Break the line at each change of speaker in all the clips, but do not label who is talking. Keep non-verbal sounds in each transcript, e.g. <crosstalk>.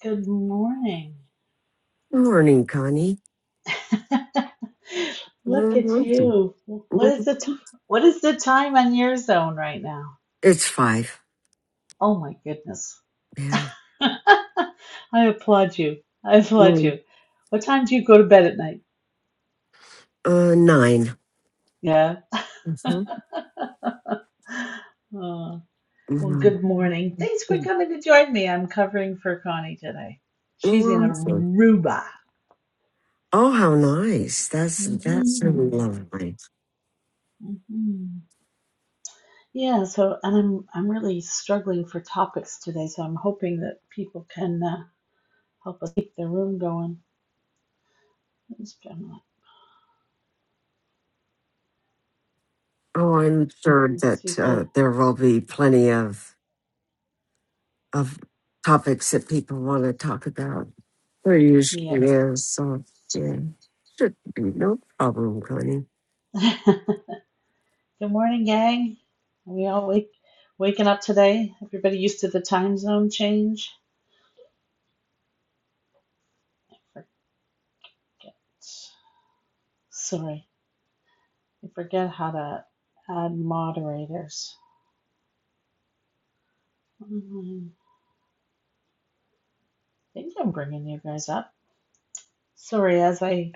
Good morning.
Good morning, Connie.
<laughs> Look at
Mhm.
you. What is the
Mhm.
t- what is the time on your zone right now?
It's five.
Oh my goodness.
Yeah.
<laughs> I applaud you. I applaud
Mm.
you. What time do you go to bed at night?
Uh, 9
Yeah. Oh, well,
Mm-hmm.
good morning. Thanks for coming to join me. I'm covering for Connie today. She's in
Mm-hmm.
Aruba.
Oh, how nice! That's that's really
hmm
lovely.
hmm Yeah, so and I'm I'm really struggling for topics today, so I'm hoping that people can uh, help us keep the room going. Let's try not-
Oh, I'm sure
So you
that uh,
guys,
there will be plenty of of topics that people want to talk about. There usually
yep.
is, so yeah, should be no problem, Connie.
<laughs> Good morning, gang. Are we all wake waking up today? Everybody used to the time zone change? I forget. Sorry, I forget how to add moderators. Um, I think I'm bringing you guys up. Sorry, as I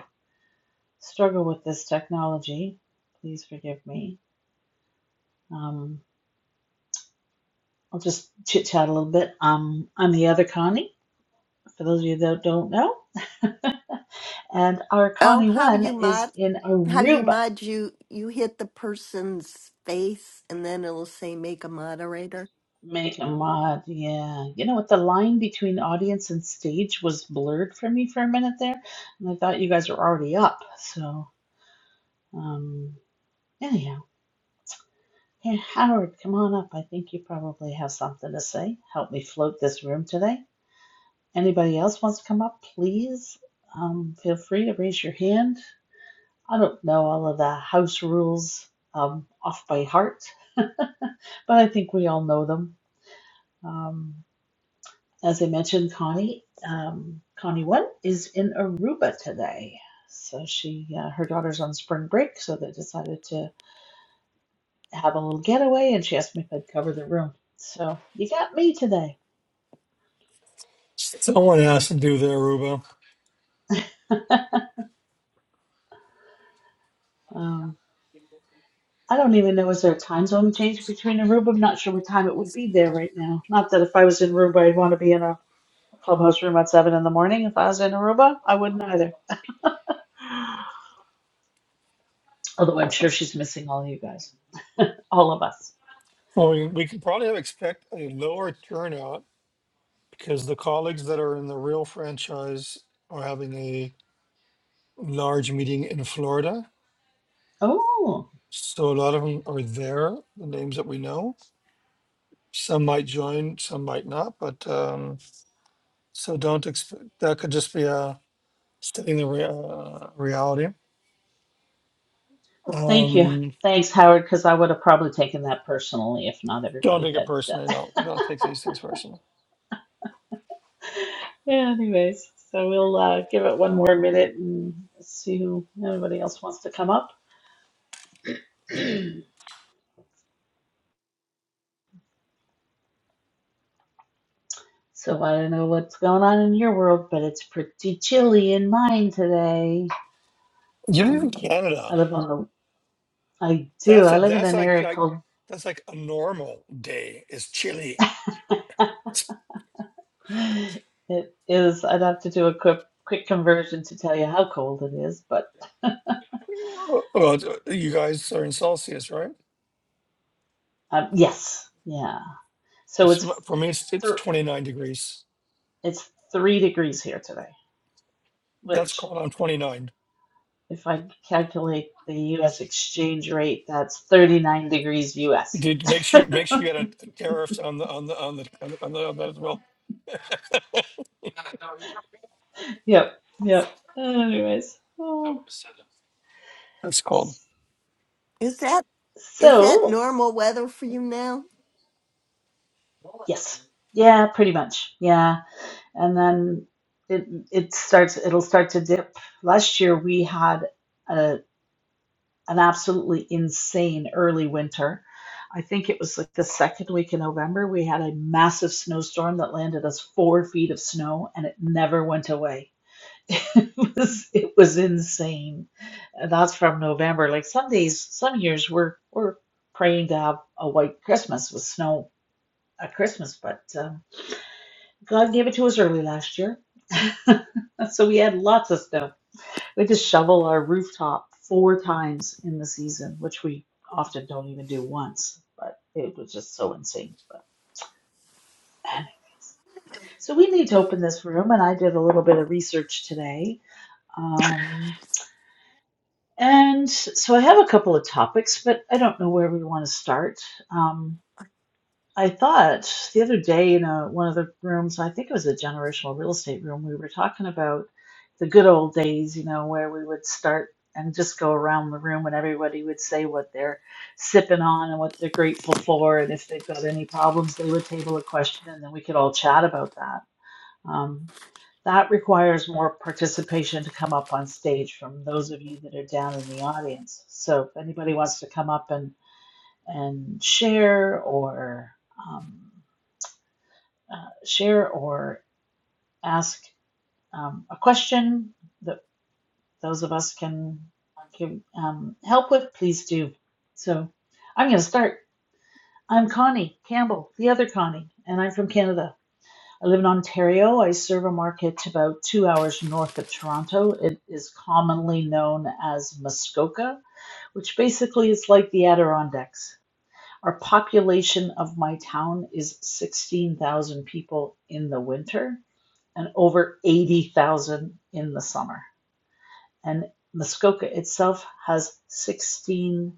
struggle with this technology, please forgive me. Um, I'll just chit chat a little bit. Um, I'm the other Connie, for those of you that don't know. And our
Oh,
Connie
how
one
you mod,
is in
how you
Aruba.
mod you you hit the person's face and then it'll say make a moderator.
Make a mod, yeah. You know what? The line between audience and stage was blurred for me for a minute there, and I thought you guys were already up. So, um, anyhow, hey, Howard, come on up. I think you probably have something to say. Help me float this room today. Anybody else wants to come up, please? Um, feel free to raise your hand I don't know all of the house rules um, off by heart, <laughs> but I think we all know them. Um, as I mentioned, Connie, um, Connie One is in Aruba today. So she, uh, her daughter's on spring break, so they decided to have a little getaway, and she asked me if I'd cover the room. So you got me today.
Someone has to do there, Rubo.
Um, I don't even know, is there a time zone change between Aruba? I'm not sure what time it would be there right now. Not that if I was in Aruba, I'd want to be in a Clubhouse room at seven in the morning. If I was in Aruba, I wouldn't either. Although I'm sure she's missing all you guys, all of us.
Well, we, we could probably have expect a lower turnout because the colleagues that are in the real franchise are having a large meeting in Florida.
Oh,
So a lot of them are there, the names that we know. Some might join, some might not. But um, so don't expect that could just be a stating the rea- uh, reality.
well, thank you.
Um,
Thanks, Howard, because I would have probably taken that personally if not
don't
everybody
take it
had. <laughs>
personally. Don't don't take these things personally.
yeah, anyways, so we'll uh, give it one more minute and see who anybody else wants to come up. So I don't know what's going on in your world, but it's pretty chilly in mine today.
You live in
Um,
Canada.
I live on the. I do.
That's a
I live in
that's
an
like
area
like
called.
that's like a normal day is chilly.
<laughs>
It's
<laughs> It is, I'd have to do a quick quick conversion to tell you how cold it is, but <laughs>
uh, well, you guys are in Celsius, right?
um, yes, yeah. So
It's
it's
not- for me. It's, it's
th
twenty nine degrees.
it's three degrees here today,
That's
which
cold. I'm twenty nine.
if I calculate the US exchange rate, that's 39 degrees US.
Did make sure you make sure you had a, a tariff on the on the on the on, the, on, the, on that as well.
Yep, yep. Anyways, oh.
That's cold.
Is that is that
So,
normal weather for you now?
yes. Yeah, pretty much. Yeah. And then it it starts it'll start to dip. Last year we had a an absolutely insane early winter. I think it was like the second week in November, we had a massive snowstorm that landed us four feet of snow and it never went away. <laughs> it was it was insane. And that's from November. Like some days, some years we're we're praying to have a white Christmas with snow at Christmas, but um, God gave it to us early last year, <laughs> so we had lots of snow. We just shovel our rooftop four times in the season, which we often don't even do once, but it was just so insane. But anyways, so we need to open this room, and I did a little bit of research today. Um, and so I have a couple of topics, but I don't know where we want to start. Um, I thought the other day in a, one of the rooms, I think it was a generational real estate room, we were talking about the good old days, you know, where we would start and just go around the room and everybody would say what they're sipping on and what they're grateful for. And if they've got any problems, they would table a question and then we could all chat about that. Um, that requires more participation to come up on stage from those of you that are down in the audience. So if anybody wants to come up and, and share or um, uh, share or ask um, a question that those of us can give um, help with, please do. So I'm going to start. I'm Connie Campbell, the other Connie, and I'm from Canada. I live in Ontario. I serve a market about two hours north of Toronto. It is commonly known as Muskoka, which basically is like the Adirondacks. Our population of my town is 16,000 people in the winter and over 80,000 in the summer. And Muskoka itself has 16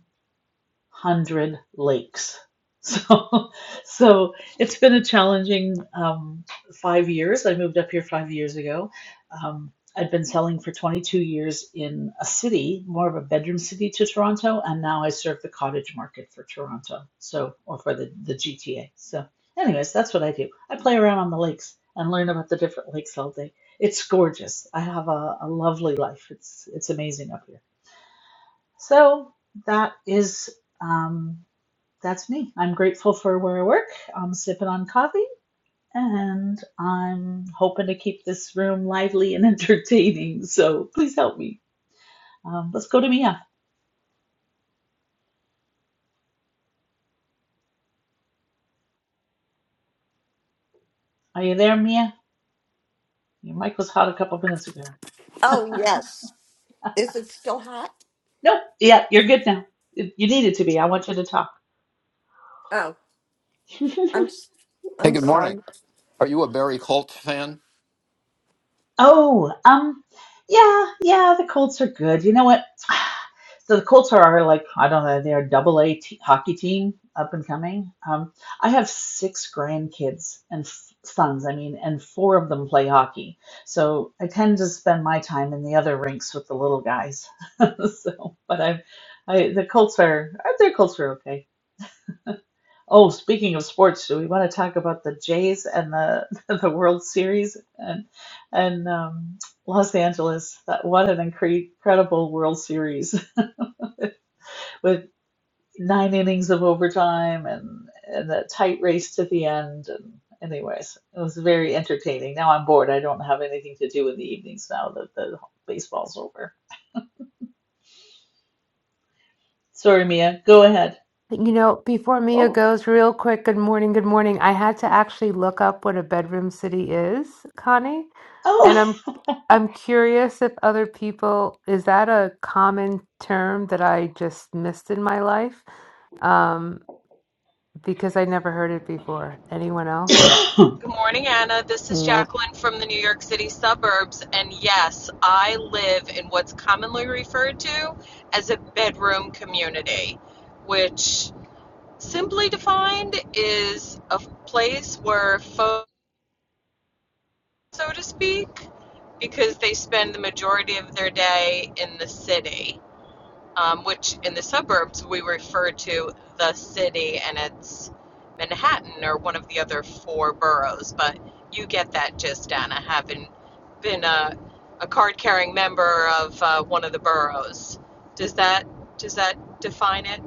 hundred lakes. <laughs> So, so it's been a challenging um, five years. I moved up here five years ago. Um, i have been selling for 22 years in a city, more of a bedroom city to Toronto, and now I serve the cottage market for Toronto, so or for the, the GTA. So, anyways, that's what I do. I play around on the lakes and learn about the different lakes all day. It's gorgeous. I have a, a lovely life. It's it's amazing up here. So that is. Um, that's me. I'm grateful for where I work. I'm sipping on coffee and I'm hoping to keep this room lively and <laughs> entertaining. So please help me. Um, let's go to Mia. Are you there, Mia? Your mic was hot a couple minutes ago.
Oh yes. Is it still hot?
Nope. Yeah, you're good now. You you needed to be. I want you to talk.
Oh, I'm s-
Hey,
I'm
good morning.
sorry.
Are you a Barry Colt fan?
Oh, um, yeah, yeah, the Colts are good. You know what? <sighs> So the Colts are our, like, I don't know, they're a double A te- hockey team up and coming. Um, I have six grandkids and f- sons, I mean, and four of them play hockey. So I tend to spend my time in the other rinks with the little guys. <laughs> So, but I've, I, the Colts are, I their Colts are okay. Oh, speaking of sports, do we want to talk about the Jays and the <laughs> the World Series and and um, Los Angeles? That what an incre- incredible World Series <laughs> with nine innings of overtime and and a tight race to the end. And anyways, it was very entertaining. Now I'm bored. I don't have anything to do in the evenings now that the baseball's over. Sorry, Mia. Go ahead.
You know, before Mia
Oh,
goes, real quick, good morning, good morning. I had to actually look up what a bedroom city is, Connie,
oh.
and I'm I'm curious if other people, is that a common term that I just missed in my life? Um, because I never heard it before. Anyone else?
Good morning, Anna. This is
Nope.
Jacqueline from the New York City suburbs. And yes, I live in what's commonly referred to as a bedroom community, which simply defined is a place where folks, so to speak, because they spend the majority of their day in the city um, which in the suburbs we refer to the city and it's Manhattan or one of the other four boroughs. But you get that gist, Anna, having been a, a card carrying member of uh, one of the boroughs. Does that does that define it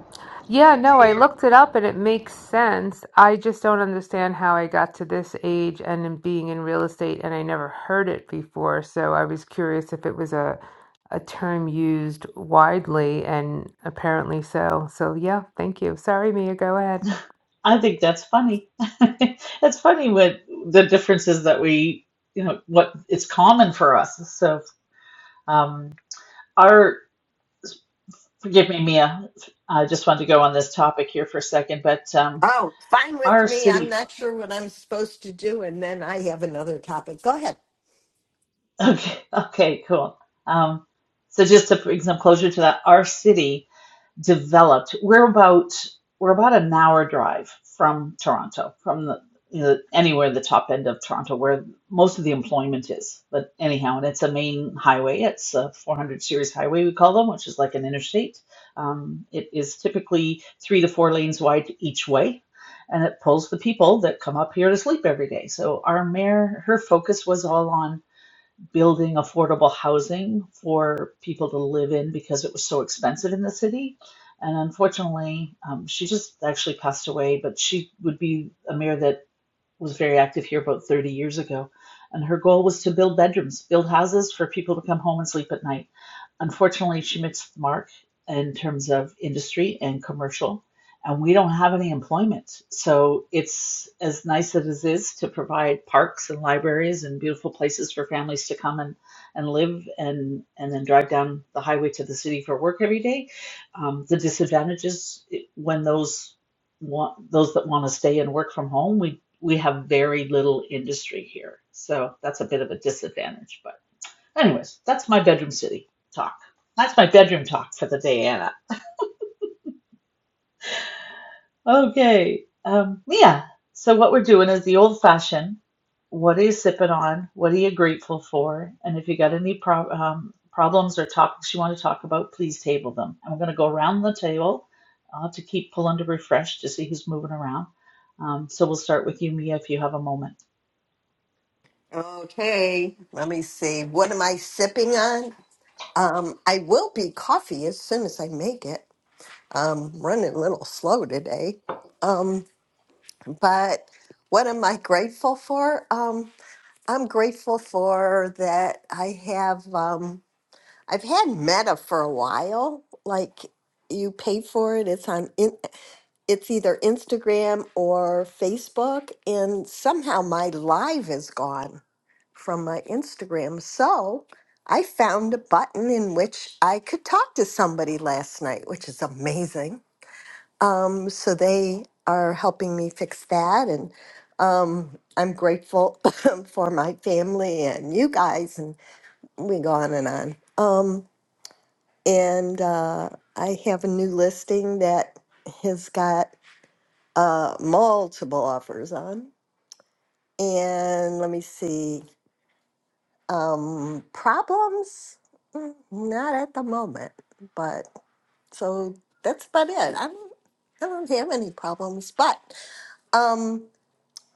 Yeah, no,
to
I
you?
looked it up and it makes sense. I just don't understand how I got to this age and in being in real estate, and I never heard it before. So I was curious if it was a a term used widely, and apparently so. So yeah, thank you. Sorry, Mia, go ahead.
I think that's funny. <laughs> It's funny what the differences that we, you know, what it's common for us. So, um, our, forgive me, Mia, I just wanted to go on this topic here for a second, but um,
Oh, fine with
our
me. I'm
city,
not sure what I'm supposed to do, and then I have another topic. Go ahead.
<laughs> okay, okay, cool. Um, so just to bring some closure to that, our city. developed. We're about we're about an hour drive from Toronto, from the you know, anywhere the top end of Toronto, where most of the employment is. But anyhow, and it's a main highway. It's a 400 series highway we call them, which is like an interstate. Um, it is typically three to four lanes wide each way, and it pulls the people that come up here to sleep every day. So our mayor, her focus was all on building affordable housing for people to live in because it was so expensive in the city. And unfortunately, um, she just actually passed away, but she would be a mayor that was very active here about 30 years ago. And her goal was to build bedrooms, build houses for people to come home and sleep at night. Unfortunately, she missed the mark in terms of industry and commercial, and we don't have any employment. So it's as nice as it is to provide parks and libraries and beautiful places for families to come and, and live and, and then drive down the highway to the city for work every day. Um, the disadvantages when those want, those that want to stay and work from home, we, we have very little industry here. So that's a bit of a disadvantage, but Anyways, that's my bedroom city talk. That's my bedroom talk for the day, Anna. Okay, um, Mia. So what we're doing is the old fashioned. What are you sipping on? What are you grateful for? And if you got any prob um, problems or topics you want to talk about, please table them. I'm going to go around the table. I'll have to keep pulling to refresh to see who's moving around. Um, so we'll start with you, Mia, if you have a moment.
Okay, let me see. What am I sipping on? Um, I will be coffee as soon as I make it. I'm running a little slow today. Um, but what am I grateful for? Um, I'm grateful for that I have, um, I've had Meta for a while. Like you pay for it, it's on, in, it's either Instagram or Facebook. And somehow my live is gone from my Instagram. So I found a button in which I could talk to somebody last night, which is amazing. Um, so they are helping me fix that, and um, I'm grateful <laughs> for my family and you guys, and we go on and on. Um, and uh, I have a new listing that has got uh, multiple offers on. And let me see, um, problems? Mm, Not at the moment, but so that's about it. I don't, I don't have any problems, but. Um,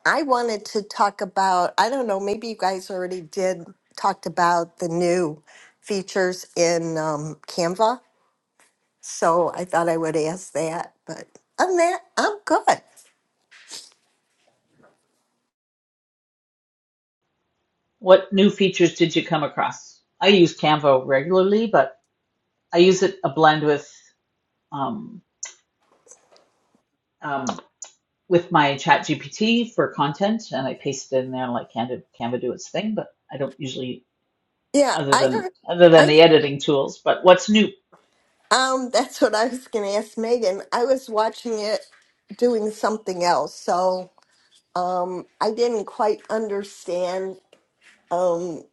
I wanted to talk about, I don't know, maybe you guys already did, talked about the new features in um, Canva. So I thought I would ask that, but other than that, I'm good.
What new features did you come across? I use Canva regularly, but I use it a blend with um, um, with my chat GPT for content and I paste it in there and let Canva, Canva do its thing, but I don't usually
Yeah,
other
I
than
heard,
other than
I,
the editing tools. But what's new?
um, <laughs> that's what I was going to ask Megan. I was watching it doing something else. So, um, I didn't quite understand, um,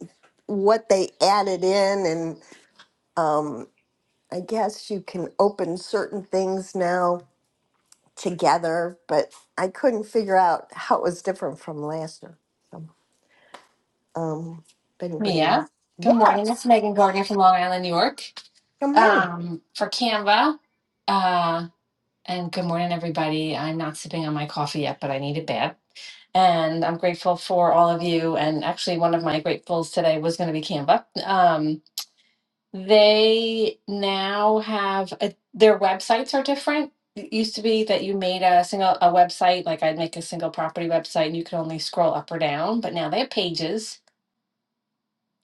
what they added in and, um, I guess you can open certain things now together, but I couldn't figure out how it was different from last year. So, um, if anybody, knows.
Mia. Good
yeah,
morning. It's Megan Gardner from Long Island, New York,
good morning.
um, for Canva. Uh, and good morning, everybody. I'm not sipping on my coffee yet, but I need it bad. And I'm grateful for all of you. And actually, one of my gratefuls today was going to be Canva. Um, they now have a, their websites are different. It used to be that you made a single a website, like I'd make a single property website, and you could only scroll up or down. But now they have pages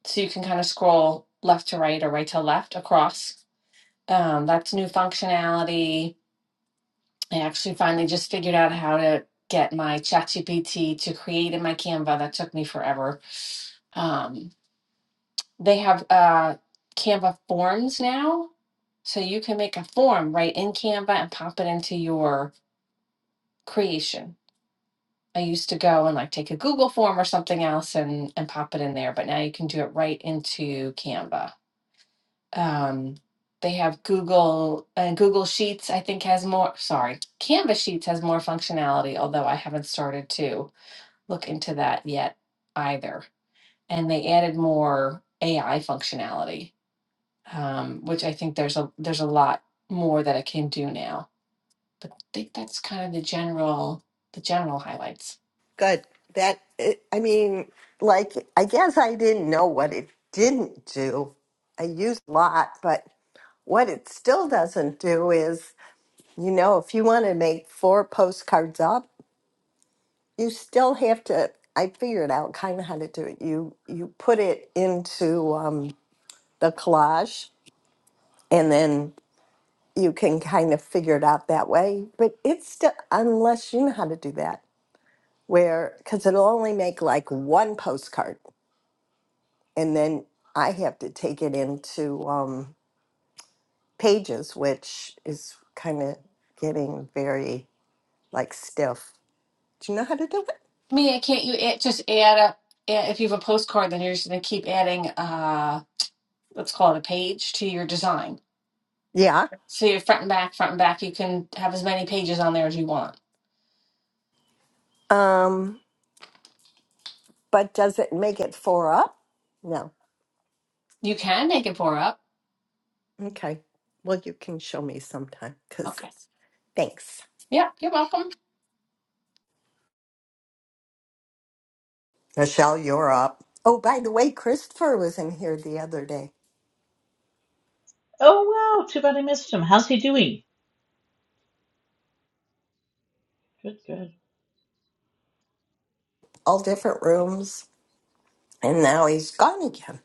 so you can kind of scroll left to right or right to left across. Um, that's new functionality. I actually finally just figured out how to get my ChatGPT to create in my Canva. That took me forever. Um, they have uh, Canva forms now, so you can make a form right in Canva and pop it into your creation. I used to go and like take a Google form or something else and and pop it in there, but now you can do it right into Canva. um they have google uh, google sheets i think has more sorry canvas sheets has more functionality although i haven't started to look into that yet either and they added more ai functionality um, which i think there's a there's a lot more that it can do now but i think that's kind of the general the general highlights
Good. That it, I mean, like I guess I didn't know what it didn't do. I used a lot, but what it still doesn't do is, you know, if you want to make four postcards up, you still have to. I figured out kind of how to do it. You you put it into um, the collage, and then you can kind of figure it out that way. But it's still, unless you know how to do that, where, because it'll only make like one postcard. And then I have to take it into um, pages, which is kind of getting very like stiff. Do you know how to do it?
Mia, can't you add, just add up a- if you have a postcard, then you're just going to keep adding, uh, let's call it a page to your design.
Yeah.
So you're front and back, front and back. You can have as many pages on there as you want.
Um, but does it make it four up? No.
You can make it four up.
Okay. Well, you can show me sometime because
Okay.
thanks.
Yeah, you're welcome.
Michelle, you're up. Oh, by the way, Christopher was in here the other day.
Oh wow, too bad I missed him. How's he doing? Good, good.
all different rooms, and now he's gone again.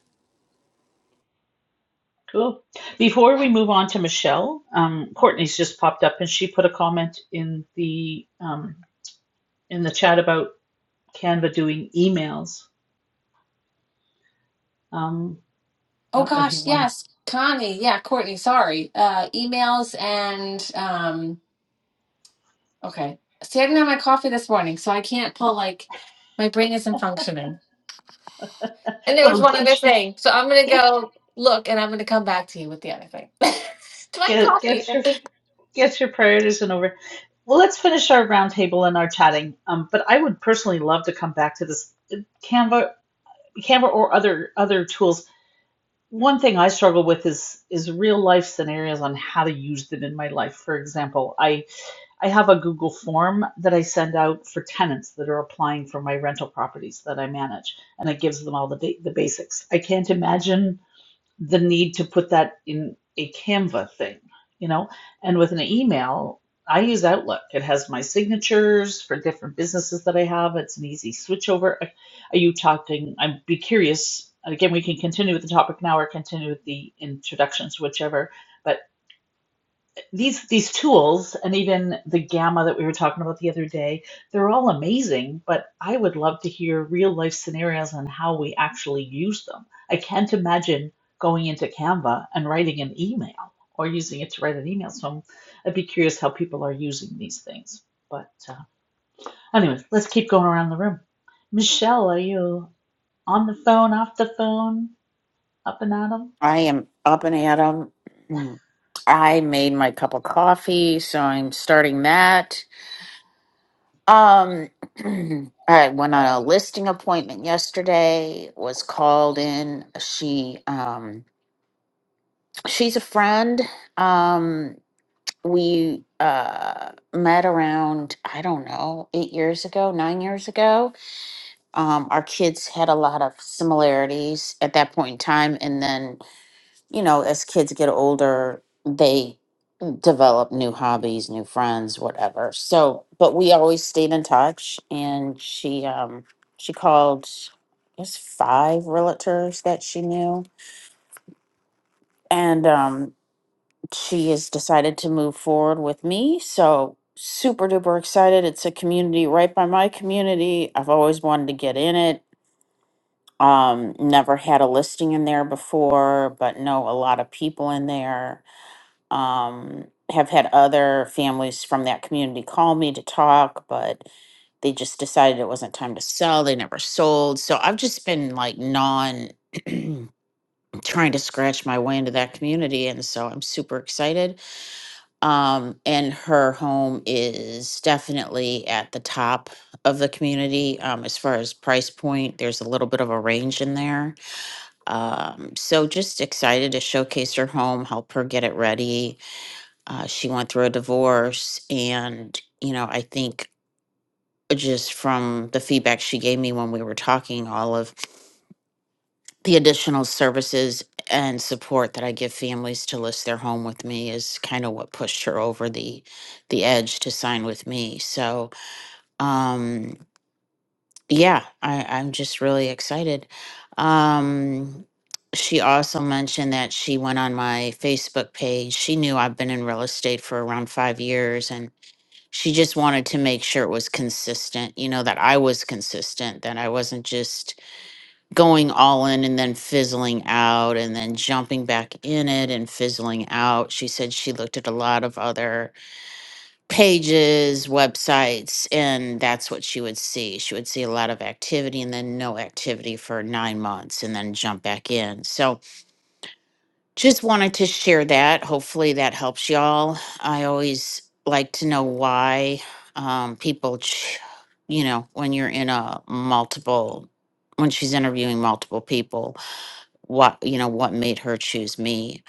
Cool. Before we move on to Michelle, um, Courtney's just popped up and she put a comment in the um, in the chat about Canva doing emails. Um, I
Oh
don't know if you
gosh,
want to.
yes, Connie. Yeah, Courtney. Sorry. Uh, emails and um. Okay. See, I didn't have my coffee this morning, so I can't pull like my brain isn't functioning. And there was
Well,
one
get
other thing. So I'm gonna
get
go look and I'm gonna come back to you with the other thing. <laughs> to my
get
coffee.
get your get your priorities in order Well, let's finish our roundtable and our chatting. Um, but I would personally love to come back to this uh, Canva, Canva or other other tools. One thing I struggle with is is real life scenarios on how to use them in my life. For example, I I have a Google form that I send out for tenants that are applying for my rental properties that I manage, and it gives them all the ba- the basics. I can't imagine the need to put that in a Canva thing, you know? And with an email, I use Outlook. It has my signatures for different businesses that I have. It's an easy switchover. Are you talking? I'd be curious. Again, we can continue with the topic now or continue with the introductions, whichever. But these these tools and even the gamma that we were talking about the other day they're all amazing but i would love to hear real life scenarios on how we actually use them i can't imagine going into canva and writing an email or using it to write an email so I'm, i'd be curious how people are using these things but uh, anyway let's keep going around the room michelle are you on the phone off the phone up and at 'em?
I am up and at 'em. Mm. I made my cup of coffee, so I'm starting that. Um, <clears throat> I went on a listing appointment yesterday. Was called in. She, um, she's a friend. Um, we uh met around I don't know eight years ago, nine years ago. Um, our kids had a lot of similarities at that point in time, and then you know, as kids get older, they develop new hobbies, new friends, whatever. So, but we always stayed in touch and she um she called I guess five realtors that she knew and um she has decided to move forward with me. So, super duper excited. It's a community right by my community. I've always wanted to get in it. Um never had a listing in there before, but know a lot of people in there um, have had other families from that community call me to talk, but they just decided it wasn't time to sell. They never sold. So I've just been like non <clears throat> trying to scratch my way into that community. And so I'm super excited. Um, and her home is definitely at the top of the community um, as far as price point. There's a little bit of a range in there. Um, so just excited to showcase her home, help her get it ready uh, she went through a divorce and you know i think just from the feedback she gave me when we were talking all of the additional services and support that i give families to list their home with me is kind of what pushed her over the the edge to sign with me so um yeah i i'm just really excited um she also mentioned that she went on my facebook page she knew i've been in real estate for around five years and she just wanted to make sure it was consistent, you know, that I was consistent, that I wasn't just going all in and then fizzling out and then jumping back in it and fizzling out. She said she looked at a lot of other pages, websites, and that's what she would see. She would see a lot of activity and then no activity for nine months and then jump back in. So, just wanted to share that. Hopefully that helps y'all. I always like to know why um, people, ch- you know, when you're in a multiple, when she's interviewing multiple people, what, you know, what made her choose me.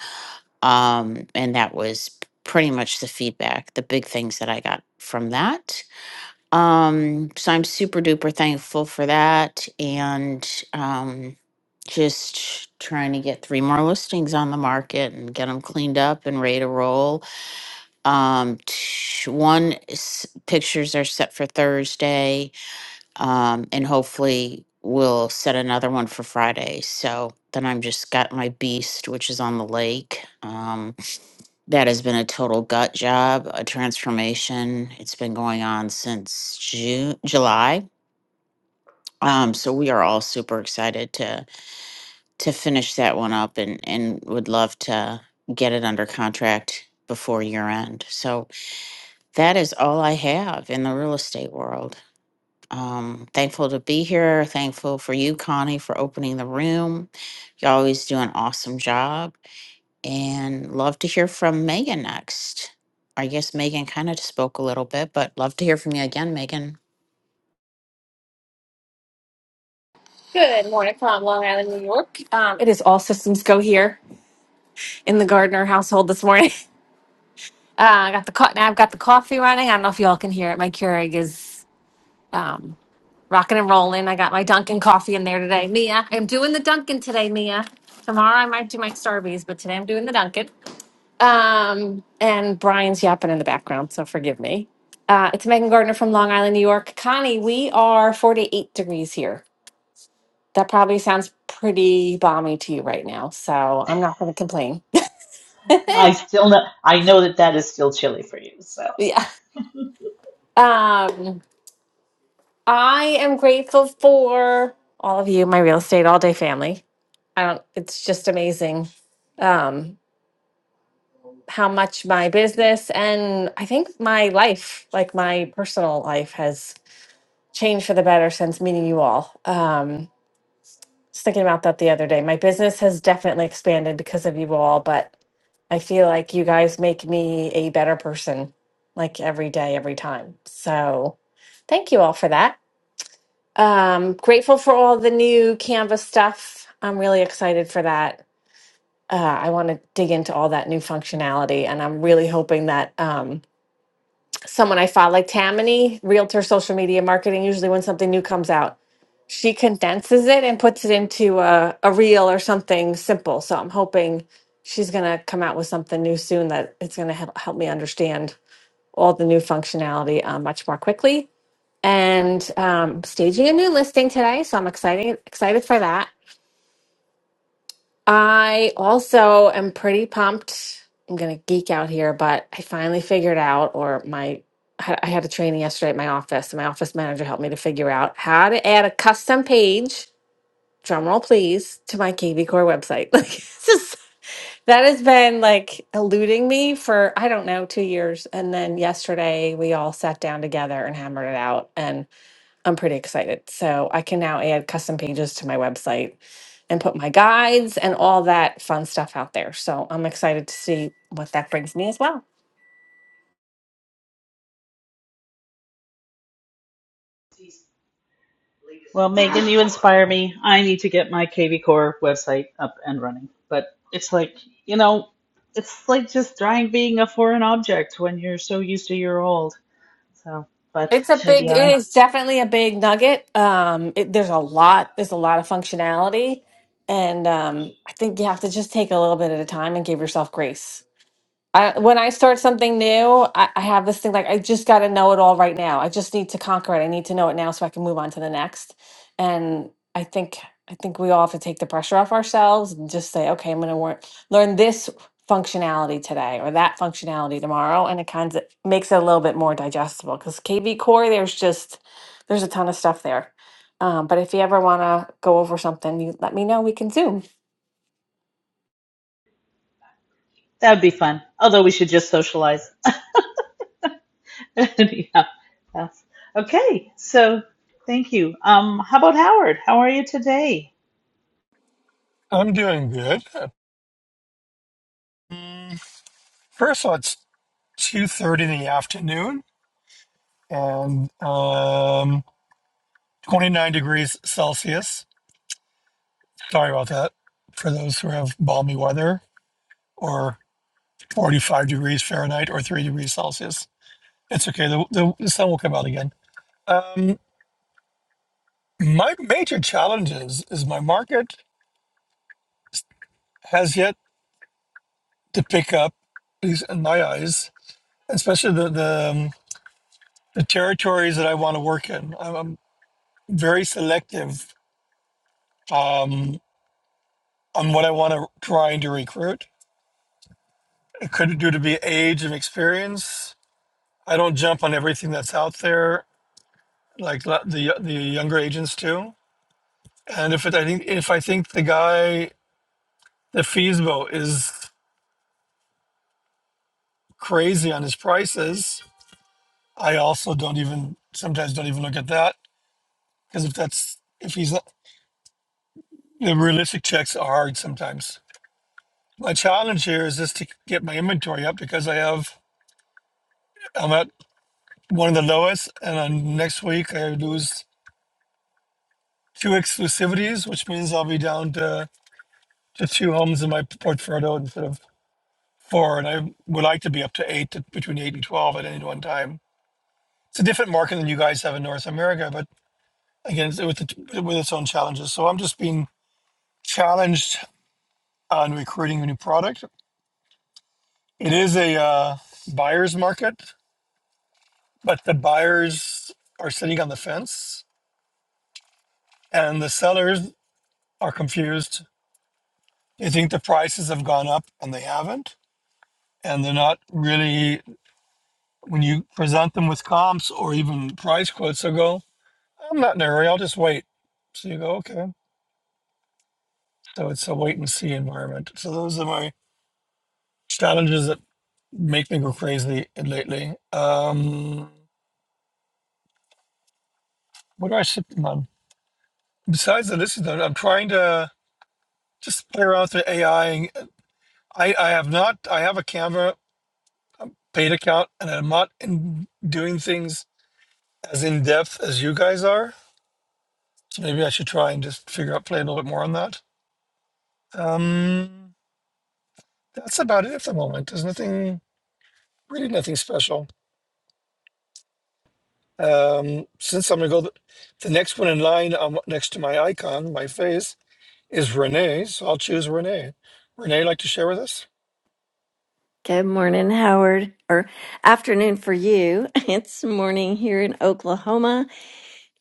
Um, and that was pretty much the feedback, the big things that I got from that. Um, so I'm super duper thankful for that. And um, just trying to get three more listings on the market and get them cleaned up and ready to roll. Um, t- one is, pictures are set for Thursday, um, and hopefully we'll set another one for Friday. So then I'm just got my beast, which is on the lake. um, that has been a total gut job, a transformation. It's been going on since June, July. Um, so we are all super excited to to finish that one up and and would love to get it under contract before year end. So that is all I have in the real estate world. Um, thankful to be here. Thankful for you, Connie, for opening the room. You always do an awesome job. and love to hear from Megan next. I guess Megan kind of spoke a little bit, but love to hear from you again, Megan.
Good morning from Long Island, New York. Um, it is all systems go here in the Gardner household this morning. <laughs> Uh, I got the co- now I've got the coffee running. I don't know if y'all can hear it. My Keurig is um, rocking and rolling. I got my Dunkin' coffee in there today. Mia, I'm doing the Dunkin' today, Mia. Tomorrow I might do my Starbies, but today I'm doing the Dunkin'. Um, and Brian's yapping in the background, so forgive me. Uh, it's Megan Gardner from Long Island, New York. Connie, we are 48 degrees here. That probably sounds pretty balmy to you right now, so I'm not going to complain.
i still know i know that that is still chilly for you so
<laughs> yeah.
<laughs>
Um, I am grateful for all of you, my real estate all day family. I don't, it's just amazing um, how much my business and I think my life, like my personal life, has change for the better since meeting you all. Um, was thinking about that the other day. My business has definitely expanded because of you all, but I feel like you guys make me a better person like every day, every time. So thank you all for that. Um, grateful for all the new Canvas stuff. I'm really excited for that. Uh, I want to dig into all that new functionality, and I'm really hoping that um, someone I follow, like Tammany, Realtor Social Media Marketing, usually when something new comes out, she condenses it and puts it into a, a reel or something simple. So I'm hoping she's going to come out with something new soon that it's going to help, help me understand all the new functionality uh, much more quickly. And um, staging a new listing today, so I'm excited excited for that. I also am pretty pumped. I'm going to geek out here, but I finally figured out, or my I had I had a training yesterday at my office, and my office manager helped me to figure out how to add a custom page drum roll please to my KB Core website. <laughs> Like it's just that has been like eluding me for I don't know two years, and then yesterday we all sat down together and hammered it out, and I'm pretty excited. So I can now add custom pages to my website and put my guides and all that fun stuff out there. So I'm excited to see what that brings me as well.
Well, Megan, you inspire me. I need to get my KV Core website up and running. But it's like, you know, it's like just trying being a foreign object when you're so used to your old. So, but
It's a big,
maybe
it
I,
is definitely a big nugget. Um, it, there's a lot, there's a lot of functionality. And um, I think you have to just take a little bit at a time and give yourself grace. I, when I start something new, I, I have this thing like I just got to know it all right now. I just need to conquer it. I need to know it now so I can move on to the next. And I think I think we all have to take the pressure off ourselves and just say, okay, I'm going to work, learn this functionality today or that functionality tomorrow, and it kind of makes it a little bit more digestible. Because KV Core, there's just there's a ton of stuff there. Um, but if you ever want to go over something, you let me know. We can zoom.
that'd be fun. Although we should just socialize. <laughs> Anyhow, that's okay. So thank you. Um, how about Howard? How are you today?
I'm doing good. Mm, First of all, it's two thirty in the afternoon and um twenty nine degrees Celsius. Sorry about that for those who have balmy weather or 45 degrees Fahrenheit or 3 degrees Celsius. It's okay. The, the, the sun will come out again. Um, my major challenge is, is my market has yet to pick up, at least in my eyes, especially the, the, um, the territories that I want to work in. I'm, I'm very selective um, on what I want to try and to recruit. It could due to be age and experience. I don't jump on everything that's out there, like the the younger agents do. And if it, I think if I think the guy The Feesbo is crazy on his prices. I also don't even sometimes don't even look at that because if that's if he's the realistic checks are hard sometimes. My challenge here is just to get my inventory up because I have I'm at one of the lowest, and on next week I lose two exclusivities, which means I'll be down to, to two homes in my portfolio instead of four, and I would like to be up to eight, to, between eight and twelve at any one time. It's a different market than you guys have in North America, but again with, it, with its own challenges. So I'm just being challenged on recruiting a new product. It is a uh, buyer's market, but the buyers are sitting on the fence, and the sellers are confused. They think the prices have gone up, and they haven't. And they're not really when you present them with comps or even price quotes. They go, "I'm not in a hurry. I'll just wait." So you go, "Okay." So it's a wait and see environment. So those are my challenges that make me go crazy lately. Um, what do I sit them on? Besides the list, that I'm trying to just play around with the AI. I, I have not, I have a Canva paid account and I'm not in doing things as in depth as you guys are. So maybe I should try and just figure out, play a little bit more on that. Um, that's about it at the moment. There's nothing, really nothing special. Um, since I'm going to go, the, the next one in line um, next to my icon, my face is Renee. So I'll choose Renee. Renee, like to share with us?
Good morning, Howard, or afternoon for you. <laughs> It's morning here in Oklahoma,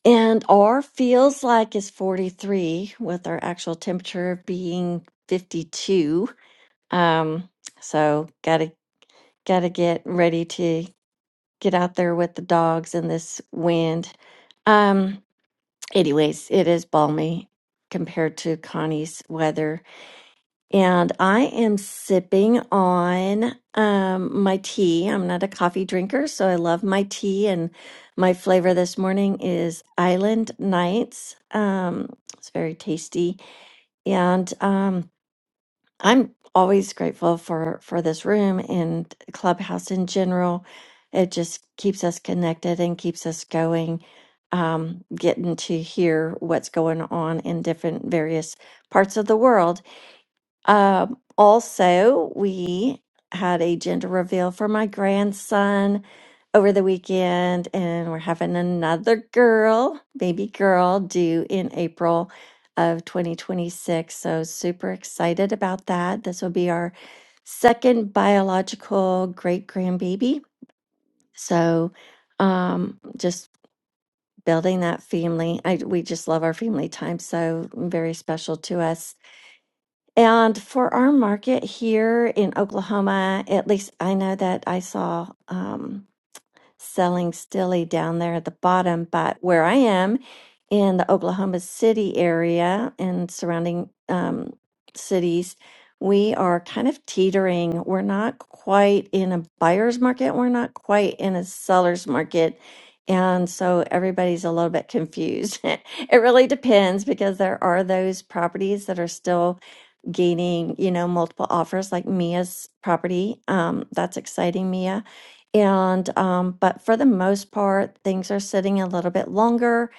and our feels like is 43 with our actual temperature being 52. Um, so gotta gotta get ready to get out there with the dogs in this wind. Um, anyways, it is balmy compared to Connie's weather. And I am sipping on um, my tea. I'm not a coffee drinker, so I love my tea. And my flavor this morning is Island Nights. Um, it's very tasty, and um, I'm always grateful for for this room and Clubhouse in general. It just keeps us connected and keeps us going. Um, getting to hear what's going on in different various parts of the world um, also, we had a gender reveal for my grandson over the weekend, and we're having another girl, baby girl, due in April of 2026. So, super excited about that. This will be our second biological great grandbaby. So, um, just building that family. I, we just love our family time. So, very special to us. And for our market here in Oklahoma, at least I know that I saw um, selling stilly down there at the bottom, but where I am in the Oklahoma City area and surrounding um, cities, we are kind of teetering. We're not quite in a buyer's market, we're not quite in a seller's market. And so everybody's a little bit confused. <laughs> it really depends because there are those properties that are still gaining, you know, multiple offers like Mia's property. Um, that's exciting, Mia. And um, but for the most part, things are sitting a little bit longer,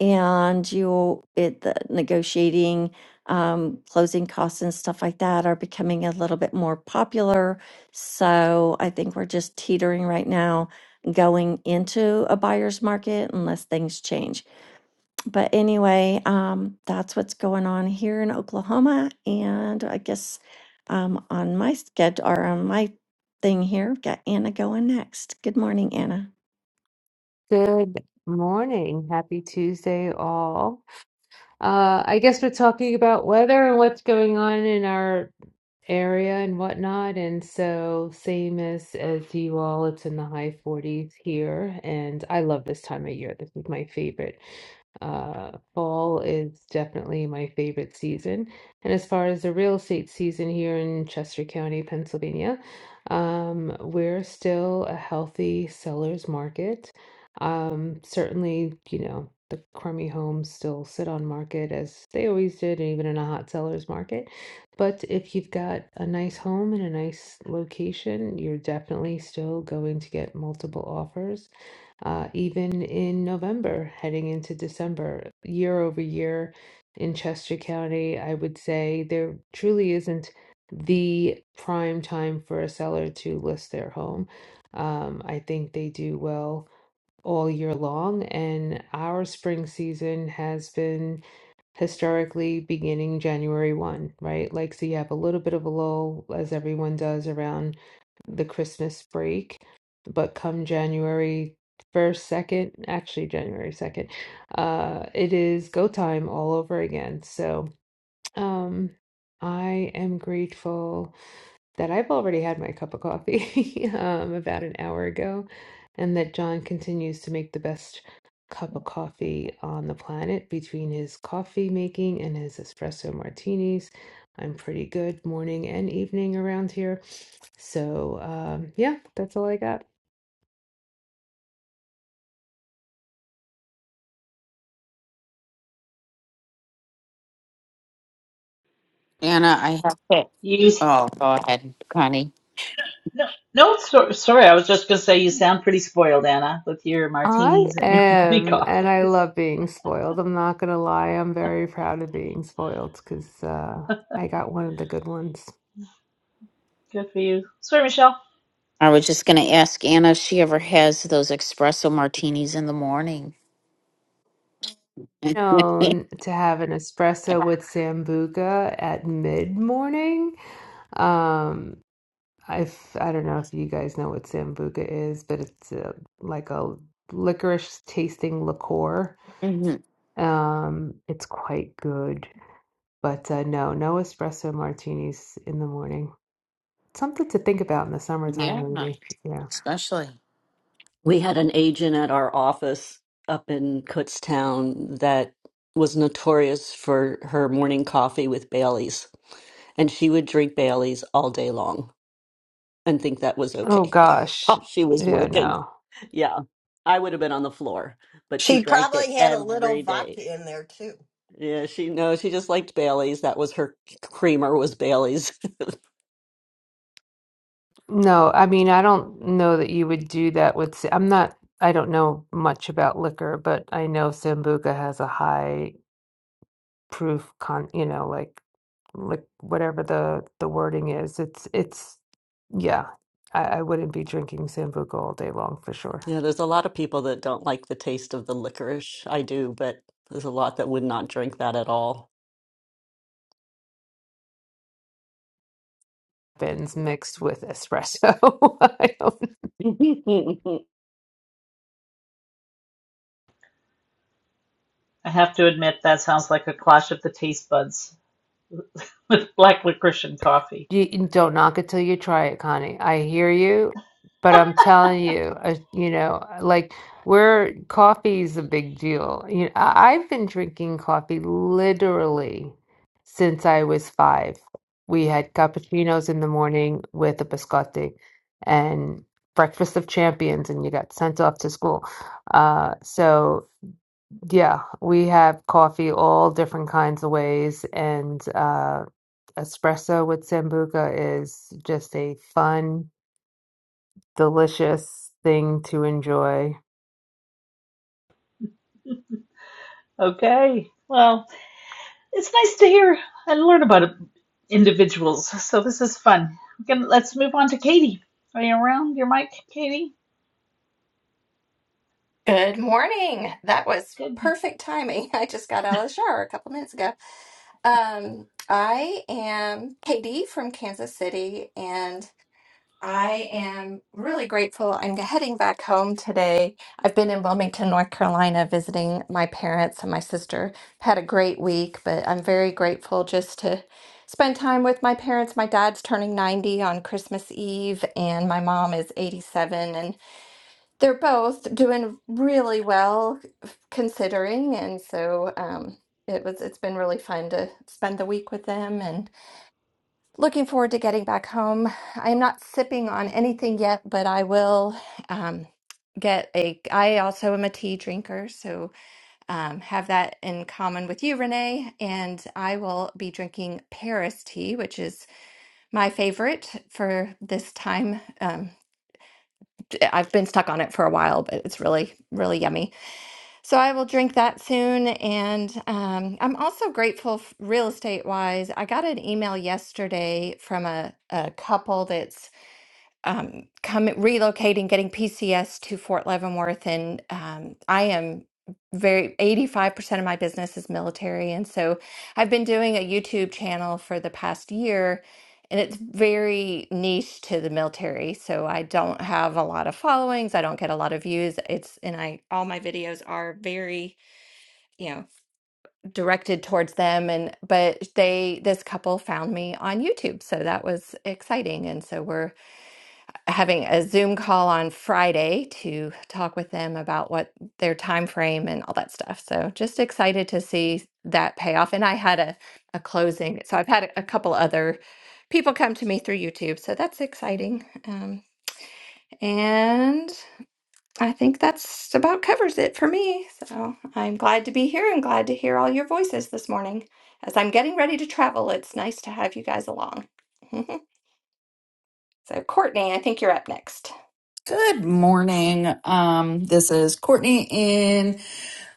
and you it the negotiating, um, closing costs and stuff like that are becoming a little bit more popular. So I think we're just teetering right now, going into a buyer's market unless things change but anyway, um, that's what's going on here in Oklahoma. And I guess um, on my schedule or on my thing here, I've got Anna going next. Good morning, Anna.
Good morning. Happy Tuesday, all. Uh, I guess we're talking about weather and what's going on in our area and whatnot. And so same as as you all, it's in the high 40s here. And I love this time of year. This is my favorite. Uh, fall is definitely my favorite season. And as far as the real estate season here in Chester County, Pennsylvania, um, we're still a healthy seller's market. Um, certainly, you know, the crummy homes still sit on market as they always did, and even in a hot seller's market. But if you've got a nice home in a nice location, you're definitely still going to get multiple offers. Uh, even in November, heading into December, year over year in Chester County, I would say there truly isn't the prime time for a seller to list their home. Um, I think they do well all year long, and our spring season has been historically beginning January 1, right? Like, so you have a little bit of a lull, as everyone does around the Christmas break. But come January 1st, 2nd, actually January 2nd, uh, it is go time all over again. So, um, I am grateful that I've already had my cup of coffee <laughs> um, about an hour ago, and that John continues to make the best cup of coffee on the planet between his coffee making and his espresso martinis. I'm pretty good morning and evening around here. So, um, yeah, that's all I got.
Anna, I have it.
You
Oh, go ahead, Connie.
no, no so, sorry, I was just gonna say you sound pretty spoiled, Anna, with your
I
martinis and your <laughs> morning
am, and I
coffees.
love being spoiled. I'm not gonna lie, I'm very proud of being spoiled because uh, I got one of the good ones.
Good for you. Sorry, Michelle.
I was just going to ask Anna if she ever has those espresso martinis in the morning. <laughs>
known to have an espresso with sambuca at mid morning. Um, if I don't know if you guys know what sambuca is, but it's uh like a licorice tasting liqueur.
Mhm.
Um, it's quite good, but uh, no, no espresso martinis in the morning. Something to think about in the summertime,
Yeah,
maybe. Yeah.
especially.
we had an agent at our office up in Kutztown that was notorious for her morning coffee with Bailey's. And she would drink Bailey's all day long and think that was
Oh
okay <laughs>
gosh.
while she was
Yeah,
working.
no.
Yeah. I would have been on the floor, but she
She
drank it
probably had a little
every day.
vodka in there too.
Yeah, she no, she just liked Bailey's. That was her creamer was Bailey's. <laughs>
No, I mean, I don't know that you would do that with. s- I'm not, I don't know much about liquor, but I know Sambuca has a high proof con, you know, like, like whatever the the wording is. It's it's yeah. I, I wouldn't be drinking Sambuca all day long for sure.
Yeah, there's a lot of people that don't like the taste of the licorice. I do, but there's a lot that would not drink that at all.
Bins mixed with espresso. <laughs> I don't know.
<laughs> good
I have to admit that sounds like a clash of the taste buds <laughs> with black licorice and coffee.
You you don't knock it till you try it, Connie. I hear you, but I'm telling you, uh, you know, uh, like we're coffee is a big deal. You know, I- I've been drinking coffee literally since I was five. We had cappuccinos in the morning with a biscotti and breakfast of champions, and you got sent off to school. Uh, so. Yeah, we have coffee all different kinds of ways, and uh, espresso with Sambuca is just a fun, delicious thing to enjoy.
Okay. Well, it's nice to hear and learn about it- individuals. So this is fun. We can, let's move on to Katie. Are you around your mic, Katie?
Good morning. That was
Good.
perfect timing. <laughs> I just got out of the shower a couple minutes ago. Um, I am Katie from Kansas City, and I am really grateful. I'm heading back home today. I've been in Wilmington, North Carolina, visiting my parents and my sister. Had a great week, but I'm very grateful just to spend time with my parents. My dad's turning 90 on Christmas Eve, and my mom is 87. They're both doing really well considering, and so um, it was it's been really fun to spend the week with them and looking forward to getting back home. I'm not sipping on anything yet, but I will um, get a I also am a tea drinker, so um, have that in common with you, Renee, and I will be drinking Paris tea, which is my favorite for this time. Um, I've been stuck on it for a while, but it's really, really yummy. So I will drink that soon. And um, I'm also grateful, f- real estate wise. I got an email yesterday from a, a couple that's um, coming relocating, getting PCS to Fort Leavenworth, and um, I am very 85% of my business is military, and so I've been doing a YouTube channel for the past year, and it's very niche to the military. So I don't have a lot of followings, I don't get a lot of views. It's and I all my videos are very you know directed towards them and but they this couple found me on YouTube so that was exciting and so we're having a Zoom call on Friday to talk with them about what their time frame and all that stuff. So just excited to see that payoff. And I had a, a closing. So I've had a, couple other people come to me through YouTube. So that's exciting. Um, and I think that's about covers it for me. So I'm glad to be here and glad to hear all your voices this morning. As I'm getting ready to travel, it's nice to have you guys along. <laughs> So, Courtney, I think you're up next.
Good morning. Um, this is Courtney in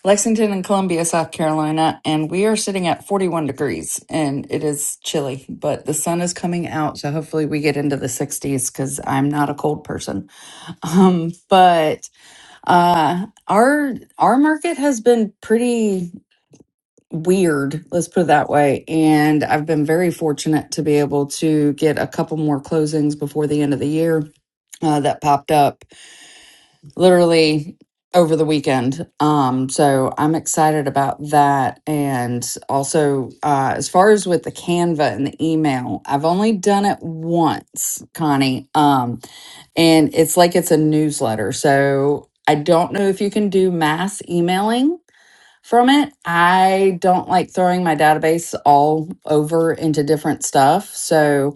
Lexington and Columbia, South Carolina, and we are sitting at 41 degrees and it is chilly, but the sun is coming out. So hopefully we get into the 60s because I'm not a cold person. <laughs> Um, but uh, our our market has been pretty weird, let's put it that way. And I've been very fortunate to be able to get a couple more closings before the end of the year uh, that popped up literally over the weekend. Um, so I'm excited about that. And also, uh, as far as with the Canva and the email, I've only done it once, Connie. Um, and it's like it's a newsletter. So I don't know if you can do mass emailing from it. I don't like throwing my database all over into different stuff. So,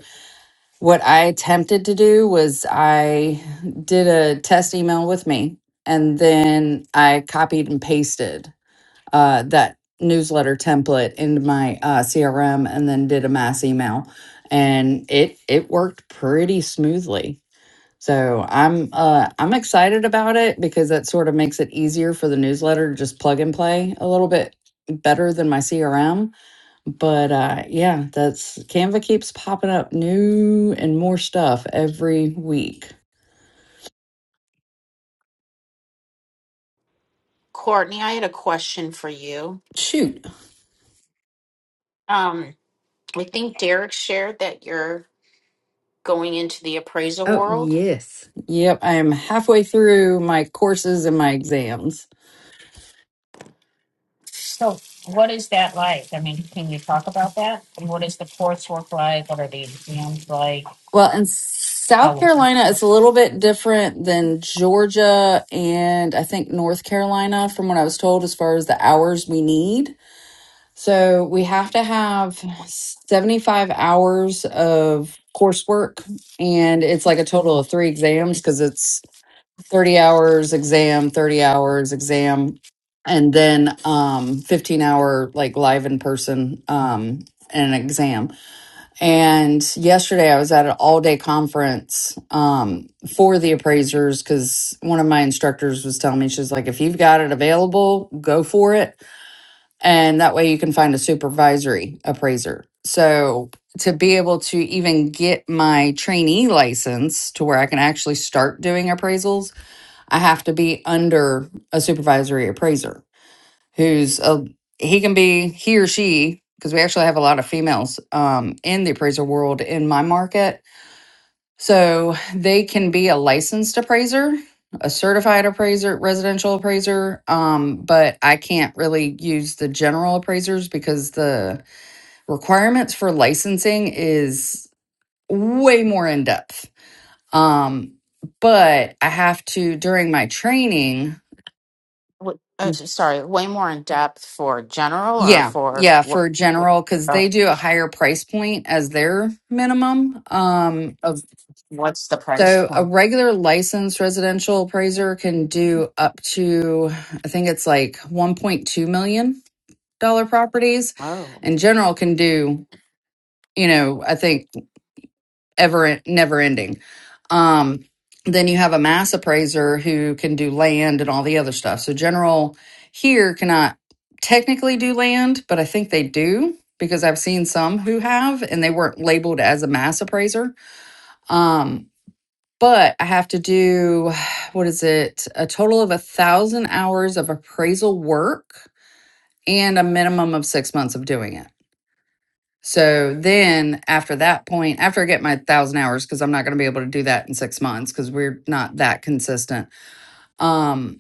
what I attempted to do was I did a test email with me and then I copied and pasted uh, that newsletter template into my uh, CRM and then did a mass email and it it worked pretty smoothly. So I'm uh, I'm excited about it because that sort of makes it easier for the newsletter to just plug and play a little bit better than my CRM but uh yeah that's canva keeps popping up new and more stuff every week
Courtney, I had a question for you.
shoot
Um, I think Derek shared that you're going into the appraisal
Oh,
world.
yes. yep i am halfway through my courses and my exams
So what is that like? I mean, can you talk about that? And what is the coursework like? What are the exams like?
well in
How?
south
will
carolina it's a little bit different than georgia and i think north carolina from what i was told as far as the hours we need so we have to have 75 hours of coursework and it's like a total of three exams because it's 30 hours exam 30 hours exam and then um 15 hour like live in person um and an exam and yesterday i was at an all day conference um for the appraisers because one of my instructors was telling me she's like if you've got it available go for it and that way you can find a supervisory appraiser so to be able to even get my trainee license to where i can actually start doing appraisals I have to be under a supervisory appraiser who's a he can be he or she because we actually have a lot of females um, in the appraiser world in my market. So they can be a licensed appraiser, a certified appraiser, residential appraiser, um, but I can't really use the general appraisers because the requirements for licensing is way more in depth. Um, but I have to during my training
Wh- uh, s- sorry, way more in depth for general or
Yeah,
for
yeah,
what?
for
what-
general because
Uh,
they do a higher price point as their minimum. Um, of
what's the price
so a
point?
regular licensed residential appraiser can do up to I think it's like one point two million dollar properties,
Oh,
and general can do you know I think ever never ending. Um, then you have a mass appraiser who can do land and all the other stuff. So general here cannot technically do land, but I think they do because I've seen some who have and they weren't labeled as a mass appraiser. Um, but I have to do <sighs> what is it? A total of a thousand hours of appraisal work and a minimum of six months of doing it. So then after that point, after I get my thousand hours, because I'm not going to be able to do that in six months because we're not that consistent, um,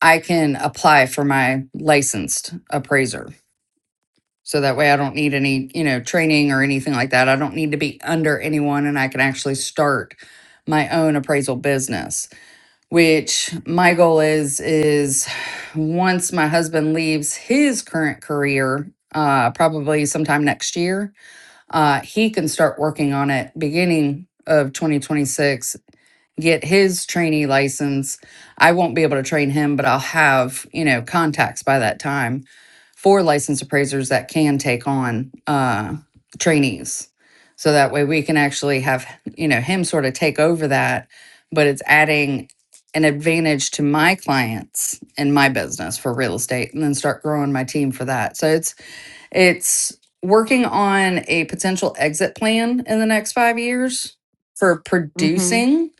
I can apply for my licensed appraiser. So that way I don't need any, you know, training or anything like that. I don't need to be under anyone and I can actually start my own appraisal business, which my goal is is once my husband leaves his current career, uh, probably sometime next year, uh, he can start working on it beginning of 2026 get his trainee license i won't be able to train him but i'll have you know contacts by that time for license appraisers that can take on uh, trainees so that way we can actually have you know him sort of take over that but it's adding an advantage to my clients and my business for real estate and then start growing my team for that so it's it's working on a potential exit plan in the next five years for
mm-hmm.
producing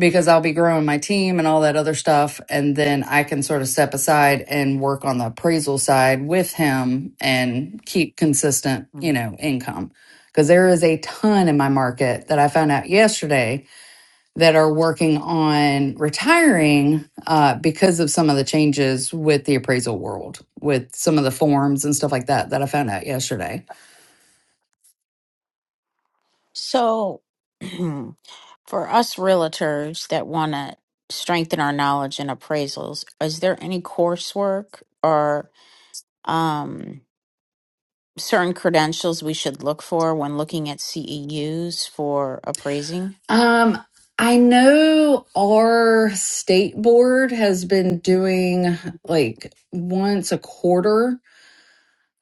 because I'll be growing my team and all that other stuff. And then I can sort of step aside and work on the appraisal side with him and keep consistent, you know, income. Because there is a ton in my market that I found out yesterday that are working on retiring uh, because of some of the changes with the appraisal world, with some of the forms and stuff like that that I found out yesterday.
So, <clears throat> for us realtors that want to strengthen our knowledge in appraisals, is there any coursework or? Um, certain credentials we should look for when looking at CEUs for appraising?
Um, I know our state board has been doing like once a quarter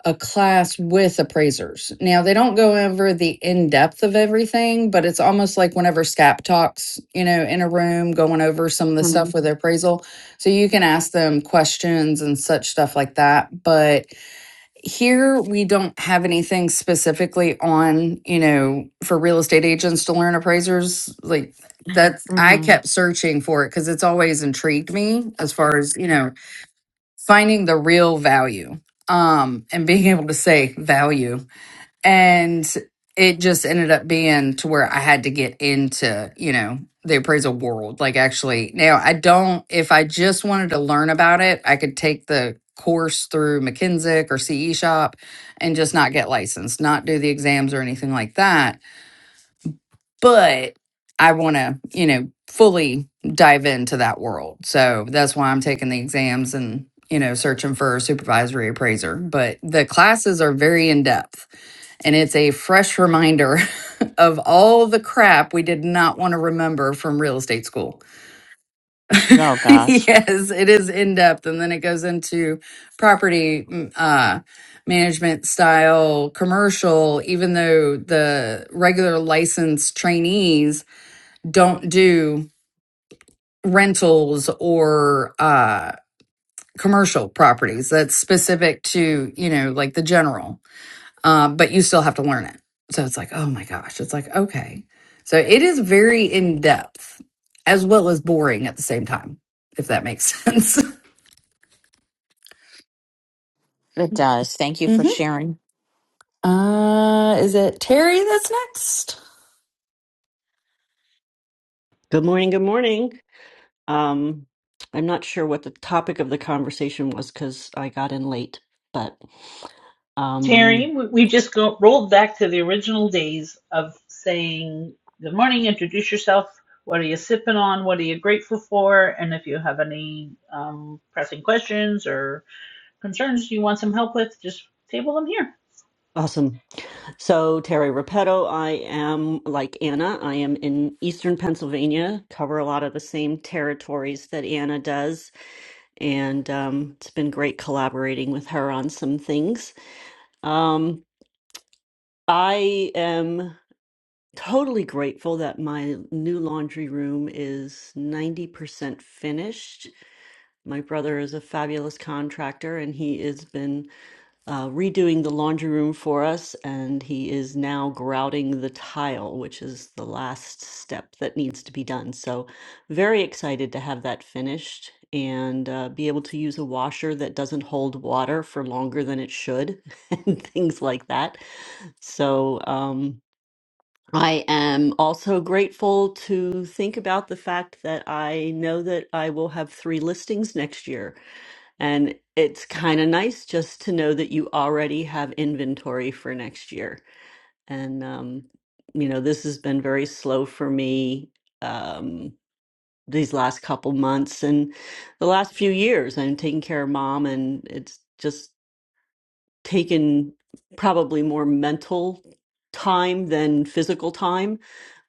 a class with appraisers. Now they don't go over the in depth of everything, but it's almost like whenever SCAP talks, you know, in a room going over some of the
Mm-hmm.
stuff with appraisal. So you can ask them questions and such stuff like that. But here we don't have anything specifically on, you know, for real estate agents to learn appraisers. Like that's I
Mm-hmm.
kept searching for it because it's always intrigued me as far as, you know, finding the real value um and being able to say value and it just ended up being to where i had to get into you know the appraisal world like actually now i don't if i just wanted to learn about it i could take the course through mckinsey or ce shop and just not get licensed not do the exams or anything like that but I want to, you know, fully dive into that world. So that's why I'm taking the exams and, you know, searching for a supervisory appraiser. But the classes are very in depth and it's a fresh reminder <laughs> of all the crap we did not want to remember from real estate school.
Oh,
<laughs>
gosh.
yes, it is in depth. And then it goes into property mm, uh, management style, commercial, even though the regular licensed trainees don't do rentals or uh, commercial properties. That's specific to, you know, like the general, um, but you still have to learn it. So it's like, oh my gosh, it's like, okay. So it is very in depth as well as boring at the same time, if that makes <laughs> sense.
It does. Thank you for
hmm
sharing.
Uh, is it Terry that's next?
morning. Good morning. Um, I'm not sure what the topic of the conversation was because I got in late, but
Terry,
um,
we we just go, rolled back to the original days of saying, Good morning, introduce yourself. What are you sipping on? What are you grateful for? And if you have any um, pressing questions or concerns you want some help with, just table them here.
awesome. So, Terry Repetto, I am like Anna. I am in Eastern Pennsylvania, cover a lot of the same territories that Anna does. And um, it's been great collaborating with her on some things. Um, I am. totally grateful that my new laundry room is 90% finished. My brother is a fabulous contractor and he has been uh, redoing the laundry room for us, and he is now grouting the tile, which is the last step that needs to be done. So, very excited to have that finished and uh, be able to use a washer that doesn't hold water for longer than it should <laughs> and things like that. So, um, I am also grateful to think about the fact that I know that I will have three listings next year. And it's kind of nice just to know that you already have inventory for next year. And, um, you know, this has been very slow for me um, these last couple months and the last few years. I'm taking care of mom, and it's just taken probably more mental time than physical time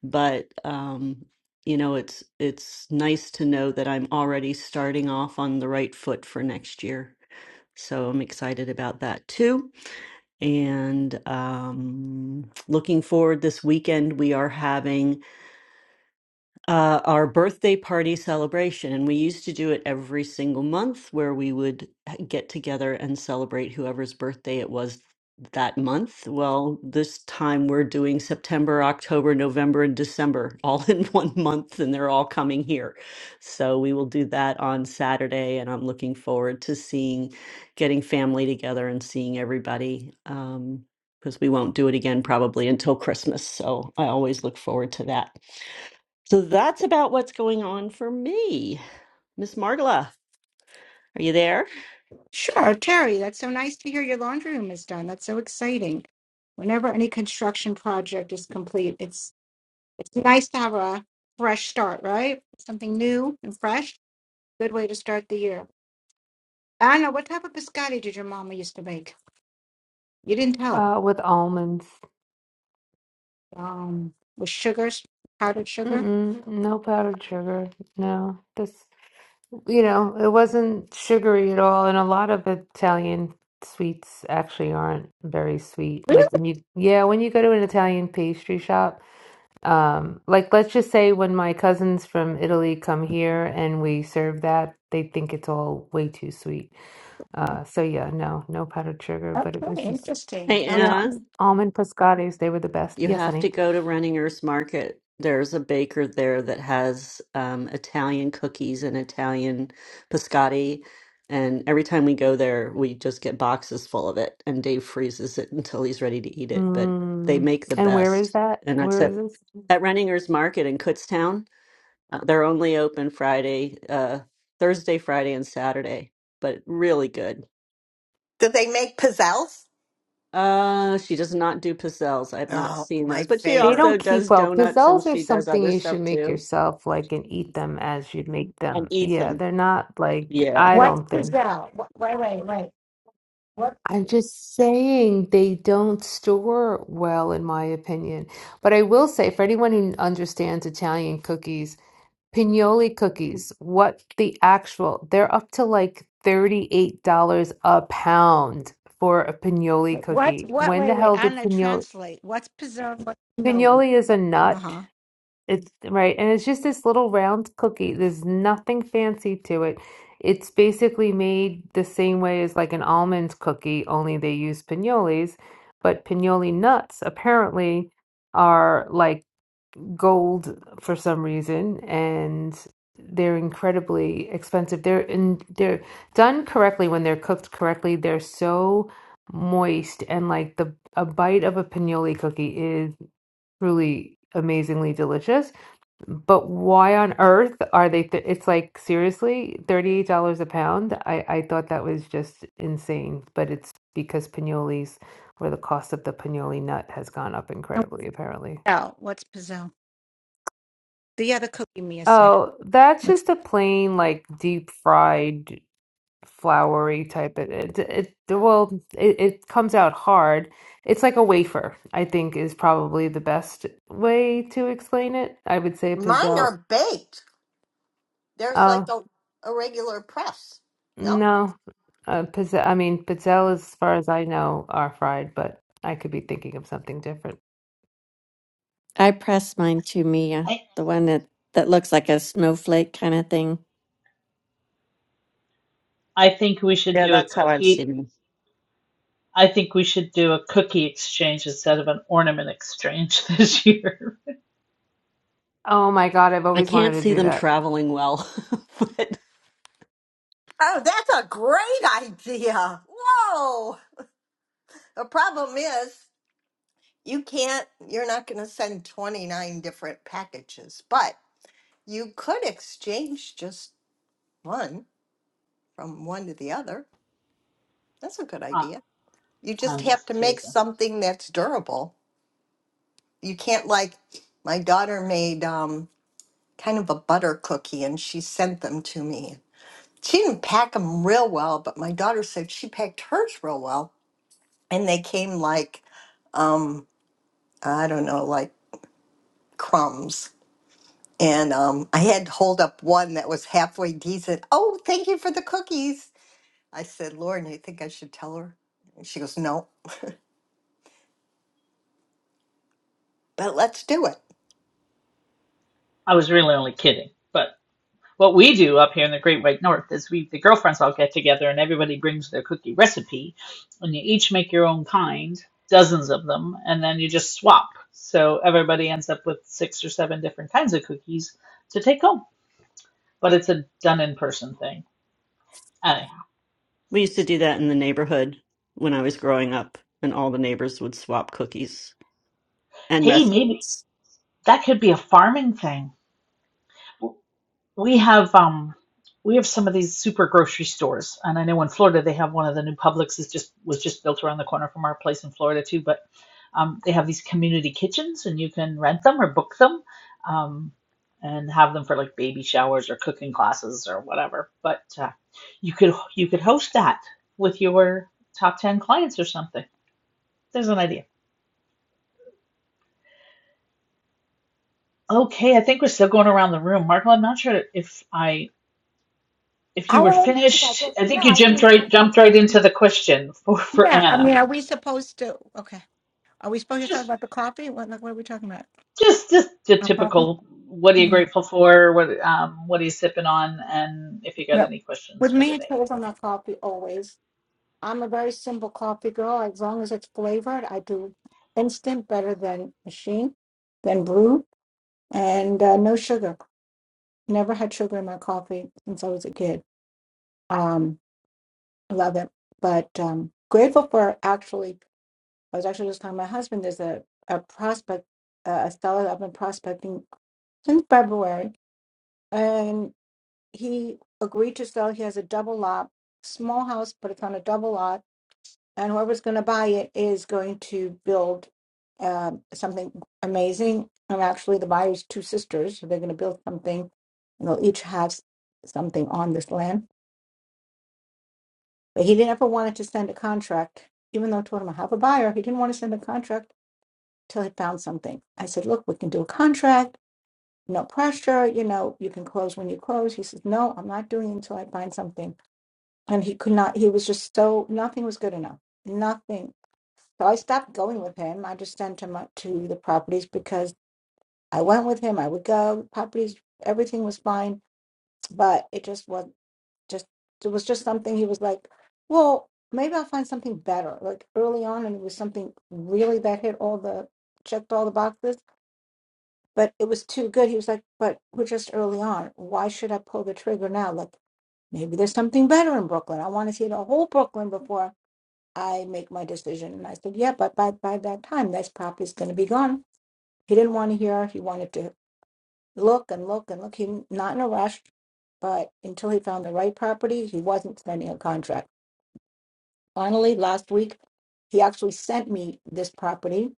but um you know it's it's nice to know that I'm already starting off on the right foot for next year so I'm excited about that too and um looking forward this weekend we are having uh, our birthday party celebration. And we used to do it every single month where we would uh, get together and celebrate whoever's birthday it was that month. Well, this time we're doing September, October, November, and December all <laughs> in one month, and they're all coming here. So we will do that on Saturday. And I'm looking forward to seeing, getting family together and seeing everybody. Um, because we won't do it again probably until Christmas. So I always look forward to that. So that's about what's going on for me. Miss Margola, are you there?
Sure, Terry, that's so nice to hear your laundry room is done. That's so exciting. Whenever any construction project is complete, it's it's nice to have a fresh start, right? Something new and fresh. Good way to start the year. Anna, what type of biscotti did your mama used to make? You didn't tell us.
Uh, with almonds,
Um, with sugars, powdered sugar?
Mm-mm, no powdered sugar. No, this, you know, it wasn't sugary at all, and a lot of Italian sweets actually aren't very sweet.
Really?
Like when you, yeah, when you go to an Italian pastry shop. Um, like let's just say when my cousins from Italy come here and we serve that, they think it's all way too sweet. Uh, so yeah, no, no powdered sugar, but it was
Okay,
just
interesting.
Hey,
Okay.
yeah,
Anna.
almond pescados, they were the best.
You
Yes,
have to
honey.
go to Renninger's Market. There's a baker there that has um, Italian cookies and Italian biscotti. And every time we go there, we just get boxes full of it. And Dave freezes it until he's ready to eat it. But they
Mm,
make the
and where is
best.
that?
And that's
Where
at,
is this?
at Renninger's Market in Kutztown. Uh, they're only open Friday, uh, Thursday, Friday, and Saturday, but really good.
Do they make pizzelles?
Uh, she does not do pizzelles. I've not
Oh,
seen
my
those, but she
They
favorite.
also
don't keep
does
well.
donuts and
Pizzelles are
she does
something
other
you
stuff
should make
too
yourself, like, and eat them as you'd make
and
them.
eats
Yeah,
them.
they're not like
Yeah.
I
What's
don't think.
pizzelle? Wha- Wait, wait, wait. What?
I'm just saying they don't store well, in my opinion. But I will say, for anyone who understands Italian cookies, Pignoli cookies, what the actual, they're up to like $38 a pound for a Pignoli
What?
cookie.
what?
When
Wait,
the
wait.
hell did
Anna,
Pignoli?
translate. What's pizzelle? What's cannoli?
Pignoli is a
Uh
nut.
huh.
It's right, and it's just this little round cookie. There's nothing fancy to it. It's basically made the same way as like an almond cookie, only they use pinoles. But pinole nuts apparently are like gold for some reason, and they're incredibly expensive. They're in, they're done correctly when they're cooked correctly. They're so moist, and like the a bite of a pinole cookie is truly amazingly delicious but why on earth are they th it's like seriously, $38 a pound? I I thought that was just insane, but it's because pinoli's or the cost of the pinoli nut has gone up incredibly apparently.
Pizzelle. What's Pizzelle? The other cookie Mia said.
Oh, that's
What's
just a plain like deep fried floury type of it it well it, it comes out hard. It's like a wafer, I think is probably the best way to explain it. I would say a
Mine
pizzelle.
are baked. There's
Oh,
like a, a regular press. No?
No, uh, pizza, I mean, pizzelle, as far as I know, are fried, but I could be thinking of something different.
I pressed mine to Mia,
I,
the one that, that looks like a snowflake kind of thing.
I think we should
Yeah,
do a
that's how I've
cookie
seen them.
I think we should do a cookie exchange instead of an ornament exchange <laughs> this year.
Oh my God, I've
I
always wanted
can't
to
see
do
them
that.
traveling well, <laughs> but
Oh, that's a great idea. Whoa. The problem is, you can't, you're not going to send 29 different packages, but you could exchange just one from one to the other. That's a good
I,
idea. you just
I'm
have to
just
make
teasing.
something that's durable. You can't like my daughter made um, kind of a butter cookie and she sent them to me. She didn't pack them real well, but my daughter said she packed hers real well, and they came like um, I don't know, like crumbs. And um, I had to hold up one that was halfway decent. Oh, thank you for the cookies. I said, Lauren, you think I should tell her? And she goes, No, but let's do it
I was really only kidding. But what we do up here in the Great White North is we, the girlfriends all get together and everybody brings their cookie recipe and you each make your own kind, dozens of them, and then you just swap. So everybody ends up with six or seven different kinds of cookies to take home. But it's a done in person thing. Anyhow.
we used to do that in the neighborhood when I was growing up, and all the neighbors would swap cookies and
Hey, maybe
recipes.
that could be a farming thing We have um we have some of these super grocery stores, and I know in Florida they have one of the new Publix is just was just built around the corner from our place in Florida too. But um, they have these community kitchens, and you can rent them or book them, um, and have them for like baby showers or cooking classes or whatever. But uh, you could you could host that with your top ten clients or something. There's an idea. Okay, I think we're still going around the room. Marco, I'm not sure if I If you
I
were
don't think I
finished,
just
I
no.
think you
I
jumped
think I,
right
I
jumped right into the question for for
yeah, I
Anna.
mean, are we supposed to? Okay, are we supposed to talk
Just
about the coffee? What like what are we talking about?
just just the
Our coffee?
typical. What are you
No.
grateful for? What um what are you sipping on? And if you got
Yep.
any questions
With
for
me,
the
it's
day.
always on our coffee. Always. I'm a very simple coffee girl. As long as it's flavored, I do instant better than machine, than brew, and uh, no sugar. Never had sugar in my coffee since I was a kid. Um, love it. But um, grateful for actually, I was actually just telling my husband there's a, a prospect, uh, a seller that I've been prospecting since February, and he agreed to sell. He has a double lot, small house, but it's on a double lot, and whoever's going to buy it is going to build um something amazing. And actually, the buyer's two sisters, so they're going to build something, and they'll each have s- something on this land But he never wanted to send a contract, even though I told him I have a buyer. He didn't want to send a contract till he found something. I said, look, we can do a contract, no pressure, you know, you can close when you close. He says, no, I'm not doing it until I find something. And he could not, he was just so, nothing was good enough. Nothing. So I stopped going with him. I just sent him up to the properties because I went with him. I would go, properties, everything was fine, but it just was. just it was just something he was like, well, maybe I'll find something better. Like early on, and it was something really that hit all the checked all the boxes, but it was too good. He was like, but we're just early on. Why should I pull the trigger now? Like maybe there's something better in Brooklyn. I want to see the whole Brooklyn before I make my decision. And I said, yeah, but by by that time, this property's going to be gone. He didn't want to hear. He wanted to look and look and look. He not in a rush but until he found the right property, he wasn't signing a contract. Finally, last week, he actually sent me this property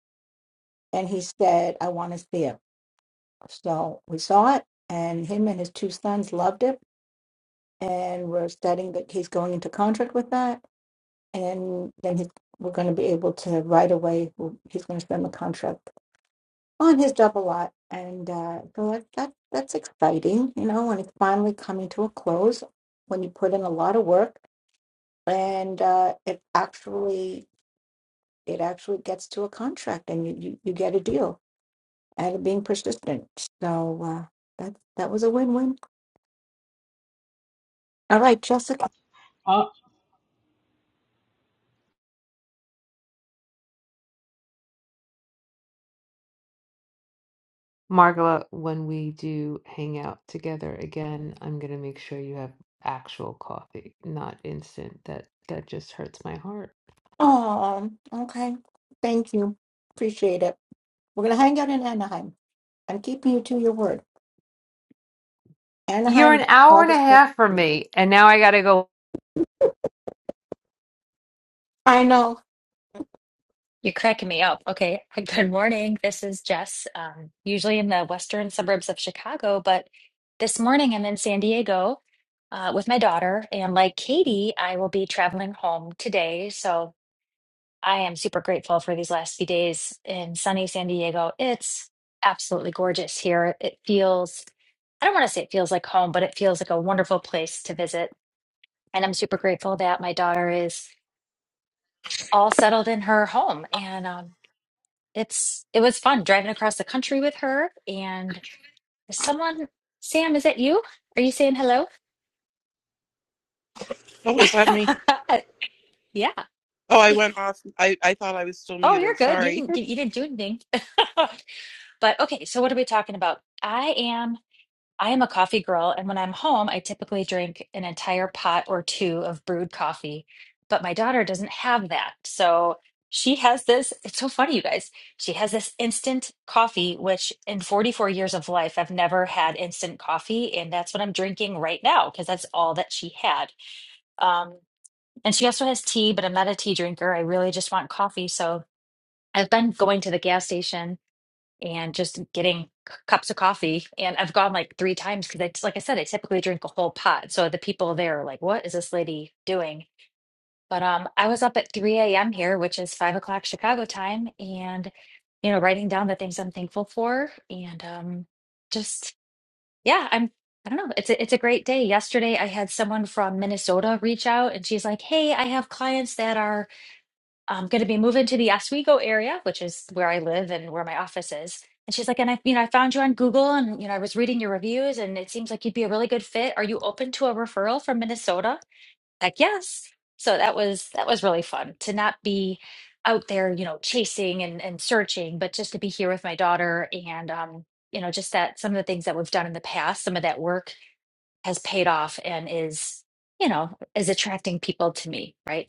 and he said, I want to see it. So we saw it, and him and his two sons loved it. And we're studying that he's going into contract with that. And then he's, we're going to be able to right away, he's going to send the contract on his double lot. And uh, so that, that, that's exciting, you know, when it's finally coming to a close, when you put in a lot of work. And uh, it actually it actually gets to a contract and you, you, you get a deal and being persistent. So uh, that that was a win win. All right, Jessica.
Uh.
Margola, when we do hang out together again, I'm gonna make sure you have actual coffee, not instant. That that just hurts my heart.
Oh, okay. Thank you. Appreciate it. We're gonna hang out in Anaheim. I'm keeping you to your word.
You're
Anaheim,
an hour and a
August fifth.
half from me, and now I gotta go.
I know.
You're cracking me up. Okay. <laughs> Good morning. This is Jess, um, usually in the western suburbs of Chicago, but this morning I'm in San Diego uh, with my daughter. And like Katie, I will be traveling home today. So I am super grateful for these last few days in sunny San Diego. It's absolutely gorgeous here. It feels, I don't want to say it feels like home, but it feels like a wonderful place to visit. And I'm super grateful that my daughter is all settled in her home. And um, it's it was fun driving across the country with her and is someone Sam is it you are you saying hello
Oh, is that me?
<laughs> yeah
Oh, I went off. I, I thought I was still
oh you're
muted.
good you
Sorry. <laughs>
didn't you didn't do anything <laughs> but okay so what are we talking about I am I am a coffee girl, and when I'm home, I typically drink an entire pot or two of brewed coffee. But my daughter doesn't have that. So she has this. It's so funny, you guys. She has this instant coffee, which in 44 years of life, I've never had instant coffee. And that's what I'm drinking right now because that's all that she had. Um, and she also has tea, but I'm not a tea drinker. I really just want coffee. So I've been going to the gas station and just getting c- cups of coffee. And I've gone like three times because I, like I said, I typically drink a whole pot. So the people there are like, what is this lady doing? But um, I was up at 3 a.m. here, which is five o'clock Chicago time, and you know, writing down the things I'm thankful for, and um, just yeah, I'm. I don't know. It's a, it's a great day. Yesterday, I had someone from Minnesota reach out, and she's like, "Hey, I have clients that are." I'm going to be moving to the Oswego area, which is where I live and where my office is. And she's like, and I, you know, I found you on Google and, you know, I was reading your reviews and it seems like you'd be a really good fit. Are you open to a referral from Minnesota? Like, yes. So that was, that was really fun to not be out there, you know, chasing and, and searching, but just to be here with my daughter and, um, you know, just that some of the things that we've done in the past, some of that work has paid off and is, you know, is attracting people to me, right?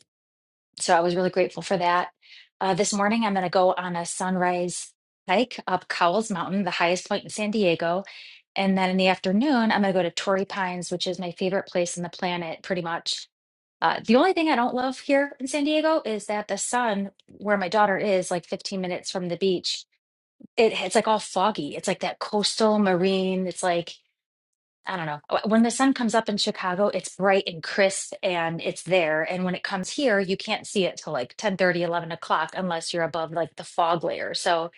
so I was really grateful for that. Uh, this morning, I'm going to go on a sunrise hike up Cowles Mountain, the highest point in San Diego. And then in the afternoon, I'm going to go to Torrey Pines, which is my favorite place on the planet, pretty much. Uh, the only thing I don't love here in San Diego is that the sun, where my daughter is, like 15 minutes from the beach, it, it's like all foggy. It's like that coastal marine. It's like I don't know. Uh, When the sun comes up in Chicago, it's bright and crisp and it's there. And when it comes here, you can't see it till like ten thirty, eleven o'clock unless you're above like the fog layer. So,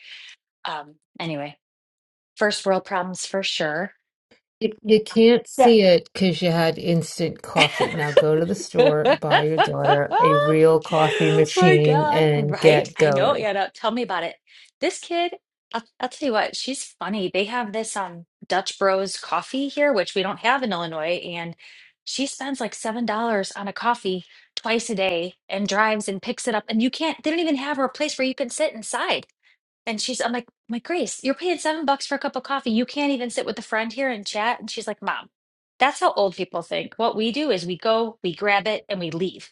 um, anyway, first world problems for sure.
You, you can't
Yeah,
see it because you had instant coffee. Now go to the
<laughs>
store, buy your daughter a real coffee
My
machine,
God.
and
Right?
get
I know,
going.
Anna. Tell me about it. This kid, I'll, I'll tell you what, she's funny. They have this um Dutch Bros coffee here, which we don't have in Illinois, and she spends like seven dollars on a coffee twice a day and drives and picks it up. And you can't, they don't even have a place where you can sit inside. And she's, I'm like, my Grace, you're paying seven bucks for a cup of coffee. You can't even sit with a friend here and chat. And she's like, Mom, that's how old people think. What we do is we go, we grab it, and we leave.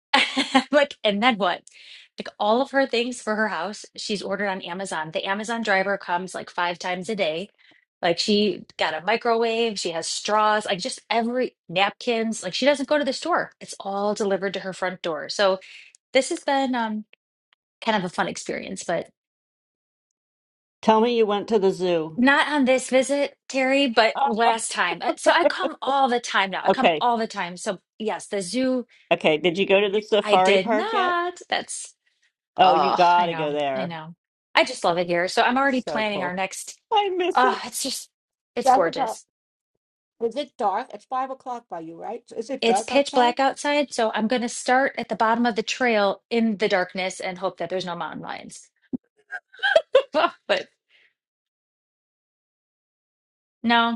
<laughs> I'm like, and then what? Like all of her things for her house, she's ordered on Amazon. The Amazon driver comes like five times a day. Like she got a microwave, she has straws, like just every napkins. Like she doesn't go to the store. It's all delivered to her front door. So this has been um, kind of a fun experience, but.
Tell me you went to the zoo.
Not on this visit, Terry, but
<laughs>
last time. Uh, So I come all the time now. I
Oh,
come
okay.
all the time. So yes, the zoo,
Okay, did you go to the
I
safari
did
park yet?
not. That's,
Oh, you
oh, I
gotta
know.
go
I
there.
know. I just love it here. So I'm already
So
planning our
cool.
next,
I miss
oh,
it.
it's just, it's
Jessica.
gorgeous.
Is it dark? It's five o'clock by you, right? So Is it
It's
dark
pitch
outside?
black outside, so I'm going to start at the bottom of the trail in the darkness and hope that there's no mountain lions. <laughs> But no.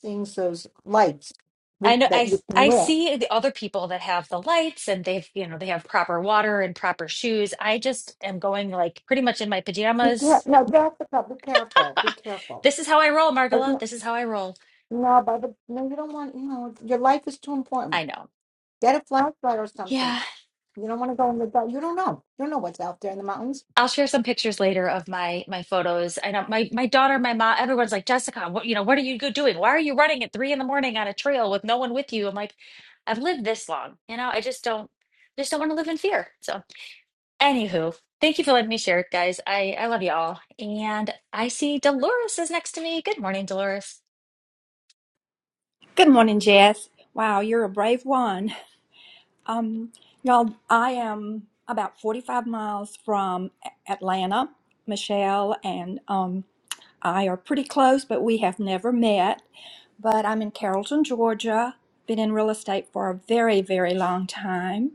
Things those lights
I
re-
know I
that you
s-
can
I
wear.
see the other people that have the lights and they've, you know, they have proper water and proper shoes. I just am going like pretty much in my
Be care-
pajamas.
No, Jessica, be careful. Be
<laughs>
careful.
This is how I roll, Margola. This is how I roll.
No, by the no, you don't want. You know, your life is too important.
I know.
Get a flashlight or something.
Yeah.
You don't want to go in the dark. You don't know. You don't know what's out there in the mountains.
I'll share some pictures later of my my photos. I know my my daughter, my mom, everyone's like, Jessica, what you know, what are you go- doing? Why are you running at three in the morning on a trail with no one with you? I'm like, I've lived this long. You know, I just don't just don't want to live in fear. So. Anywho, thank you for letting me share it, guys. I, I love you all. And I see Dolores is next to me. Good morning, Dolores.
Good morning, Jess. Wow, you're a brave one. Um, y'all, I am about 45 miles from A- Atlanta. Michelle and um, I are pretty close, but we have never met. But I'm in Carrollton, Georgia. Been in real estate for a very, very long time.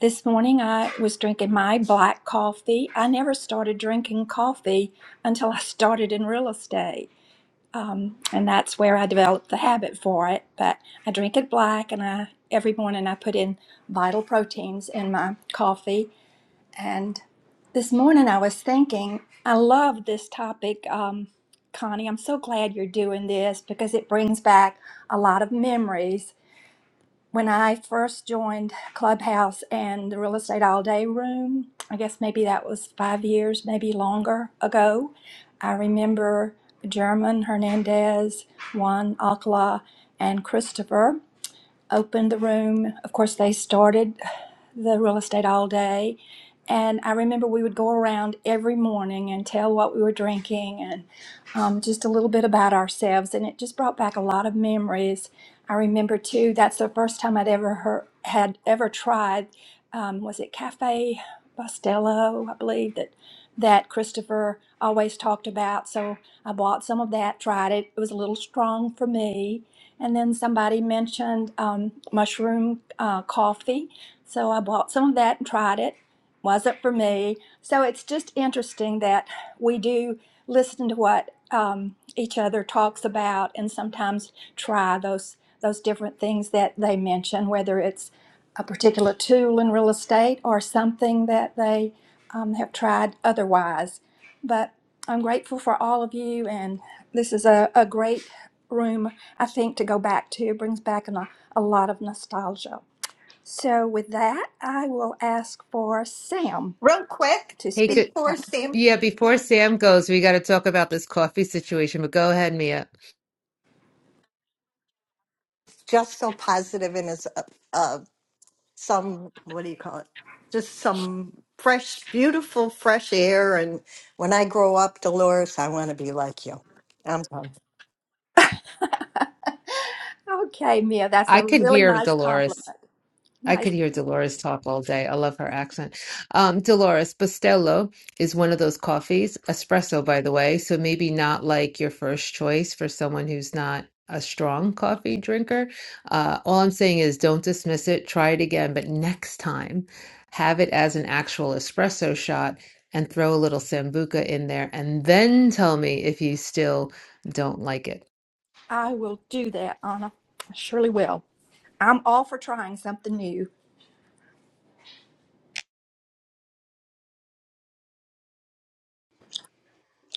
This morning I was drinking my black coffee. I never started drinking coffee until I started in real estate um, and that's where I developed the habit for it. But I drink it black, and I every morning I put in vital proteins in my coffee. And this morning I was thinking, I love this topic, um, Connie. I'm so glad you're doing this because it brings back a lot of memories when I first joined Clubhouse and the Real Estate All Day Room, I guess maybe that was five years, maybe longer ago. I remember German Hernandez, Juan Alcala, and Christopher opened the room. Of course, they started the real estate all day. And I remember we would go around every morning and tell what we were drinking and um, just a little bit about ourselves. And it just brought back a lot of memories. I remember too, that's the first time I'd ever heard, had ever tried, um, was it Cafe Bustelo, I believe, that, that Christopher always talked about. So I bought some of that, tried it. It was a little strong for me. And then somebody mentioned um, mushroom uh, coffee so I bought some of that and tried it. Wasn't for me. So it's just interesting that we do listen to what um, each other talks about and sometimes try those those different things that they mention, whether it's a particular tool in real estate or something that they um, have tried otherwise. But I'm grateful for all of you, and this is a, a great room, I think, to go back to. It brings back an, a lot of nostalgia. So with that, I will ask for Sam
real quick
to
Hey,
speak.
good.
before
on.
Sam.
Yeah, before Sam goes, we got to talk about this coffee situation, but go ahead, Mia.
just so positive and it's uh, uh, some what do you call it just some fresh beautiful fresh air and when i grow up dolores i want to be like you i'm done.
<laughs> okay, Mia, that's
I
a
could
really
hear
nice
Dolores.
compliment.
I
Nice.
could hear Dolores talk all day. I love her accent. Um, Dolores Bustelo is one of those coffees, espresso, by the way. So maybe not like your first choice for someone who's not a strong coffee drinker. Uh, all I'm saying is don't dismiss it. Try it again, but next time, have it as an actual espresso shot and throw a little sambuca in there, and then tell me if you still don't like it.
I will do that, Anna. I surely will. I'm all for trying something new.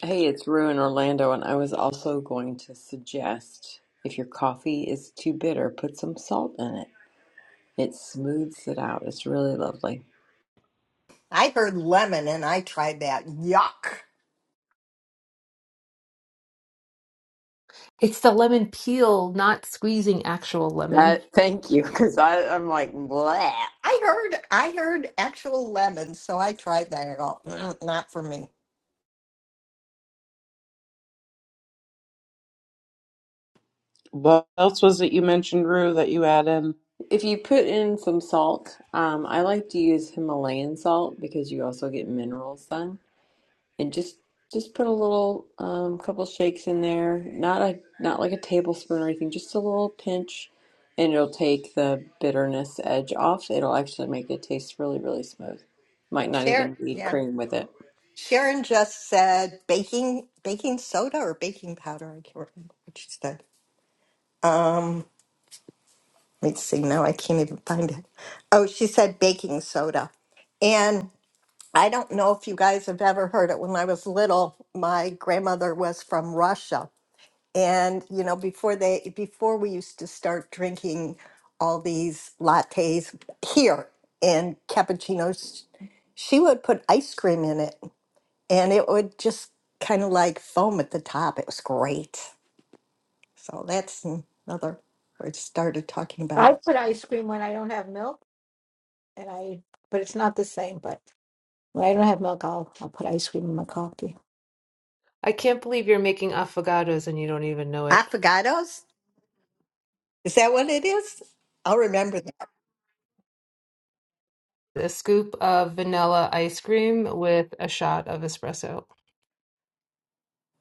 Hey, it's Rue in Orlando, and I was also going to suggest if your coffee is too bitter, put some salt in it. It smooths it out. It's really lovely.
i heard lemon and i tried that yuck
It's the lemon peel, not squeezing actual lemon.
That <laughs> thank you, because I'm like bleh.
i heard i heard actual lemon so i tried that at all Mm, not for me
What else was it you mentioned, Rue, that you add in?
If you put in some salt, um, I like to use Himalayan salt because you also get minerals then. and just just put a little um, couple shakes in there not a not like a tablespoon or anything just a little pinch and it'll take the bitterness edge off it'll actually make it taste really really smooth might not
sharon
even need
yeah
cream with it
sharon just said baking baking soda or baking powder i can't remember what she said um Let's see, now I can't even find it. Oh, she said baking soda. And I don't know if you guys have ever heard it. When I was little, my grandmother was from Russia. And, you know, before they, before we used to start drinking all these lattes here and cappuccinos, she would put ice cream in it and it would just kind of like foam at the top. It was great. So that's another where it started talking
I
about
put ice cream when I don't have milk, and I. But it's not the same. But when I don't have milk, I'll I'll put ice cream in my coffee.
I can't believe you're making affogatos and you don't even know it.
affogatos. Is that what it is? I'll remember that.
A scoop of vanilla ice cream with a shot of espresso. <laughs>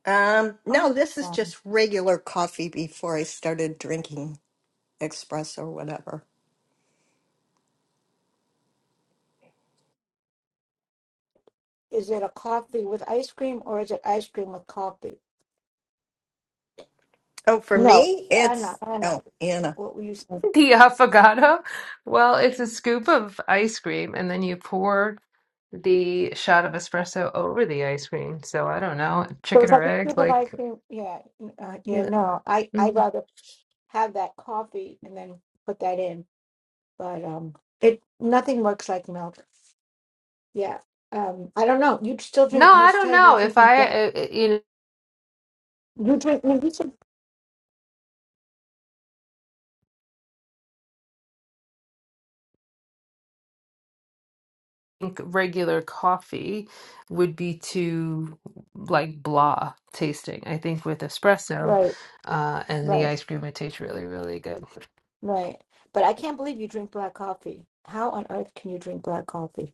Um,
Oh.
no, this is just regular coffee before I started drinking espresso or whatever.
Is it a coffee with ice cream or is it ice cream with coffee?
Oh, for
No,
me,
I know,
it's
I
oh,
know
Anna.
what were you saying.
The affogato? Well, it's a scoop of ice cream and then you pour the shot of espresso over the ice cream. So I don't know,
So
chicken
it's
or
like a
egg,
scoop of ice
like
cream. Yeah, uh,
you
yeah.
know.
No, I I
Mm.
rather have that coffee and then put that in. but um it nothing works like milk yeah um i don't know you still
No,
drink you
I don't
said you were
know. If
drinking
I,
black
uh, uh, you know.
you drink no, you said,
think regular coffee would be too like blah tasting. I think with espresso,
right
uh, and the
right
ice cream, it tastes really, really good.
right but i can't believe you drink black coffee how on earth can you drink black coffee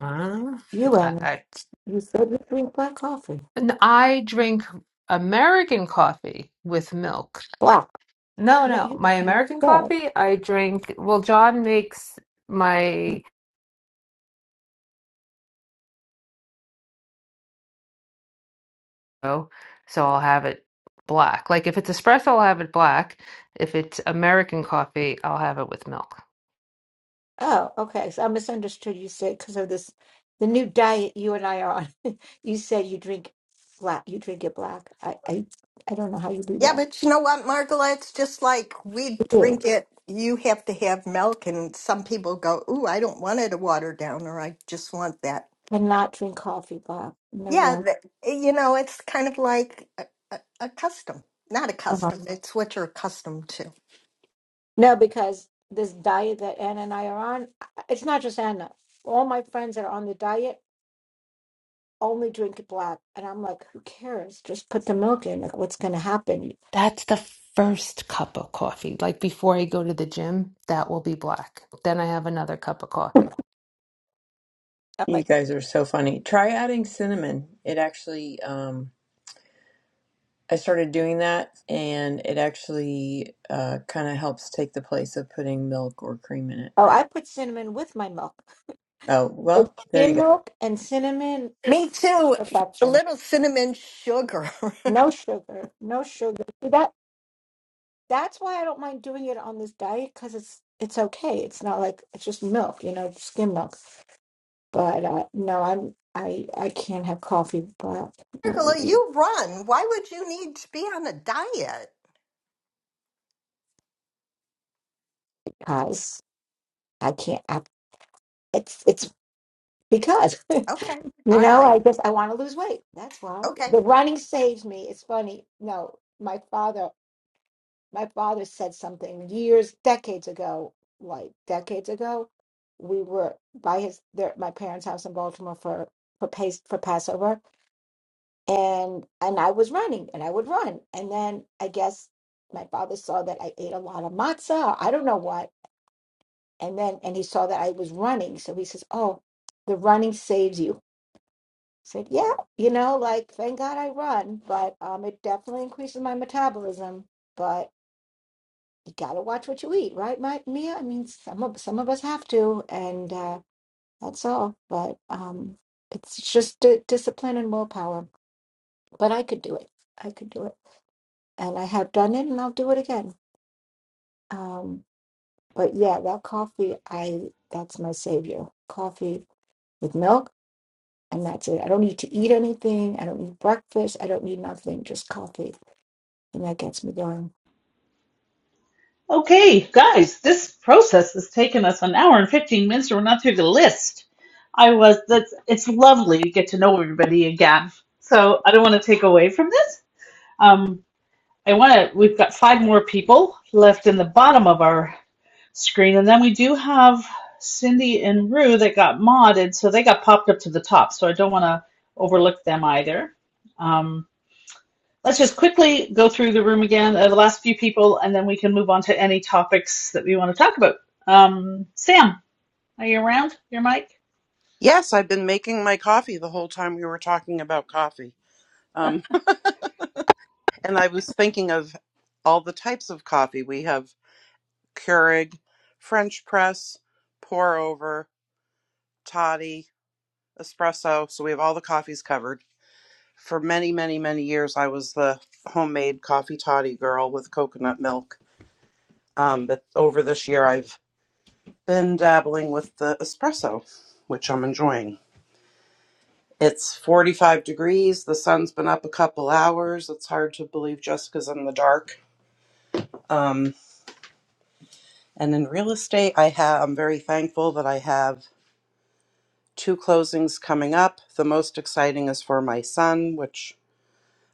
Uh,
you
I,
Anna,
I,
you said you drink black coffee
and I drink American coffee with milk.
black
No,
no
no,
you
my
you
American
said
coffee, I drink. Well, John makes my oh, so I'll have it black. Like if it's espresso, I'll have it black. If it's American coffee, I'll have it with milk.
Oh, okay. So I misunderstood you said because of this, the new diet you and I are on. <laughs> You said you drink black, you drink it black. I, I, I don't know how you do
Yeah,
that.
but you know what, Margola? It's just like we
You
drink it. You have to have milk, and some people go, "Ooh, I don't want it to water down," or "I just want that."
cannot drink coffee black.
Yeah,
Never.
that, you know, it's kind of like a, a, a custom, not a
uh-huh.
custom. It's what you're accustomed to.
No, because this diet that Anna and I are on, I- it's not just Anna. All my friends that are on the diet only drink it black. And I'm like, who cares? Just put the milk in. Like, what's going to happen?
That's the first cup of coffee. Like before I go to the gym, that will be black. Then I have another cup of coffee.
I'm
you
like,
guys are so funny try adding cinnamon it actually um, i started doing that and it actually uh, kind of helps take the place of putting milk or cream in it
oh, I put cinnamon with my milk.
oh
It's
well there you
skim
go
milk and cinnamon
Me too. A
perfection.
little cinnamon sugar. <laughs>
No sugar, no sugar. See, That that's why I don't mind doing it on this diet because it's it's okay. It's not like it's just milk, you know, skim milk. But uh, no, I'm I I can't have coffee black. No
Angela,
way.
you run. Why would you need to be on a diet?
because I can't. I, it's it's because <laughs> you
Okay. All
know
right.
I just I want to lose weight. That's why
Okay.
the running saves me. It's funny. No, my father my father said something years decades ago, like decades ago. We were by his their, my parents' house in Baltimore for for pace for Passover, and and I was running and I would run, and then I guess my father saw that I ate a lot of matzah. I don't know what And then, and he saw that I was running. So he says, Oh, the running saves you. I said, Yeah, you know, like, thank God I run, but um, it definitely increases my metabolism. But you got to watch what you eat, right, Mike, Mia? I mean, some of, some of us have to, and uh, that's all. But um, it's just d- discipline and willpower. But I could do it. I could do it. And I have done it, and I'll do it again. Um, but yeah, that coffee, I that's my savior. Coffee with milk I'm not doing. I don't need to eat anything. I don't need breakfast. I don't need nothing. Just coffee, and that gets me going.
Okay, guys, this process has taken us an hour and 15 minutes, and we're not through the list. I was, that's, it's lovely to get to know everybody again. So I don't want to take away from this. Um, I want to, we've got five more people left in the bottom of our screen, and then we do have Cindy and Rue that got modded, so they got popped up to the top. So I don't want to overlook them either. Um, let's just quickly go through the room again, uh, the last few people, and then we can move on to any topics that we want to talk about. Um, Sam, are you around? Your mic?
Yes, I've been making my coffee the whole time we were talking about coffee. Um, <laughs> and I was thinking of all the types of coffee. We have Keurig, French press, pour over, toddy, espresso. So we have all the coffees covered. For many, many, many years, I was the homemade coffee toddy girl with coconut milk. Um, but over this year, I've been dabbling with the espresso, which I'm enjoying. It's 45 degrees. The sun's been up a couple hours. It's hard to believe just I'm in the dark. Um, and in real estate, I have. I'm very thankful that I have two closings coming up. The most exciting is for my son, which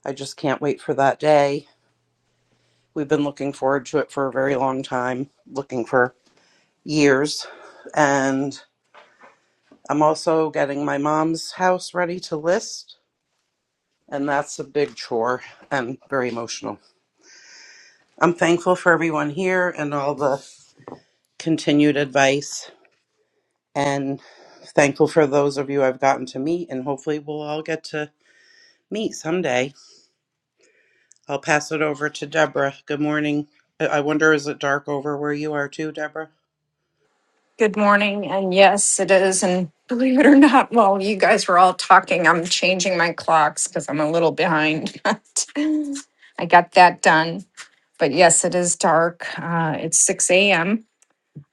I just can't wait for that day. We've been looking forward to it for a very long time, looking for years. And I'm also getting my mom's house ready to list and that's a big chore and very emotional. I'm thankful for everyone here and all the continued advice, and thankful for those of you I've gotten to meet, and hopefully we'll all get to meet someday. I'll pass it over to Deborah. Good morning. I I wonder, is it dark over where you are too, Deborah?
Good morning. And yes, it is. And believe it or not, while you guys were all talking, I'm changing my clocks because I'm a little behind. <laughs> But I got that done. But yes, it is dark. Uh, it's 6 a.m.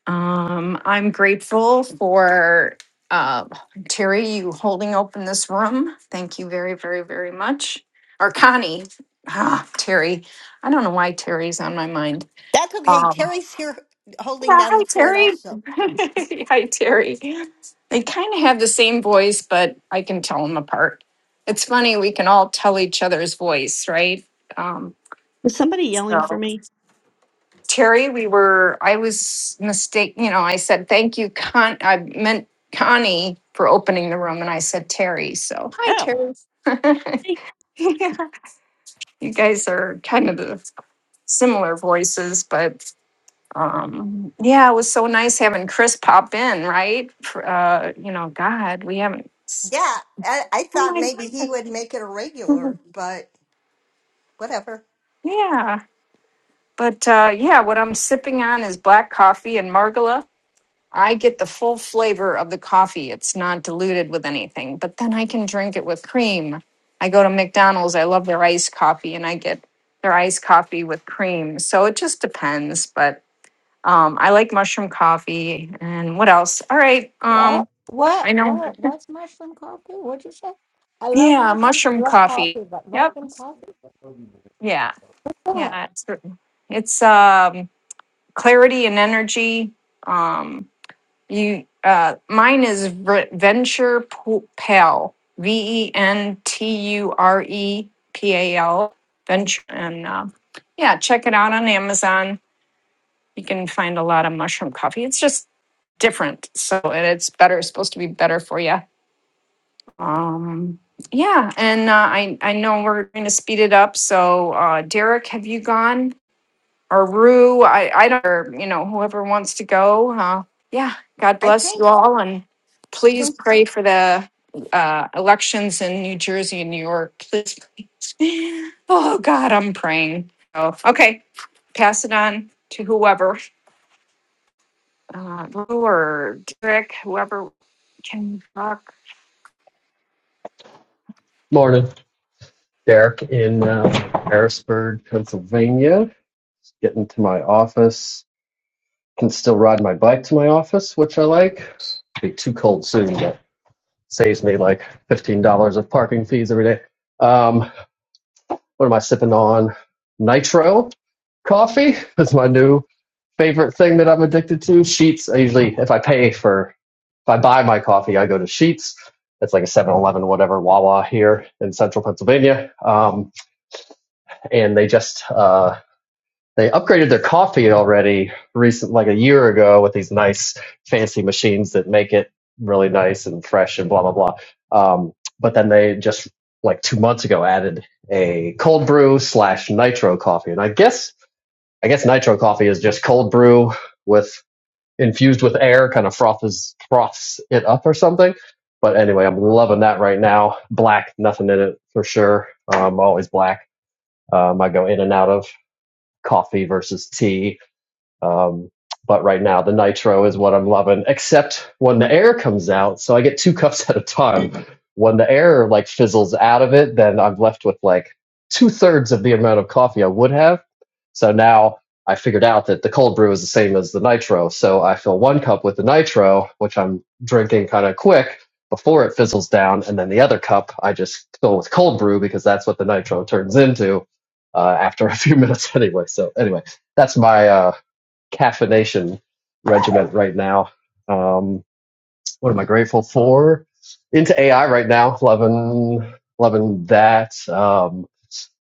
Um, I'm grateful for uh, Terry, you holding open this room. Thank you very, very, very much. Or Connie. Ah, Terry. I don't know why Terry's on my mind.
That's okay.
Um,
Terry's here holding
yeah,
down the
hi
fort
Terry.
also.
<laughs> hi Terry. They kind of have the same voice, but I can tell them apart. It's funny we can all tell each other's voice, right? Um,
Was somebody yelling for
so
me?
Terry, we were. I was mistake. You know, I said thank you, Con. I meant Connie for opening the room, and I said Terry. So hi
Oh.
Terry. <laughs> yeah, you guys are kind of the similar voices, but um yeah it was so nice having chris pop in right For, uh you know god we haven't s-
Yeah. I, I
oh
thought
my
maybe he
god <laughs>
would make it a regular,
Mhm.
but whatever.
yeah but uh yeah what i'm sipping on is black coffee and margola i get the full flavor of the coffee it's not diluted with anything but then i can drink it with cream i go to mcdonald's i love their iced coffee and i get their iced coffee with cream so it just depends but um i like mushroom coffee and what else all right um
What? What?
I know
What? What's mushroom coffee? What'd you say? I love
Yeah,
mushrooms and
mushroom
love
coffee.
coffee, but
Yep.
mushroom coffee?
Yeah.
What?
Yeah, it's it's um clarity and energy. Um you uh mine is v- Venture Pu- Pal. V E N T U R E P A L Venture and uh, yeah, check it out on Amazon. You can find a lot of mushroom coffee. It's just different. So and it's better it's supposed to be better for you. Um, yeah, and uh, I I know we're going to speed it up. So uh, Derek, have you gone or Rue? I I don't or, you know whoever wants to go. Uh, yeah, God
I
bless
think.
you all, and please pray for the uh, elections in New Jersey and New York. Please, please. <laughs> oh God, I'm praying. Oh, okay, pass it on to whoever, uh, Rue or Derek, whoever can talk.
Morning, Derek in uh, Harrisburg, Pennsylvania. Just getting to my office. Can still ride my bike to my office, which I like. Be too cold soon, but saves me like fifteen dollars of parking fees every day. Um, what am I sipping on? Nitro coffee is my new favorite thing that I'm addicted to. Sheets. I usually, if I pay for, if I buy my coffee, I go to Sheets. It's like a Seven Eleven, whatever, Wawa here in central Pennsylvania. Um, and they just uh, they upgraded their coffee already recent like a year ago with these nice fancy machines that make it really nice and fresh and blah blah blah. Um, but then they just like two months ago added a cold brew slash nitro coffee, and I guess I guess nitro coffee is just cold brew with infused with air, kind of froths froths it up or something. But anyway, I'm loving that right now. Black, nothing in it for sure. Um, always black um, I go in and out of coffee versus tea um, but right now, the nitro is what I'm loving, except when the air comes out. So I get two <laughs> cups at a time. When the air like fizzles out of it, then I'm left with like two thirds of the amount of coffee I would have. So now I figured out that the cold brew is the same as the nitro. So I fill one cup with the nitro, which I'm drinking kind of quick before it fizzles down. And then the other cup I just fill with cold brew because that's what the nitro turns into uh, after a few minutes <laughs> anyway. So anyway, that's my. Uh, caffeination regiment right now. Um, what am I grateful for? Into AI right now, loving loving that. Um,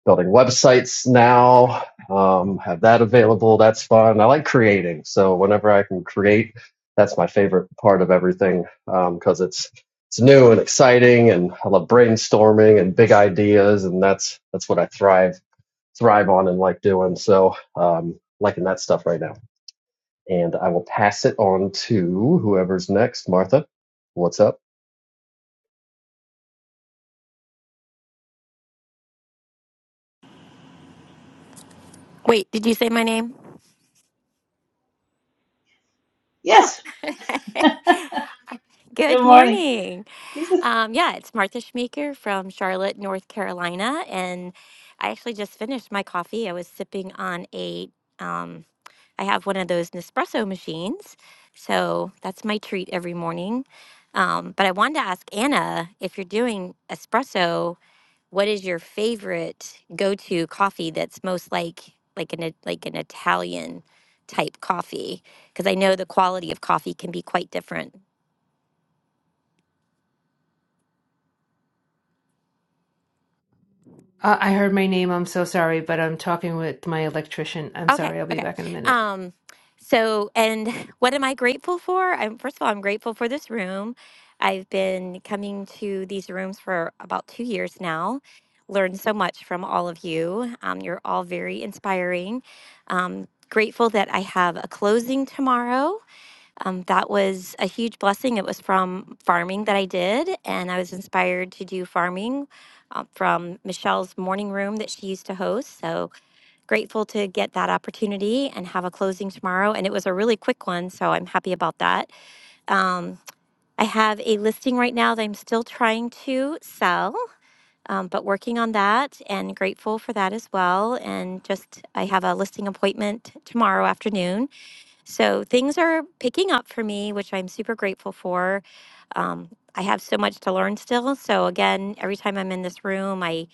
building websites now, um, have that available. That's fun. I like creating, so whenever I can create, that's my favorite part of everything because um, it's it's new and exciting, and I love brainstorming and big ideas, and that's that's what I thrive thrive on and like doing. So um, liking that stuff right now and I will pass it on to whoever's next. Martha, what's up?
Wait, did you say my name? Oh,
Yes.
<laughs> good
Good morning.
morning.
These
Um, yeah, it's Martha Schmeaker from Charlotte, North Carolina. And I actually just finished my coffee. I was sipping on a, um, I have one of those Nespresso machines. So that's my treat every morning. Um, but I wanted to ask Anna if you're doing espresso what is your favorite go-to coffee that's most like like an like an Italian type coffee? Because I know the quality of coffee can be quite different.
Uh, I heard my name. I'm so sorry, but I'm talking with my electrician. I'm
Okay,
sorry. I'll be
okay.
back in a minute.
Um, so, and <laughs> what am I grateful for? I'm, first of all, I'm grateful for this room. I've been coming to these rooms for about two years now. Learned so much from all of you. Um, you're all very inspiring. Um, grateful that I have a closing tomorrow um, that was a huge blessing. It was from farming that I did, and I was inspired to do farming uh, from Michelle's morning room that she used to host. So grateful to get that opportunity and have a closing tomorrow. And it was a really quick one, so I'm happy about that. Um, I have a listing right now that I'm still trying to sell, um, but working on that and grateful for that as well. And just I have a listing appointment tomorrow afternoon so things are picking up for me, which I'm super grateful for. Um, I have so much to learn still. So again, every time I'm in this room, I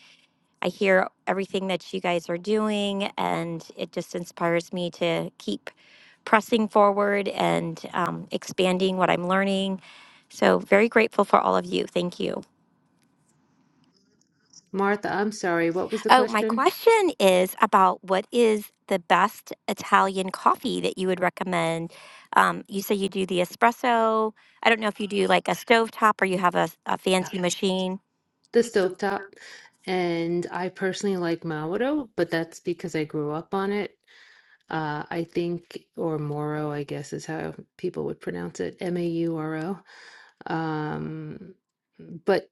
I hear everything that you guys are doing, and it just inspires me to keep pressing forward and um, expanding what I'm learning. So very grateful for all of you. Thank you.
Martha, I'm sorry. What was the
Oh, my
question?
question is about what is the best Italian coffee that you would recommend? Um, you say you do the espresso. I don't know if you do like a stovetop or you have a, a fancy machine.
The stovetop. And I personally like Mauro, but that's because I grew up on it. Uh, I think, or Moro, I guess is how people would pronounce it, M A U R O. Um, But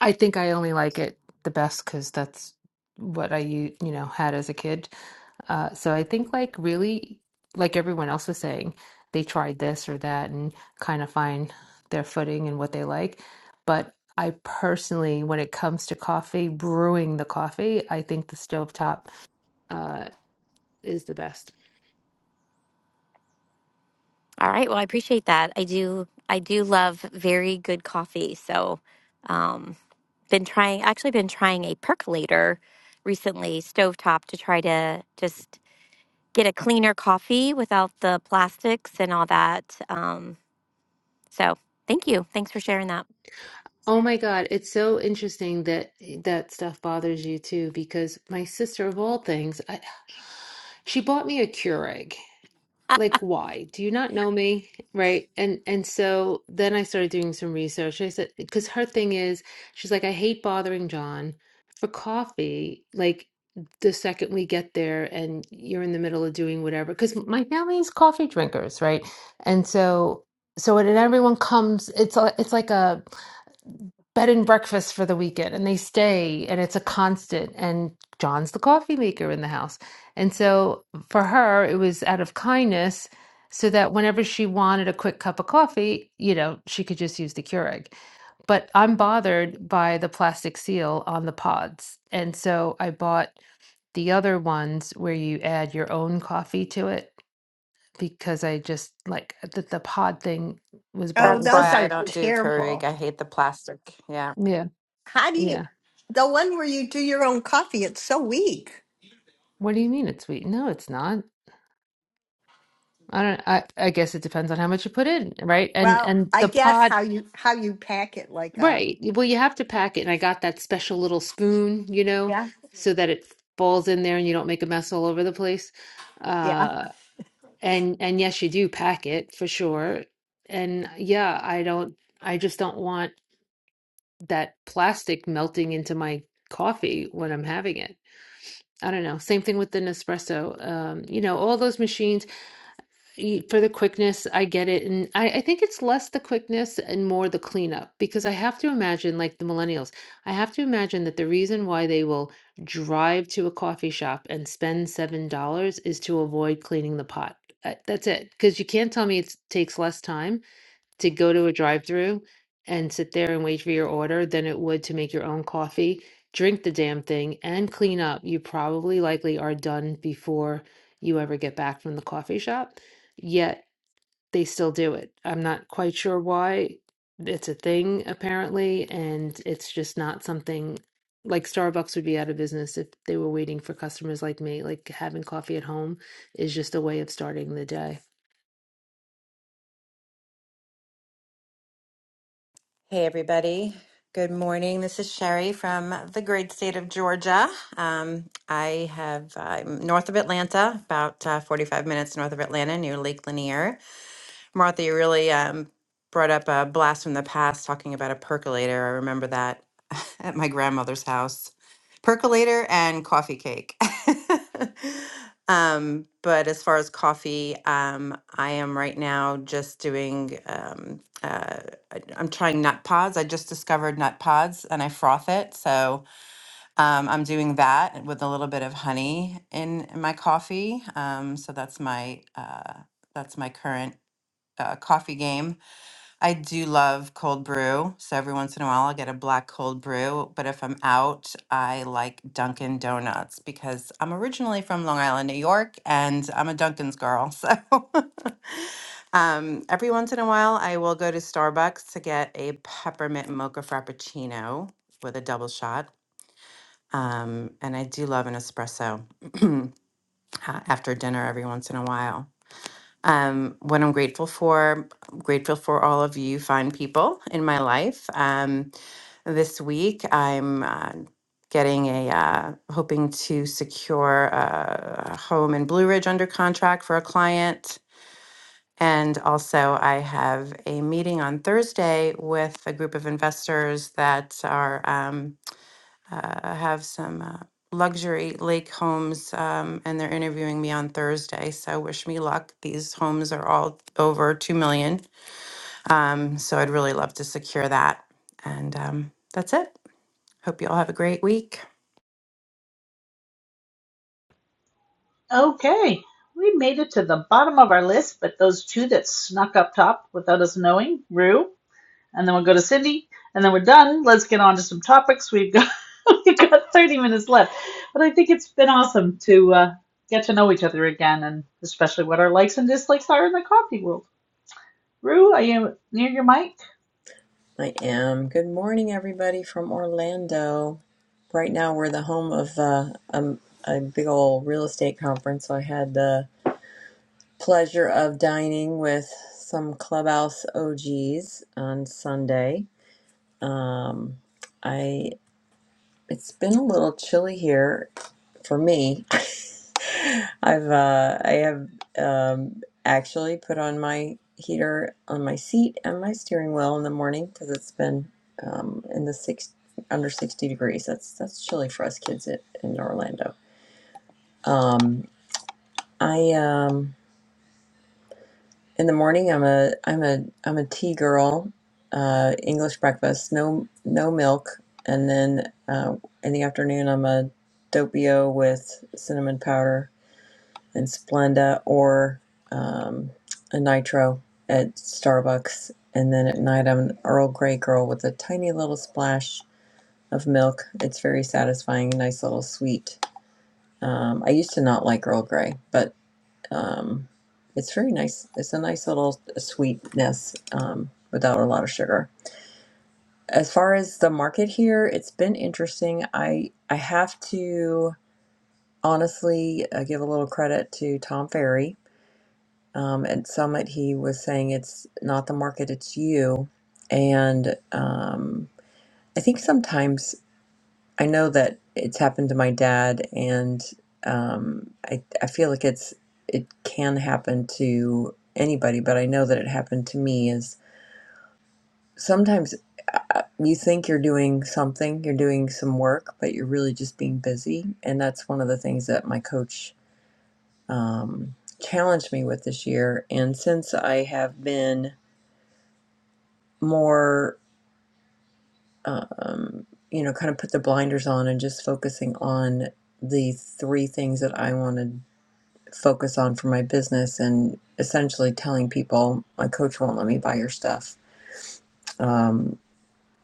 I think I only like it the best because that's what I u- you know had as a kid. Uh, so I think like really like everyone else was saying, they tried this or that and kind of find their footing and what they like. But I personally, when it comes to coffee, brewing the coffee, I think the stovetop uh, is the best.
All right. Well, I appreciate that. I do. I do love very good coffee. So, um, been trying. Actually, been trying a percolator recently, stovetop, to try to just get a cleaner coffee without the plastics and all that. Um, so, thank you. Thanks for sharing that.
Oh my God, it's so interesting that eh, that stuff bothers you too, because my sister of all things, I, she bought me a Keurig like why do you not know me right and and so then i started doing some research i said because her thing is she's like i hate bothering john for coffee like the second we get there and you're in the middle of doing whatever because my family is coffee drinkers right and so so when everyone comes it's a, it's like a bed and breakfast for the weekend and they stay and it's a constant and John's the coffee maker in the house. And so for her it was out of kindness so that whenever she wanted a quick cup of coffee, you know, she could just use the Keurig. But I'm bothered by the plastic seal on the pods. And so I bought the other ones where you add your own coffee to it because I just like the, the pod thing was
Oh,
That's
those
bothersome.
why I
are
don't do Keurig.
terrible.
I hate the plastic. Yeah.
Yeah.
How do you.
Yeah.
The one where you do your own coffee, it's so weak.
What do you mean it's sweet? No, it's not. I don't I I guess it depends on how much you put in, right? And
Well,
and
I
the
guess
pod,
how you how you pack it like a
right. Well, you have to pack it and I got that special little spoon, you know,
yeah
so that it falls in there and you don't make a mess all over the place.
yeah.
Uh and and yes, you do pack it for sure. And yeah, I don't I just don't want that plastic melting into my coffee when I'm having it. I don't know. Same thing with the Nespresso. Um, you know, all those machines. y- for the quickness, I get it. And I, I think it's less the quickness and more the cleanup because I have to imagine, like the millennials, I have to imagine that the reason why they will drive to a coffee shop and spend $7 is to avoid cleaning the pot. Uh, That's it. Because you can't tell me it takes less time to go to a drive-through and sit there and wait for your order than it would to make your own coffee, drink the damn thing, and clean up. You probably likely are done before you ever get back from the coffee shop, yet they still do it. I'm not quite sure why. It's a thing apparently, and it's just not something like Starbucks would be out of business if they were waiting for customers like me. Like having coffee at home is just a way of starting the day.
Hey, everybody. Good morning. This is Sherry from the great state of Georgia. Um, I have uh, I'm north of Atlanta, about uh, 45 minutes north of Atlanta, near Lake Lanier. Martha, you really um, brought up a blast from the past talking about a percolator. I remember that <laughs> at my grandmother's house. Percolator and coffee cake. <laughs> um, but as far as coffee, um, I am right now just doing, um, uh, I'm trying nut pods. I just discovered nut pods and I froth it. So um, I'm doing that with a little bit of honey in, in my coffee. Um, so that's my. Uh, that's my current uh, coffee game. I do love cold brew. So every once in a while, I'll get a black cold brew. But if I'm out, I like Dunkin' Donuts because I'm originally from Long Island, New York, and I'm a Dunkin's girl. So <laughs> um, every once in a while, I will go to Starbucks to get a peppermint mocha frappuccino with a double shot. Um, and I do love an espresso <clears throat> uh, after dinner every once in a while. um, what I'm grateful for. I'm grateful for all of you fine people in my life. Um, this week, I'm uh, getting a, uh, hoping to secure a home in Blue Ridge under contract for a client. And also, I have a meeting on Thursday with a group of investors that are. Um, uh, have some uh, luxury lake homes, um, and they're interviewing me on Thursday. So wish me luck. These homes are all over two million, um, so I'd really love to secure that. And um, that's it. Hope you all have a great week.
are okay. We made it to the bottom of our list, but those two that snuck up top without us knowing, Rue, and then we'll go to Cindy, and then we're done. Let's get on to some topics. We've got <laughs> we've got 30 minutes left, but I think it's been awesome to uh, get to know each other again, and especially what our likes and dislikes are in the coffee world. Rue, are you near your mic?
i am good morning everybody from orlando Right now, we're the home of uh, a, a big old real estate conference. So I had the pleasure of dining with some clubhouse OGs on Sunday. Um, I it's been a little chilly here for me. <laughs> I've uh, I have um, actually put on my heater on my seat and my steering wheel in the morning because it's been um, in the six under 60 degrees. That's that's chilly for us kids in in Orlando. Um, I um, in the morning I'm a I'm a I'm a tea girl. Uh, English breakfast, no no milk, and then uh, in the afternoon I'm a doppio with cinnamon powder and Splenda or um, a nitro at Starbucks, and then at night I'm an Earl Grey girl with a tiny little splash of milk. It's very satisfying, nice little sweet. Um, I used to not like Earl Grey, but Um, it's very nice. It's a nice little sweetness um, without a lot of sugar. As far as the market here, it's been interesting. I I have to honestly uh, give a little credit to Tom Ferry. Um, at Summit, he was saying it's not the market, it's you. And um, I think sometimes I know that it's happened to my dad, and um, I I feel like it's it can happen to anybody, but I know that it happened to me. Is sometimes uh, uh, you think you're doing something, you're doing some work, but you're really just being busy, and that's one of the things that my coach um, challenged me with this year. And since I have been more, um, you know, kind of put the blinders on and just focusing on the three things that I want to focus on for my business and essentially telling people my coach won't let me buy your stuff. Um,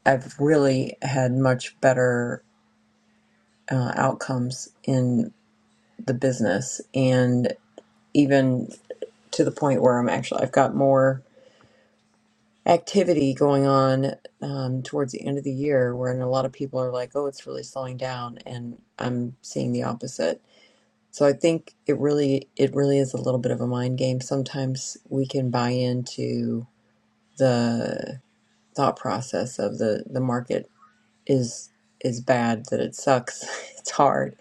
I've really had much better uh, outcomes in the business and even to the point where I'm actually I've got more activity going on um, towards the end of the year where a lot of people are like oh it's really slowing down and I'm seeing the opposite. So I think it really it really is a little bit of a mind game. Sometimes we can buy into the thought process of the the market is is bad that it sucks <laughs> it's hard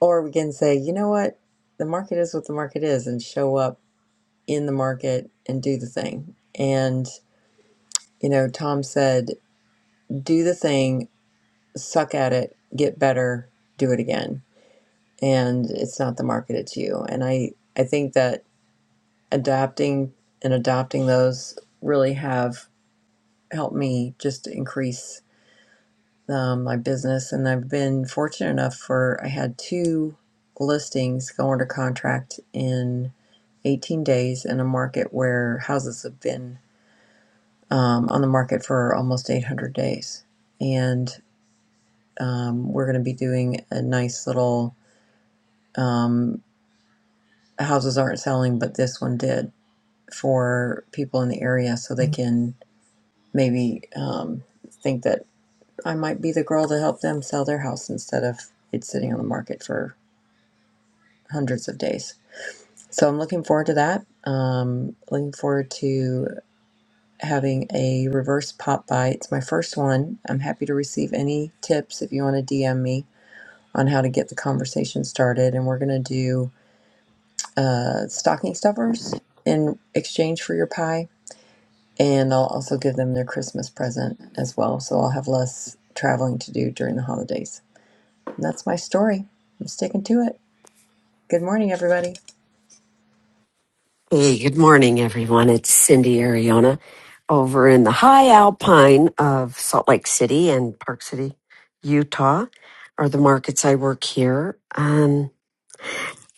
or we can say you know what the market is what the market is and show up in the market and do the thing and you know tom said do the thing suck at it get better do it again and it's not the market it's you and i i think that adapting and adopting those really have helped me just increase um, my business, and I've been fortunate enough for I had two listings go under contract in 18 days in a market where houses have been um, on the market for almost 800 days, and um, we're going to be doing a nice little um, houses aren't selling, but this one did for people in the area, so they can maybe um, think that I might be the girl to help them sell their house instead of it sitting on the market for hundreds of days. So I'm looking forward to that. Um, looking forward to having a reverse pop by. It's my first one. I'm happy to receive any tips if you want to DM me on how to get the conversation started. And we're going to do uh, stocking stuffers in exchange for your pie. And I'll also give them their Christmas present as well. So I'll have less traveling to do during the holidays. And that's my story. I'm sticking to it. Good morning, everybody.
Hey, good morning, everyone. It's Cindy Ariona over in the high alpine of Salt Lake City and Park City, Utah, are the markets I work here. Um,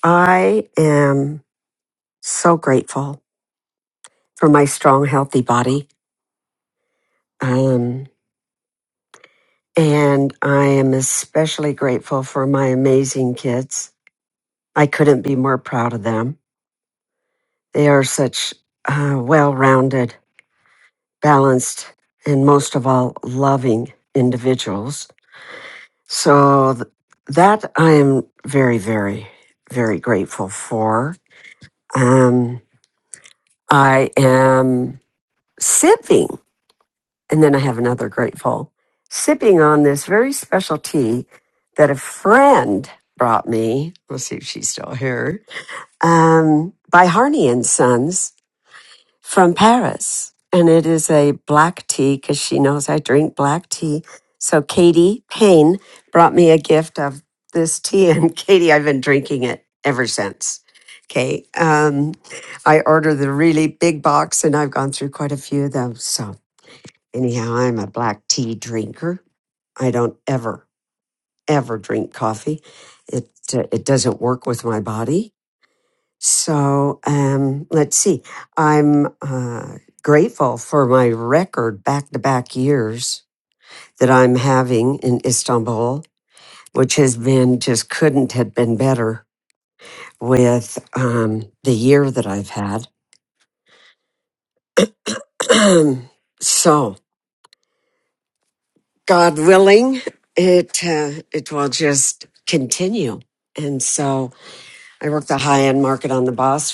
I am so grateful for my strong, healthy body. Um, and I am especially grateful for my amazing kids. I couldn't be more proud of them. They are such uh, well rounded balanced, and most of all, loving individuals. So th- that I am very, very, very grateful for. Um, I am sipping, and then I have another grateful, sipping on this very special tea that a friend brought me. Let's see if she's still here. Um, by Harney and Sons from Paris. And it is a black tea because she knows I drink black tea. So Katie Payne brought me a gift of this tea. And <laughs> Katie, I've been drinking it ever since. Okay. Um, I ordered the really big box and I've gone through quite a few of them. So, anyhow, I'm a black tea drinker. I don't ever, ever drink coffee. It, uh, it doesn't work with my body so um, let's see. I'm uh, grateful for my record back to back years that I'm having in Istanbul, which has been just couldn't have been better with um, the year that I've had. <clears throat> so, God willing, it uh, it will just continue. And so I work the high end market on the boss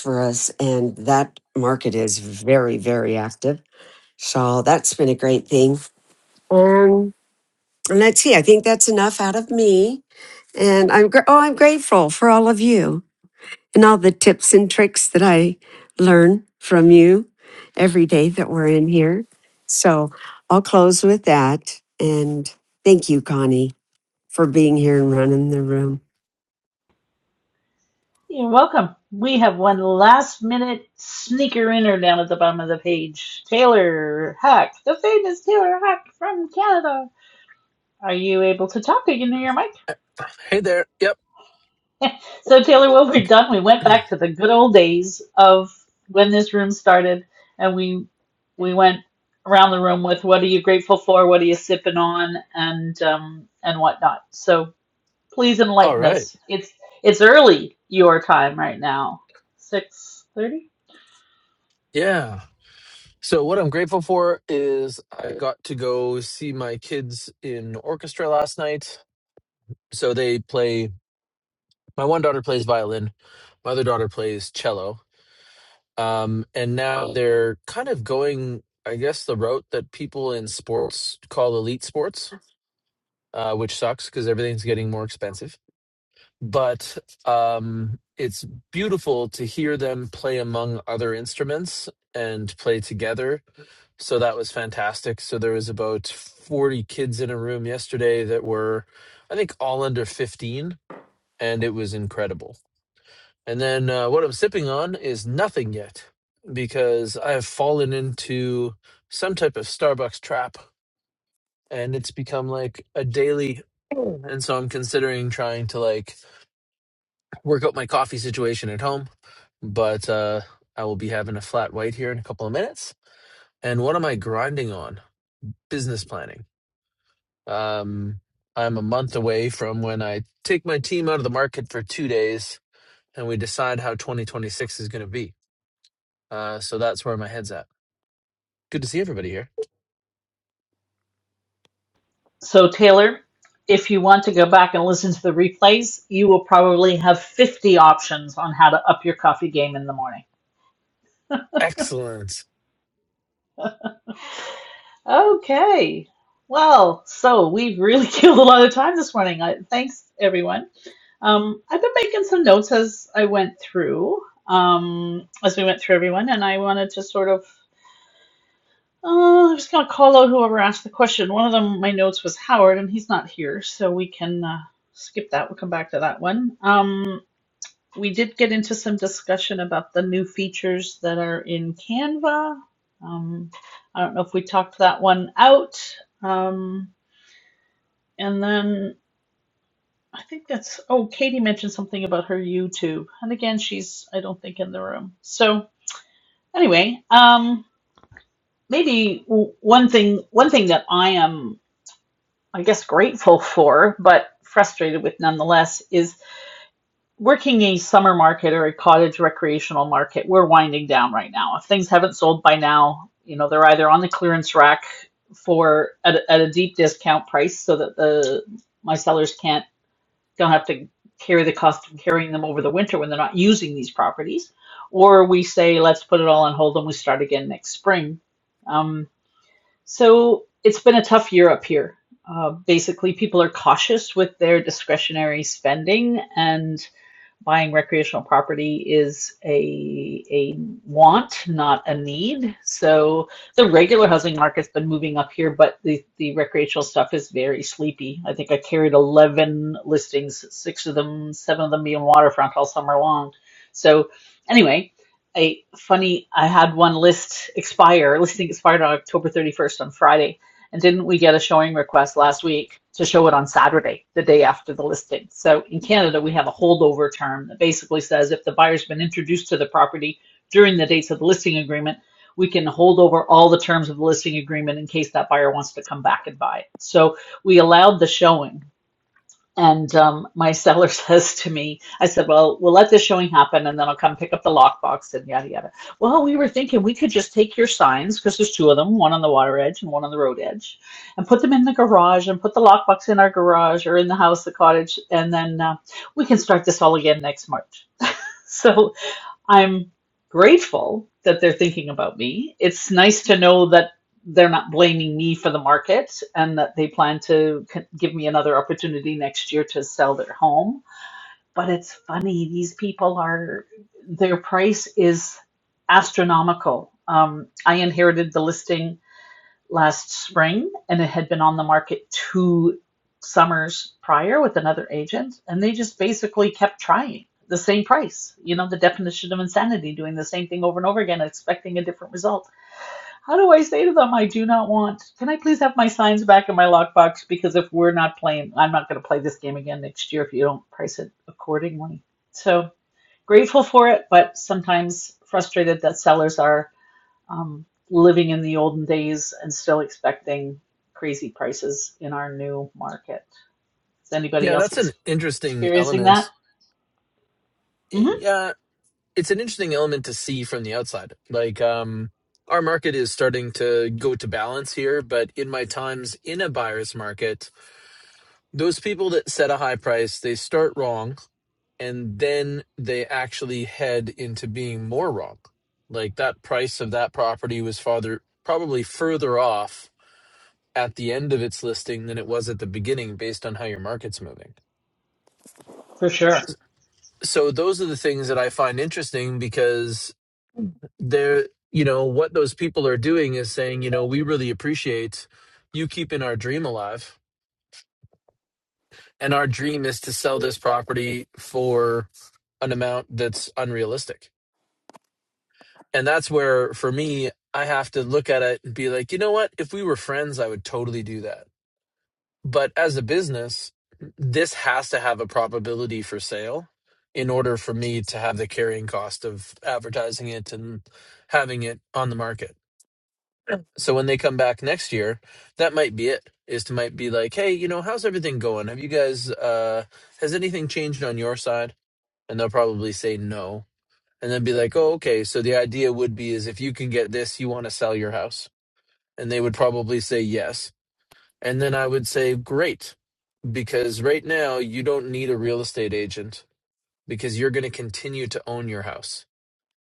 and that market is very, very active So that's been a great thing. Um, and let's see. I think that's enough out of me. And I'm gr- oh, I'm grateful for all of you and all the tips and tricks that I learn from you every day that we're in here. So I'll close with that. And thank you, Connie, for being here and running the room.
You're welcome. We have one last minute sneaker inner down at the bottom of the page. Taylor Hack, the famous Taylor Hack from Canada. Are you able to talk? Are you near your mic?
<laughs> Hey there. Yep.
So, Taylor, what we have done, we went back to the good old days of when this room started and we we went around the room with what are you grateful for, what are you sipping on, and um, and whatnot. So, Please
All
enlighten
right.
us. It's it's early your time right now. 6:30.
Yeah. So, what I'm grateful for is I got to go see my kids in orchestra last night. So, they play, my one daughter plays violin, my other daughter plays cello. Um, and now they're kind of going, I guess, the route that people in sports call elite sports, uh, which sucks because everything's getting more expensive. but um, it's beautiful to hear them play among other instruments and play together. So that was fantastic. So there was about 40 kids in a room yesterday that were, I think, all under 15, and it was incredible. And then uh, what I'm sipping on is nothing yet because I have fallen into some type of Starbucks trap and it's become like a daily. And so I'm considering trying to like work out my coffee situation at home, but uh, I will be having a flat white here in a couple of minutes. And what am I grinding on? Business planning. Um, I'm a month away from when I take my team out of the market for two days and we decide how 2026 is going to be. Uh, so that's where my head's at. Good to see everybody here.
So Taylor, if you want to go back and listen to the replays, you will probably have 50 options on how to up your coffee game in the morning.
Excellent.
Okay. Well, so we've really <laughs> killed a lot of time this morning. I, thanks, everyone. Um, I've been making some notes as I went through, um, as we went through everyone, and I wanted to sort of Uh, I just gonna call out whoever asked the question. One of them, my notes was Howard, and he's not here, so we can uh, skip that. We'll come back to that one. Um, we did get into some discussion about the new features that are in Canva. Um, I don't know if we talked that one out. Um, and then I think that's, oh, Katie mentioned something about her YouTube. And again, she's, I don't think, in the room. So anyway, um, maybe w- one thing one thing that I am I guess, grateful <laughs> for, but frustrated with nonetheless, is working a summer market or a cottage recreational market. We're winding down right now. If things haven't sold by now, you know, they're either on the clearance rack for at, at a deep discount price so that the my sellers can't don't have to carry the cost of carrying them over the winter when they're not using these properties or we say let's put it all on hold and we start again next spring Um, so it's been a tough year up here. Uh, basically, people are cautious with their discretionary spending, and buying recreational property is a, a want, not a need. So the regular housing market's been moving up here, but the, the recreational stuff is very sleepy. I think I carried 11 listings, six of them, seven of them being waterfront all summer long. So anyway, a funny, I had one list expire, listing expired on October 31st on Friday and didn't we get a showing request last week to show it on Saturday, the day after the listing? So in Canada, we have a holdover term that basically says if the buyer's been introduced to the property during the dates of the listing agreement, we can hold over all the terms of the listing agreement in case that buyer wants to come back and buy it. So we allowed the showing and um, my seller <laughs> says to me, I said, Well, we'll let this showing happen and then I'll come pick up the lockbox and yada yada. Well, we were thinking we could just take your signs, because there's two of them, one on the water edge and one on the road edge, and put them in the garage and put the lockbox in our garage or in the house, the cottage, and then uh, we can start this all again next March. So I'm grateful that they're thinking about me. It's nice to know that they're not blaming me for the market and that they plan to c- give me another opportunity next year to sell their home. But it's funny, these people are, their price is astronomical. Um, I inherited the listing last spring, and it had been on the market two summers prior with another agent, and they just basically kept trying the same price. You know, the definition of insanity, doing the same thing over and over again, expecting a different result. How do I say to them, I do not want, can I please have my signs back in my lockbox? Because if we're not playing, I'm not going to play this game again next year if you don't price it accordingly. So grateful for it, but sometimes frustrated that sellers are um, living in the olden days and still expecting crazy prices in our new market. Is anybody
Yeah,
else
that's an
ex-
interesting
experiencing that?
element.
hmm
Yeah, it's an interesting element to see from the outside. Like um our market is starting to go to balance here, but in my times in a buyer's market, those people that set a high price, they start wrong and then they actually head into being more wrong. Like that price of that property was farther probably further off at the end of its listing than it was at the beginning based on how your market's moving.
For sure.
So those are the things that I find interesting because they're you know what those people are doing is saying you know we really appreciate you keeping our dream alive and our dream is to sell this property for an amount that's unrealistic and that's where for me i have to look at it and be like you know what if we were friends i would totally do that but as a business this has to have a probability for sale in order for me to have the carrying cost of advertising it and having it on the market So when they come back next year, that might be it. Is to might be like, hey, you know, how's everything going? Have you guys uh has anything changed on your side? And they'll probably say no. And then be like, oh, okay. So the idea would be is if you can get this, you want to sell your house. And they would probably say yes. And then I would say, great, because right now you don't need a real estate agent because you're going to continue to own your house.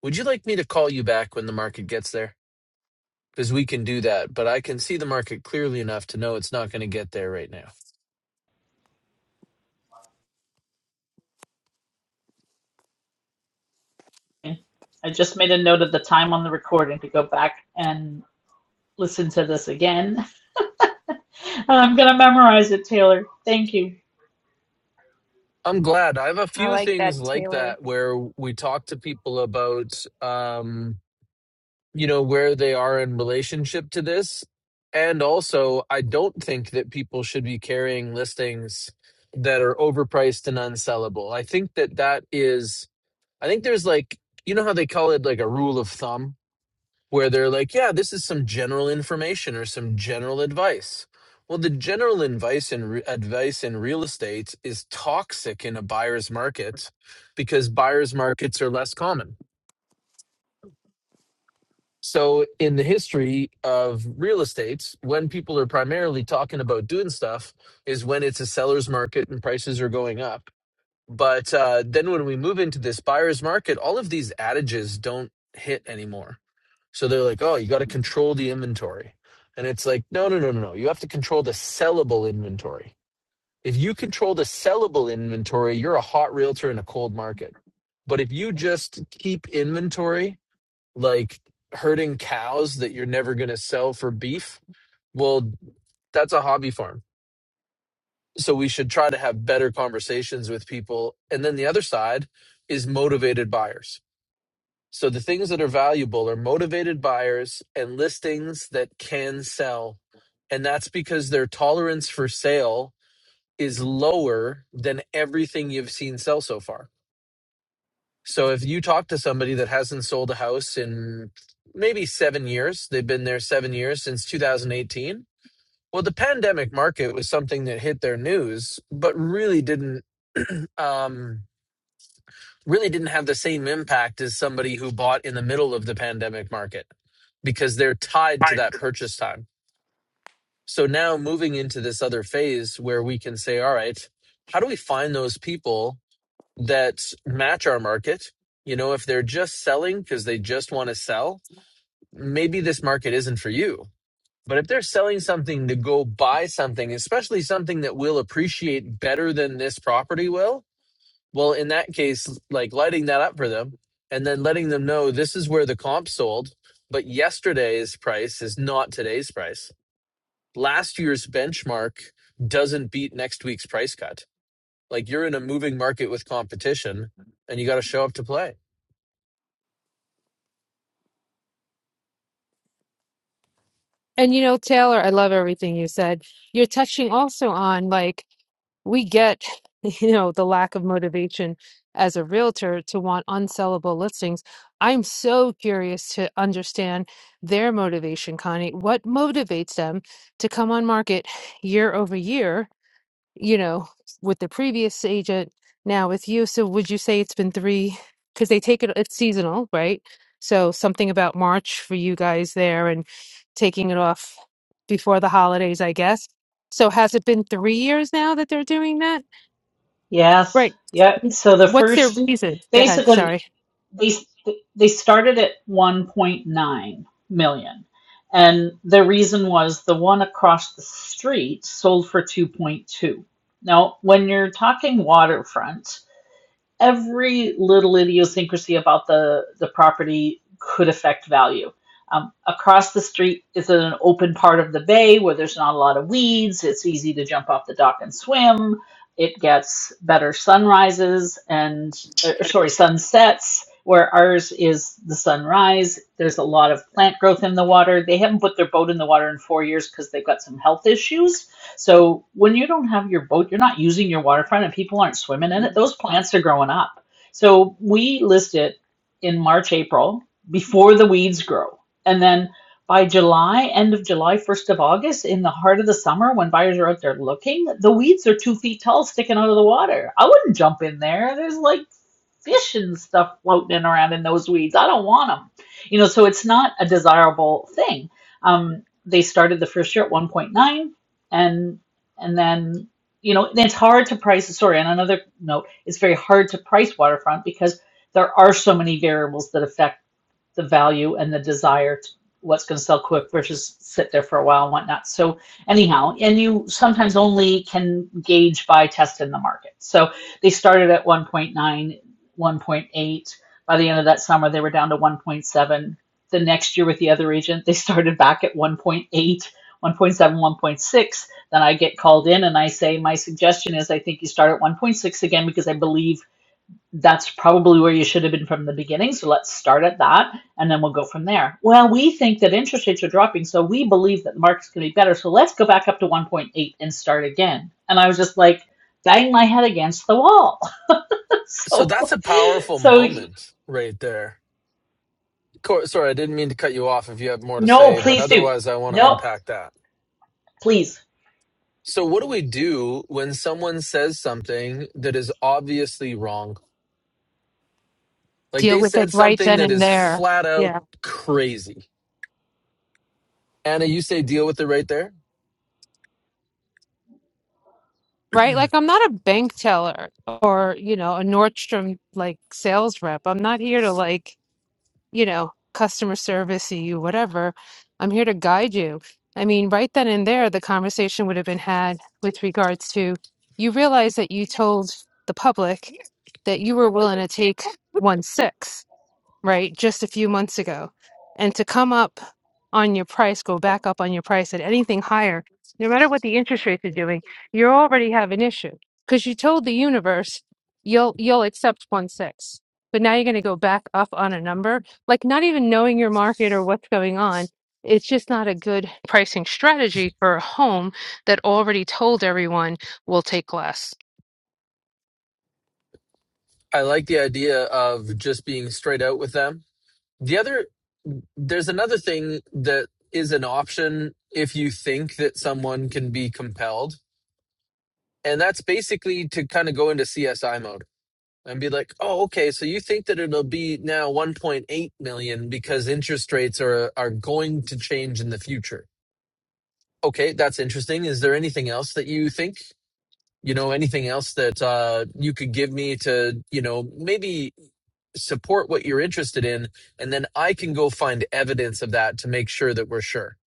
Would you like me to call you back when the market gets there? because we can do that. But I can see the market clearly enough to know it's not going to get there right now.
I just made a note of the time on the recording to go back and listen to this again. <laughs> I'm going to memorize it, Taylor. Thank you.
I'm glad. I have a
I
few
like
things
that,
like
Taylor.
that where we talk to people about, um, you know, where they are in relationship to this. And also, I don't think that people should be carrying listings that are overpriced and unsellable. I think that that is, I think there's like, you know how they call it like a rule of thumb? where they're like, yeah, this is some general information or some general advice. Well, the general advice in re- advice in real estate is toxic in a buyer's market because buyer's markets are less common. So, in the history of real estate, when people are primarily talking about doing stuff, is when it's a seller's market and prices are going up. But uh, then when we move into this buyer's market, all of these adages don't hit anymore So they're like, oh, you got to control the inventory. And it's like, no, no, no, no, no. You have to control the sellable inventory. If you control the sellable inventory, you're a hot realtor in a cold market. But if you just keep inventory like herding cows that you're never going to sell for beef, well, that's a hobby farm. So we should try to have better conversations with people. And then the other side is motivated buyers So the things that are valuable are motivated buyers and listings that can sell. And that's because their tolerance for sale is lower than everything you've seen sell so far. So if you talk to somebody that hasn't sold a house in maybe seven years, they've been there seven years since 2018. Well, the pandemic market was something that hit their news, but really didn't. Um, really didn't have the same impact as somebody who bought in the middle of the pandemic market because they're tied to
Hi.
that purchase time. So now moving into this other phase where we can say, all right, how do we find those people that match our market? You know, if they're just selling because they just want to sell, maybe this market isn't for you. But if they're selling something to go buy something, especially something that will appreciate better than this property will, well, in that case, like lighting that up for them and then letting them know this is where the comp sold, but yesterday's price is not today's price. Last year's benchmark doesn't beat next week's price cut. Like you're in a moving market with competition and you got to show up to play.
And you know, Taylor, I love everything you said. You're touching also on like we get, <laughs> you know, the lack of motivation as a realtor to want unsellable listings. I'm so curious to understand their motivation, Connie. What motivates them to come on market year over year? you know, with the previous agent, now with you. So would you say it's been three? Because they take it, it's seasonal, right? So something about March for you guys there and taking it off before the holidays, I guess. So has it been three years now that they're doing that?
Yes.
Right.
Yeah. So the
What's their
first,
reason? Go ahead.
basically,
Sorry.
they they started at 1.9 million and the reason was the one across the street sold for 2.2 now when you're talking waterfront every little idiosyncrasy about the, the property could affect value. Um, across the street is an open part of the bay where there's not a lot of weeds. It's easy to jump off the dock and swim. It gets better sunrises and, er, sorry, sunsets, where ours is the sunrise. There's a lot of plant growth in the water. They haven't put their boat in the water in four years because they've got some health issues so when you don't have your boat, you're not using your waterfront and people aren't swimming in it, those plants are growing up. So we list it in March, April before the weeds grow. And then by July, end of July, 1st of August, in the heart of the summer when buyers are out there looking, the weeds are two feet tall sticking out of the water. I wouldn't jump in there. There's like fish and stuff floating around in those weeds. I don't want them. You know, so it's not a desirable thing. Um, they started the first year at 1.9 and and then you know it's hard to price sorry on another note it's very hard to price waterfront because there are so many variables that affect the value and the desire to what's going to sell quick versus sit there for a while and whatnot. So anyhow, and you sometimes only can gauge by testing the market. So they started at one point nine, one point eight. By the end of that summer, they were down to 1.7. The next year with the other agent, they started back at one point eight, one point seven, one point six. Then I get called in and I say, my suggestion is I think you start at 1.6 again because I believe that's probably where you should have been from the beginning. So let's start at that and then we'll go from there. Well, we think that interest rates are dropping, so we believe that the market's going to be better. So let's go back up to 1.8 and start again. And I was just like, bang my head against the wall. <laughs>
So that's
so,
a powerful
so
moment right there. Cor- Sorry, I didn't mean to cut you off if you have more to
no,
say, but
please do.
otherwise, I want to
No,
unpack that.
please.
So, what do we do when someone says something that is obviously wrong? Like
Deal
they
with it
said
right
something
then
that
and
is
there.
flat out
Yeah.
crazy. Anna, you say deal with it right there.
Right. Like I'm not a bank teller or, you know, a Nordstrom like sales rep. I'm not here to like you know, customer service you, whatever. I'm here to guide you. I mean, right then and there, the conversation would have been had with regards to you realize that you told the public that you were willing to take one six, right? Just a few months ago. And to come up on your price, go back up on your price at anything higher, no matter what the interest rates are doing, you already have an issue because you told the universe you'll you'll accept one six, but now you're going to go back up on a number like not even knowing your market or what's going on. It's just not a good pricing strategy for a home that already told everyone will take less.
I like the idea of just being straight out with them. The other, there's another thing that is an option if you think that someone can be compelled. And that's basically to kind of go into CSI mode and be like, oh, okay, so you think that it'll be now 1.8 million because interest rates are, are going to change in the future. Okay, that's interesting. Is there anything else that you think? You know, anything else that uh, you could give me to, you know, maybe support what you're interested in, and then I can go find evidence of that to make sure that we're sure.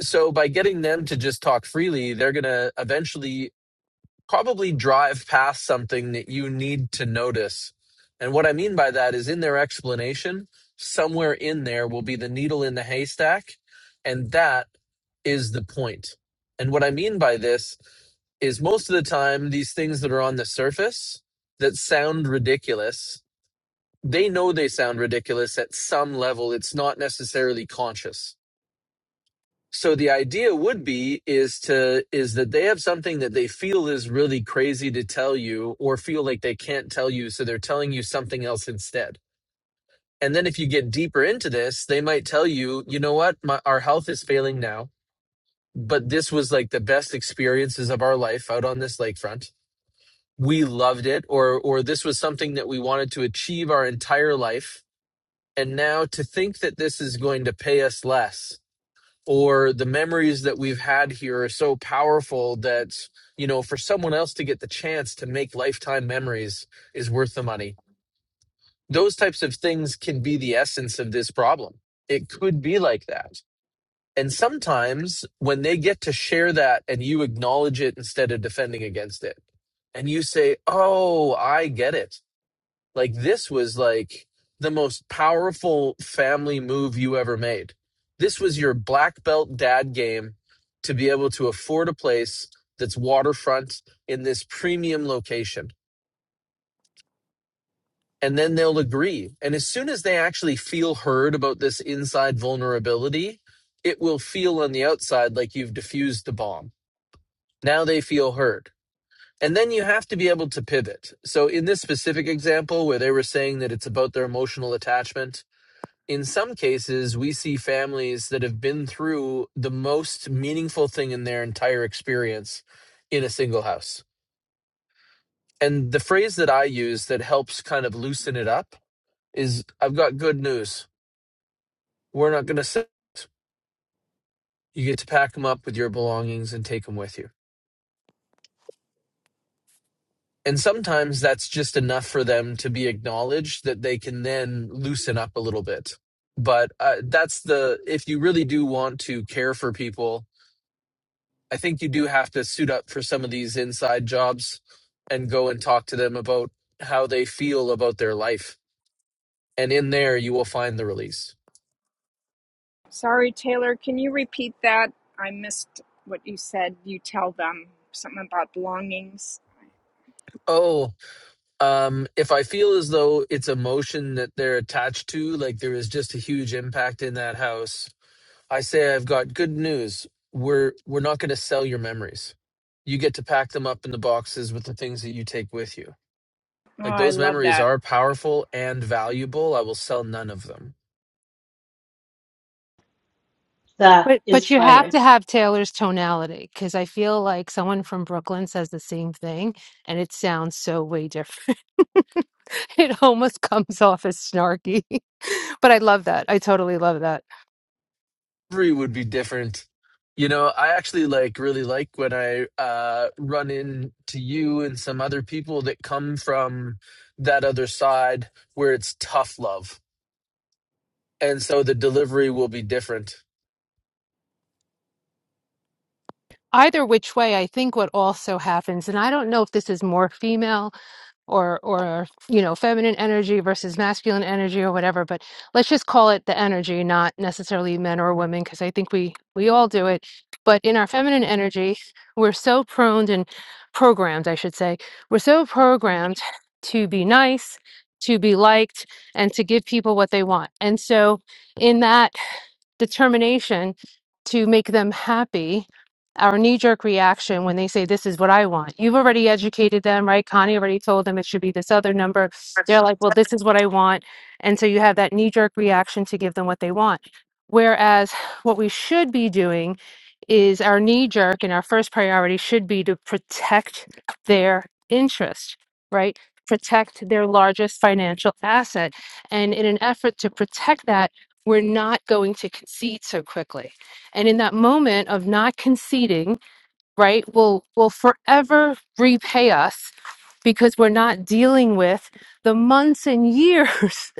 So by getting them to just talk freely, they're going to eventually probably drive past something that you need to notice. And what I mean by that is in their explanation, somewhere in there will be the needle in the haystack. And that is the point. And what I mean by this is most of the time, these things that are on the surface that sound ridiculous, they know they sound ridiculous at some level. It's not necessarily conscious. So the idea would be is to is that they have something that they feel is really crazy to tell you or feel like they can't tell you so they're telling you something else instead. And then if you get deeper into this, they might tell you, you know what, My, our health is failing now but this was like the best experiences of our life out on this lakefront. We loved it, or or this was something that we wanted to achieve our entire life. And now to think that this is going to pay us less, or the memories that we've had here are so powerful that you know for someone else to get the chance to make lifetime memories is worth the money. Those types of things can be the essence of this problem. It could be like that and sometimes when they get to share that and you acknowledge it instead of defending against it, and you say, Oh, I get it. Like this was like the most powerful family move you ever made. This was your black belt dad game to be able to afford a place that's waterfront in this premium location. And then they'll agree. And as soon as they actually feel heard about this inside vulnerability, it will feel on the outside like you've diffused the bomb Now they feel heard. And then you have to be able to pivot. So, in this specific example where they were saying that it's about their emotional attachment, in some cases, we see families that have been through the most meaningful thing in their entire experience in a single house. And the phrase that I use that helps kind of loosen it up is I've got good news. We're not going to sit. You get to pack them up with your belongings and take them with you and sometimes that's just enough for them to be acknowledged that they can then loosen up a little bit but uh, that's the if you really do want to care for people i think you do have to suit up for some of these inside jobs and go and talk to them about how they feel about their life and in there you will find the release
Sorry, Taylor, can you repeat that? I missed what you said. You tell them something about belongings.
oh um if i feel as though it's emotion that they're attached to like there is just a huge impact in that house I say I've got good news. We're we're not going to sell your memories. You get to pack them up in the boxes with the things that you take with you.
Oh,
Like
I
those
love
memories
that.
are powerful and valuable. I will sell none of them.
That
But but
is
you have
fire.
to have Taylor's tonality because I feel like someone from Brooklyn says the same thing and it sounds so way different. <laughs> It almost comes off as snarky, <laughs> but I love that. I totally love that.
Every would be different. You know, I actually like really like when I uh run into you and some other people that come from that other side where it's tough love. And so the delivery will be different
Either which way, I think what also happens, and I don't know if this is more female or or you know feminine energy versus masculine energy or whatever, but let's just call it the energy, not necessarily men or women, because I think we we all do it. But in our feminine energy, we're so prone and programmed, I should say, we're so programmed to be nice, to be liked, and to give people what they want, and so in that. determination to make them happy, our knee jerk reaction when they say, This is what I want. You've already educated them, right? Connie already told them it should be this other number. They're like, Well, this is what I want. And so you have that knee jerk reaction to give them what they want. Whereas what we should be doing is our knee jerk and our first priority should be to protect their interest, right? Protect their largest financial asset. And in an effort to protect that, we're not going to concede so quickly. And in that moment of not conceding, right, will will forever repay us because we're not dealing with the months and years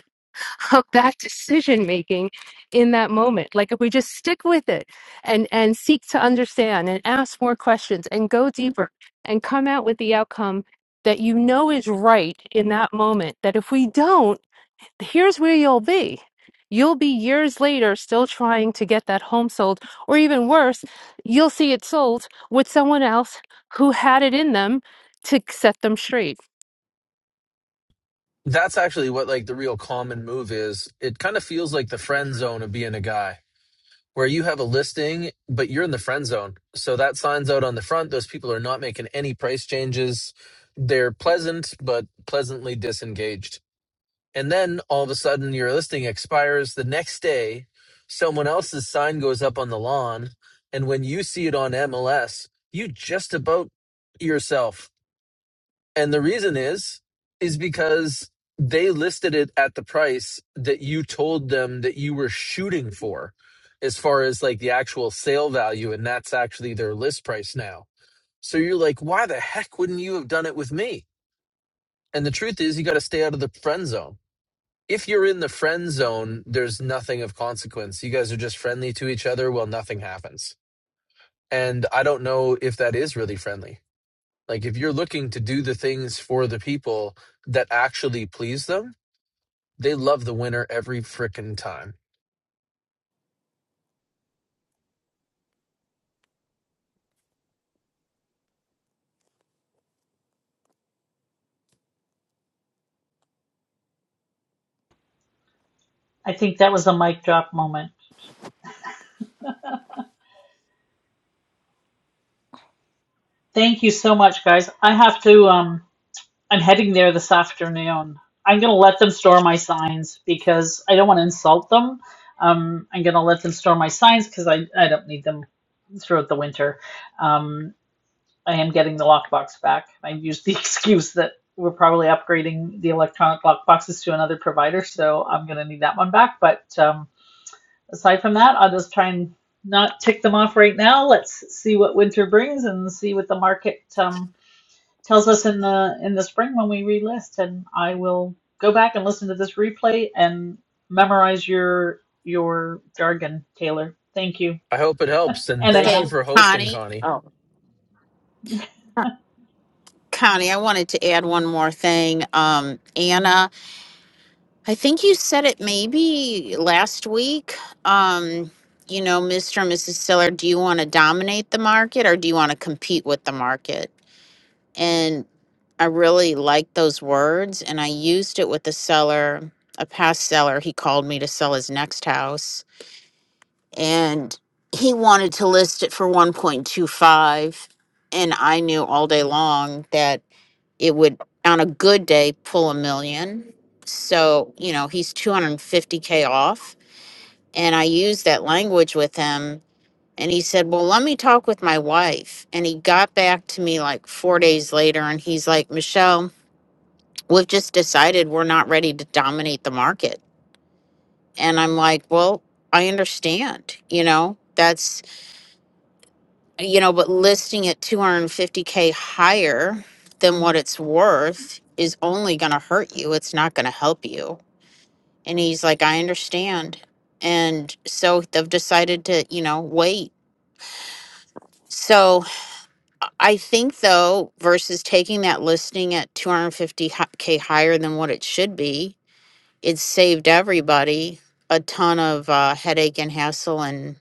<laughs> of that decision making in that moment. Like if we just stick with it and and seek to understand and ask more questions and go deeper and come out with the outcome that you know is right in that moment that if we don't here's where you'll be. You'll be years later still trying to get that home sold, or even worse, you'll see it sold with someone else who had it in them to set them straight.
that's actually what like the real common move is. It kind of feels like the friend zone of being a guy where you have a listing, but you're in the friend zone. So that signs out on the front. Those people are not making any price changes. They're
<laughs>
pleasant, but pleasantly disengaged. And then all of a sudden your listing expires the next day. Someone else's sign goes up on the lawn. And when you see it on MLS, you just about yourself and the reason is, is because they listed it at the price that you told them that you were shooting for, as far as like the actual sale value. And that's actually their list price now. So you're like, why the heck wouldn't you have done it with me? And the truth is, you got to stay out of the friend zone. If you're in the friend zone, there's nothing of consequence. You guys are just friendly to each other. Well, nothing happens. And I don't know if that is really friendly. Like if you're looking to do the things for the people that actually please them, they love the winner every frickin' time.
I think that was a mic drop moment. Thank you so much, guys. I have to, um, I'm heading there this afternoon. I'm going to let them store my signs because I don't want to insult them. Um, I'm going to let them store my signs because I, I don't need them throughout the winter. Um, I am getting the lockbox back. I used the <laughs> excuse that we're probably upgrading the electronic lockboxes to another provider, so I'm going to need that one back. But um, aside from that, I'll just try and not tick them off right now. Let's see what winter brings and see what the market. Um, tells us in the in the spring when we relist and I will go back and listen to this replay and memorize your your jargon, Taylor. Thank you.
I hope it helps and
And
thank you
Hey,
Anna,
for hosting,
Connie.
Connie.
Oh. Connie, I wanted to add one more thing. Um, Anna I think you said it maybe last week. Um, you know, Mr. and Mrs. Seller, do you want to dominate the market or do you want to compete with the market? And I really liked those words and I used it with a seller, a past seller. He called me to sell his next house and he wanted to list it for 1.25 and I knew all day long that it would on a good day pull a million so you know he's 250k off and i used that language with him and he said well let me talk with my wife and he got back to me like four days later and he's like michelle we've just decided we're not ready to dominate the market and i'm like well i understand you know that's you know, but listing it 250K higher than what it's worth is only going to hurt you. It's not going to help you. And he's like, I understand. And so they've decided to, you know, wait. So I I think, though, versus taking that listing at 250K higher than what it should be, it saved everybody a ton of uh, headache and hassle and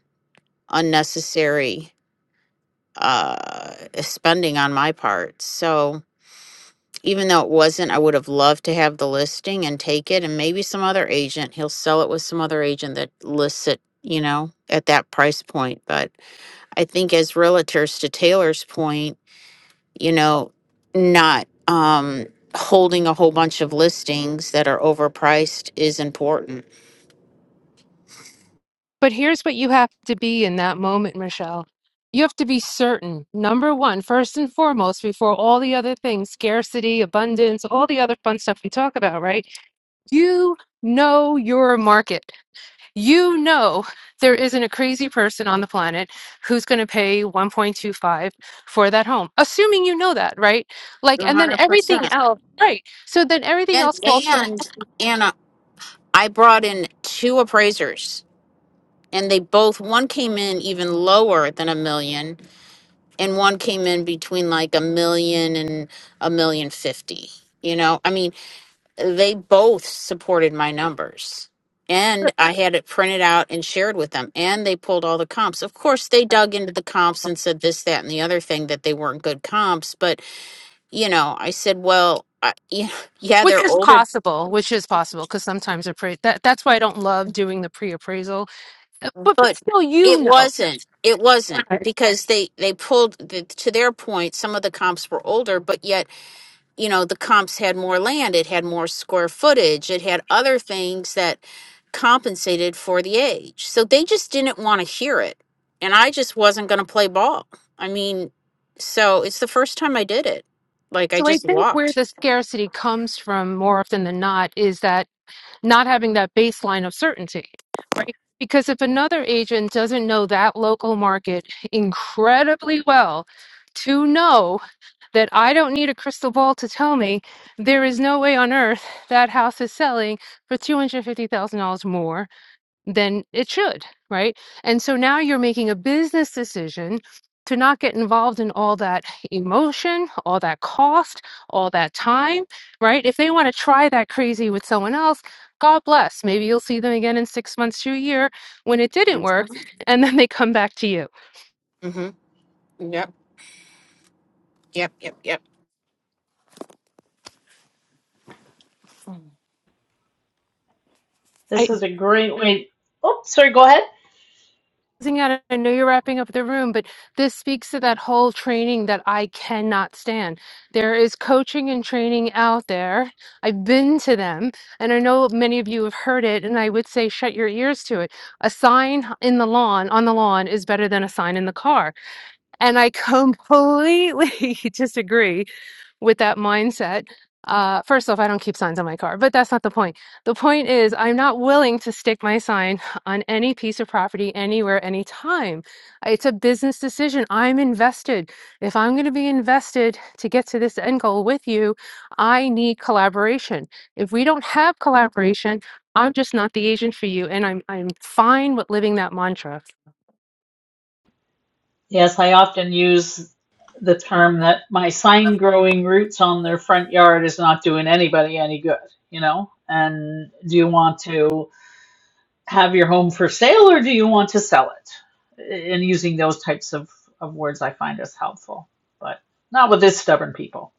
unnecessary uh spending on my part so even though it wasn't, I would have loved to have the listing and take it and maybe some other agent. He'll sell it with some other agent that lists it, you know, at that price point. But I think as realtors, to Taylor's point, you know, not um holding a whole bunch of listings that are overpriced is important.
But here's what you have to be in that moment, Michelle. You have to be certain, number one, first and foremost, before all the other things, scarcity, abundance, all the other fun stuff we talk about, right? You know your market. you know there isn't a crazy person on the planet who's going to pay 1.25 for that home assuming you know that right like
One
and then
hundred
everything
percent.
else right so then everything
And
else falls from
and Anna, I brought in two appraisers and they both one came in even lower than a million and one came in between like a million and a million fifty. You know, I mean, they both supported my numbers. And I had it printed out and shared with them, and they pulled all the comps. Of course, they
Right.
dug into the comps and said this, that, and the other thing that they weren't good comps. But, you know, I said, well, I, yeah, <laughs> yeah,
which
they're
is
older,
possible which is possible because sometimes appra- that that's why i don't love doing the pre-appraisal Uh, but but
but
still
it
you know
wasn't. It wasn't
Right.
because they, they pulled, the, to their point, some of the comps were older, but yet you know the comps had more land it had more square footage it had other things that compensated for the age so they just didn't want to hear it and i just wasn't going to play ball i mean so it's the first time i did it like i
so i
just
think where
walked
the scarcity comes from more often than not is that not having that baseline of certainty, right? Because if another agent doesn't know that local market incredibly well to know that I don't need a crystal ball to tell me there is no way on earth that house is selling for $250,000 more then it should, right? And so now you're making a business decision to not get involved in all that emotion, all that cost, all that time, right? If they want to try that crazy with someone else, God bless. Maybe you'll see them again in six months to a year when it didn't work,
mm-hmm.
and then they come back to you.
yep yep yep yep
I,
this is a great way. Oh, sorry, go ahead.
out, I know you're wrapping up the room, but this speaks to that whole training that I cannot stand. There is coaching and training out there. I've been to them, and I know many of you have heard it, and I would say shut your ears to it. A sign in the lawn, on the lawn, is better than a sign in the car and I completely <laughs> disagree with that mindset. Uh, first off, I don't keep signs on my car, but that's not the point. The point is, I'm not willing to stick my sign on any piece of property, anywhere, anytime. It's a business decision. I'm invested. If I'm going to be invested to get to this end goal with you, I need collaboration. If we don't have collaboration, I'm just not the agent for you, and I'm I'm fine with living that mantra.
Yes, I often use the term that my sign growing roots on their front yard is not doing anybody any good, you know? And do you want to have your home for sale or do you want to sell it? And using those types of, of words I find is helpful, but not with this stubborn people.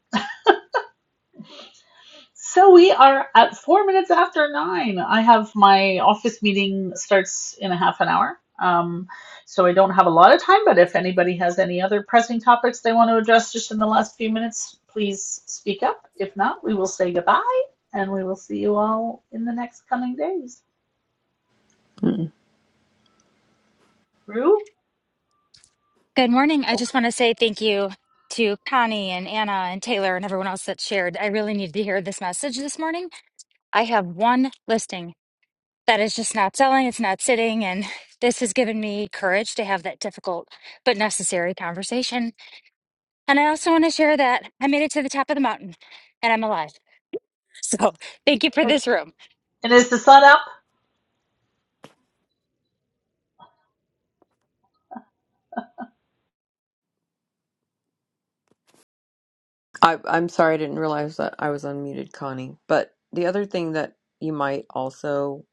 So we are at four minutes after nine. I have my office meeting starts in a half an hour. Um, so I don't have a lot of time, but if anybody has any other pressing topics they want to address just in the last few minutes, please speak up. If not, we will say goodbye and we will see you all in the next coming days. Rue?
Good morning. I
Oh,
just want to say thank you to Connie and Anna and Taylor and everyone else that shared. I really needed to hear this message this morning. I have one listing that is just not selling, it's not sitting, and <laughs> this has given me courage to have that difficult but necessary conversation. And I also want to share that I made it to the top of the mountain and I'm alive. <laughs> So thank you for this room.
and is the sun up?
I, I'm sorry, I didn't realize that I was unmuted, Connie. But the other thing that you might also,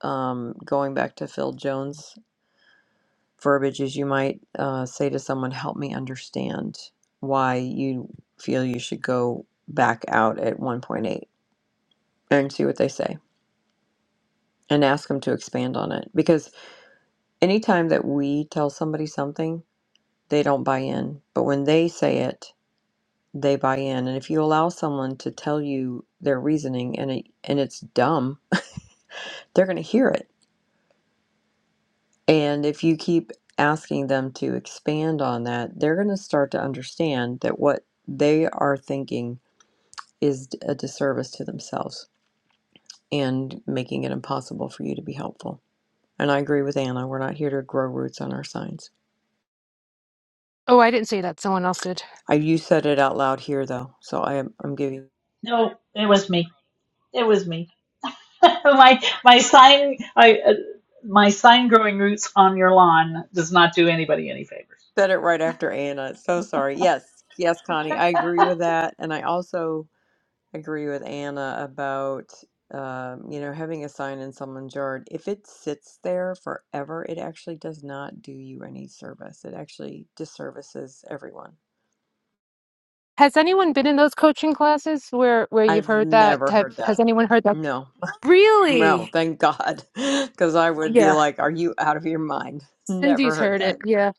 um, going back to Phil Jones' verbiage, is you might uh, say to someone, "Help me understand why you feel you should go back out at 1.8," and see what they say, and ask them to expand on it. Because anytime that we tell somebody something, they don't buy in. But when they say it, they buy in. And if you allow someone to tell you their reasoning and it and it's dumb they're going to hear it. And if you keep asking them to expand on that, they're going to start to understand that what they are thinking is a disservice to themselves and making it impossible for you to be helpful. And I agree with Anna. We're not here to grow roots on our signs.
Oh, I didn't say that. Someone else did.
I, you said it out loud here, though, so I am, I'm giving
No, it was me. It was me. <laughs> My my sign, I uh, my sign growing roots on your lawn does not do anybody any favors.
said it right after Anna. So sorry. Yes, yes, Connie, I agree with that. And I also agree with Anna about um, you know having a sign in someone's yard. If it sits there forever, it actually does not do you any service. It actually disservices everyone.
Has anyone been in those coaching classes where where you've
I've
heard that
never
type?
heard
Has
that.
anyone heard that?
No, <laughs>
Really?
no, thank God, <laughs> because I would be
Yeah.
like, "Are you out of your mind?" <laughs> Never
Cindy's
heard
heard it.
that.
Yeah.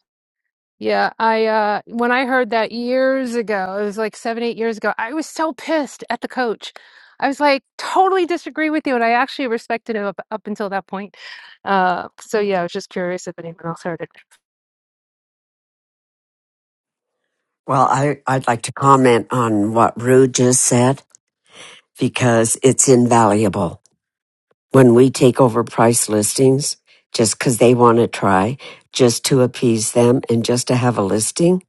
Yeah. I uh when I heard that years ago, it was like seven, eight years ago, I was so pissed at the coach. I was like, totally disagree with you. And I actually respected him up, up until that point. Uh so yeah, I was just curious if anyone else heard it.
Well, I, I'd like to comment on what Rue just said because it's invaluable when we take over price listings just because they want to try, just to appease them and just to have a listing,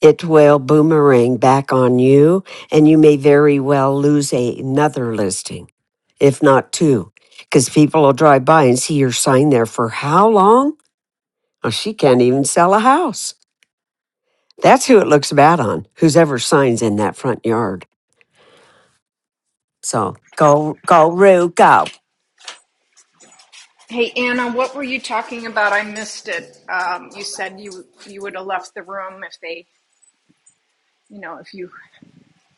it will boomerang back on you and you may very well lose a- another listing, if not two, because people will drive by and see your sign there for how long? Oh, she can't even sell a house. That's who it looks bad on, who's ever signs in that front yard. So go, go, Roo, go.
Hey, Anna, what were you talking about? I missed it. Um, you said you you would have left the room if they, you know, if you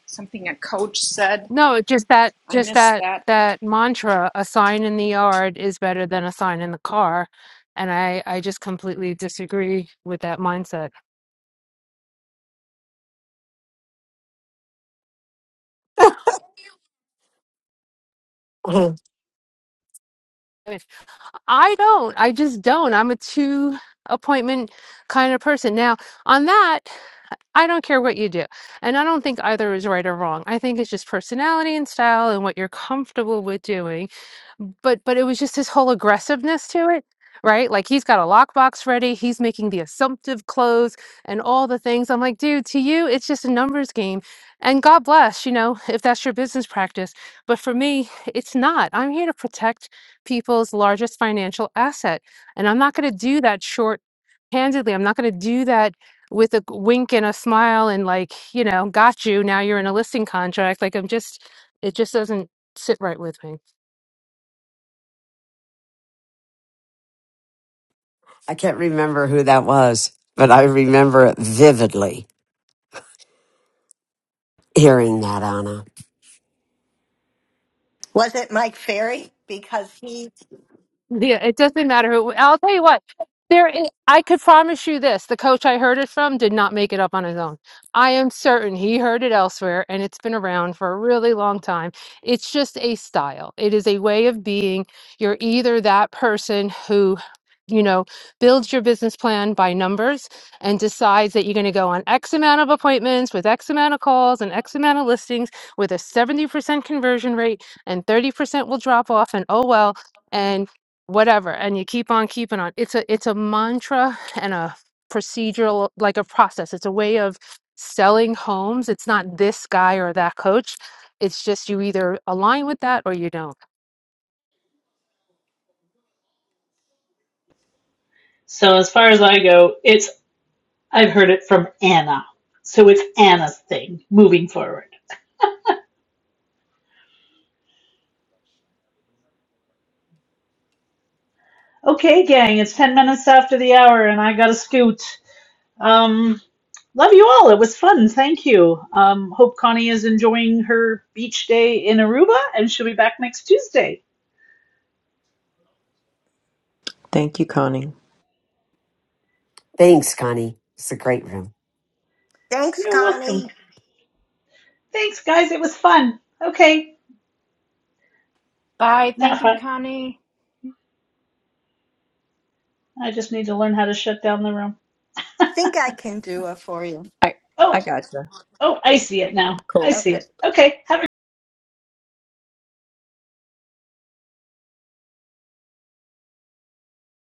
something a coach said.
No, just that
I
just
missed
that
that.
that mantra, a sign in the yard is better than a sign in the car. And I I just completely disagree with that mindset.
<laughs>
I mean, I don't. I just don't. I'm a two appointment kind of person. Now, on that, I don't care what you do. And I don't think either is right or wrong. I think it's just personality and style and what you're comfortable with doing. But but it was just his whole aggressiveness to it, right? Like he's got a lockbox ready, he's making the assumptive close and all the things. I'm like, dude, to you, it's just a numbers game. And God bless, you know, if that's your business practice. But for me, it's not. I'm here to protect people's largest financial asset. And I'm not going to do that short handedly. I'm not going to do that with a g- wink and a smile and like you know got you now you're in a listing contract like i'm just it just doesn't sit right with me
I can't remember who that was, but I remember vividly hearing that, Anna.
Was it Mike Ferry? Because he.
Yeah, it doesn't matter who. I'll tell you what. There, is, I could promise you this: the coach I heard it from did not make it up on his own. I am certain he heard it elsewhere, and it's been around for a really long time. It's just a style. It is a way of being. You're either that person who, you know, builds your business plan by numbers and decides that you're going to go on X amount of appointments with X amount of calls and X amount of listings with a 70% conversion rate, and 30% will drop off, and oh well whatever and you keep on keeping on it's a it's a mantra and a procedural like a process it's a way of selling homes it's not this guy or that coach it's just you either align with that or you don't
So as far as I go, it's I've heard it from Anna. So it's Anna's thing moving forward. Okay, gang, it's 10 minutes after the hour and I got to scoot. Um love you all. It was fun. Thank you. Um hope Connie is enjoying her beach day in Aruba and she'll be back next Tuesday.
Thank you, Connie.
Thanks, Connie. It's a great room.
Thanks,
You're welcome.
Connie.
Thanks, guys. It was fun. Okay,
Bye. Thank
not
you,
fun.
Connie.
I just need to learn how to shut down the room.
Think I can do it for you.
I I
Oh,
gotcha.
oh, I see it now. I
Cool.
see
Okay.
it. Okay, have a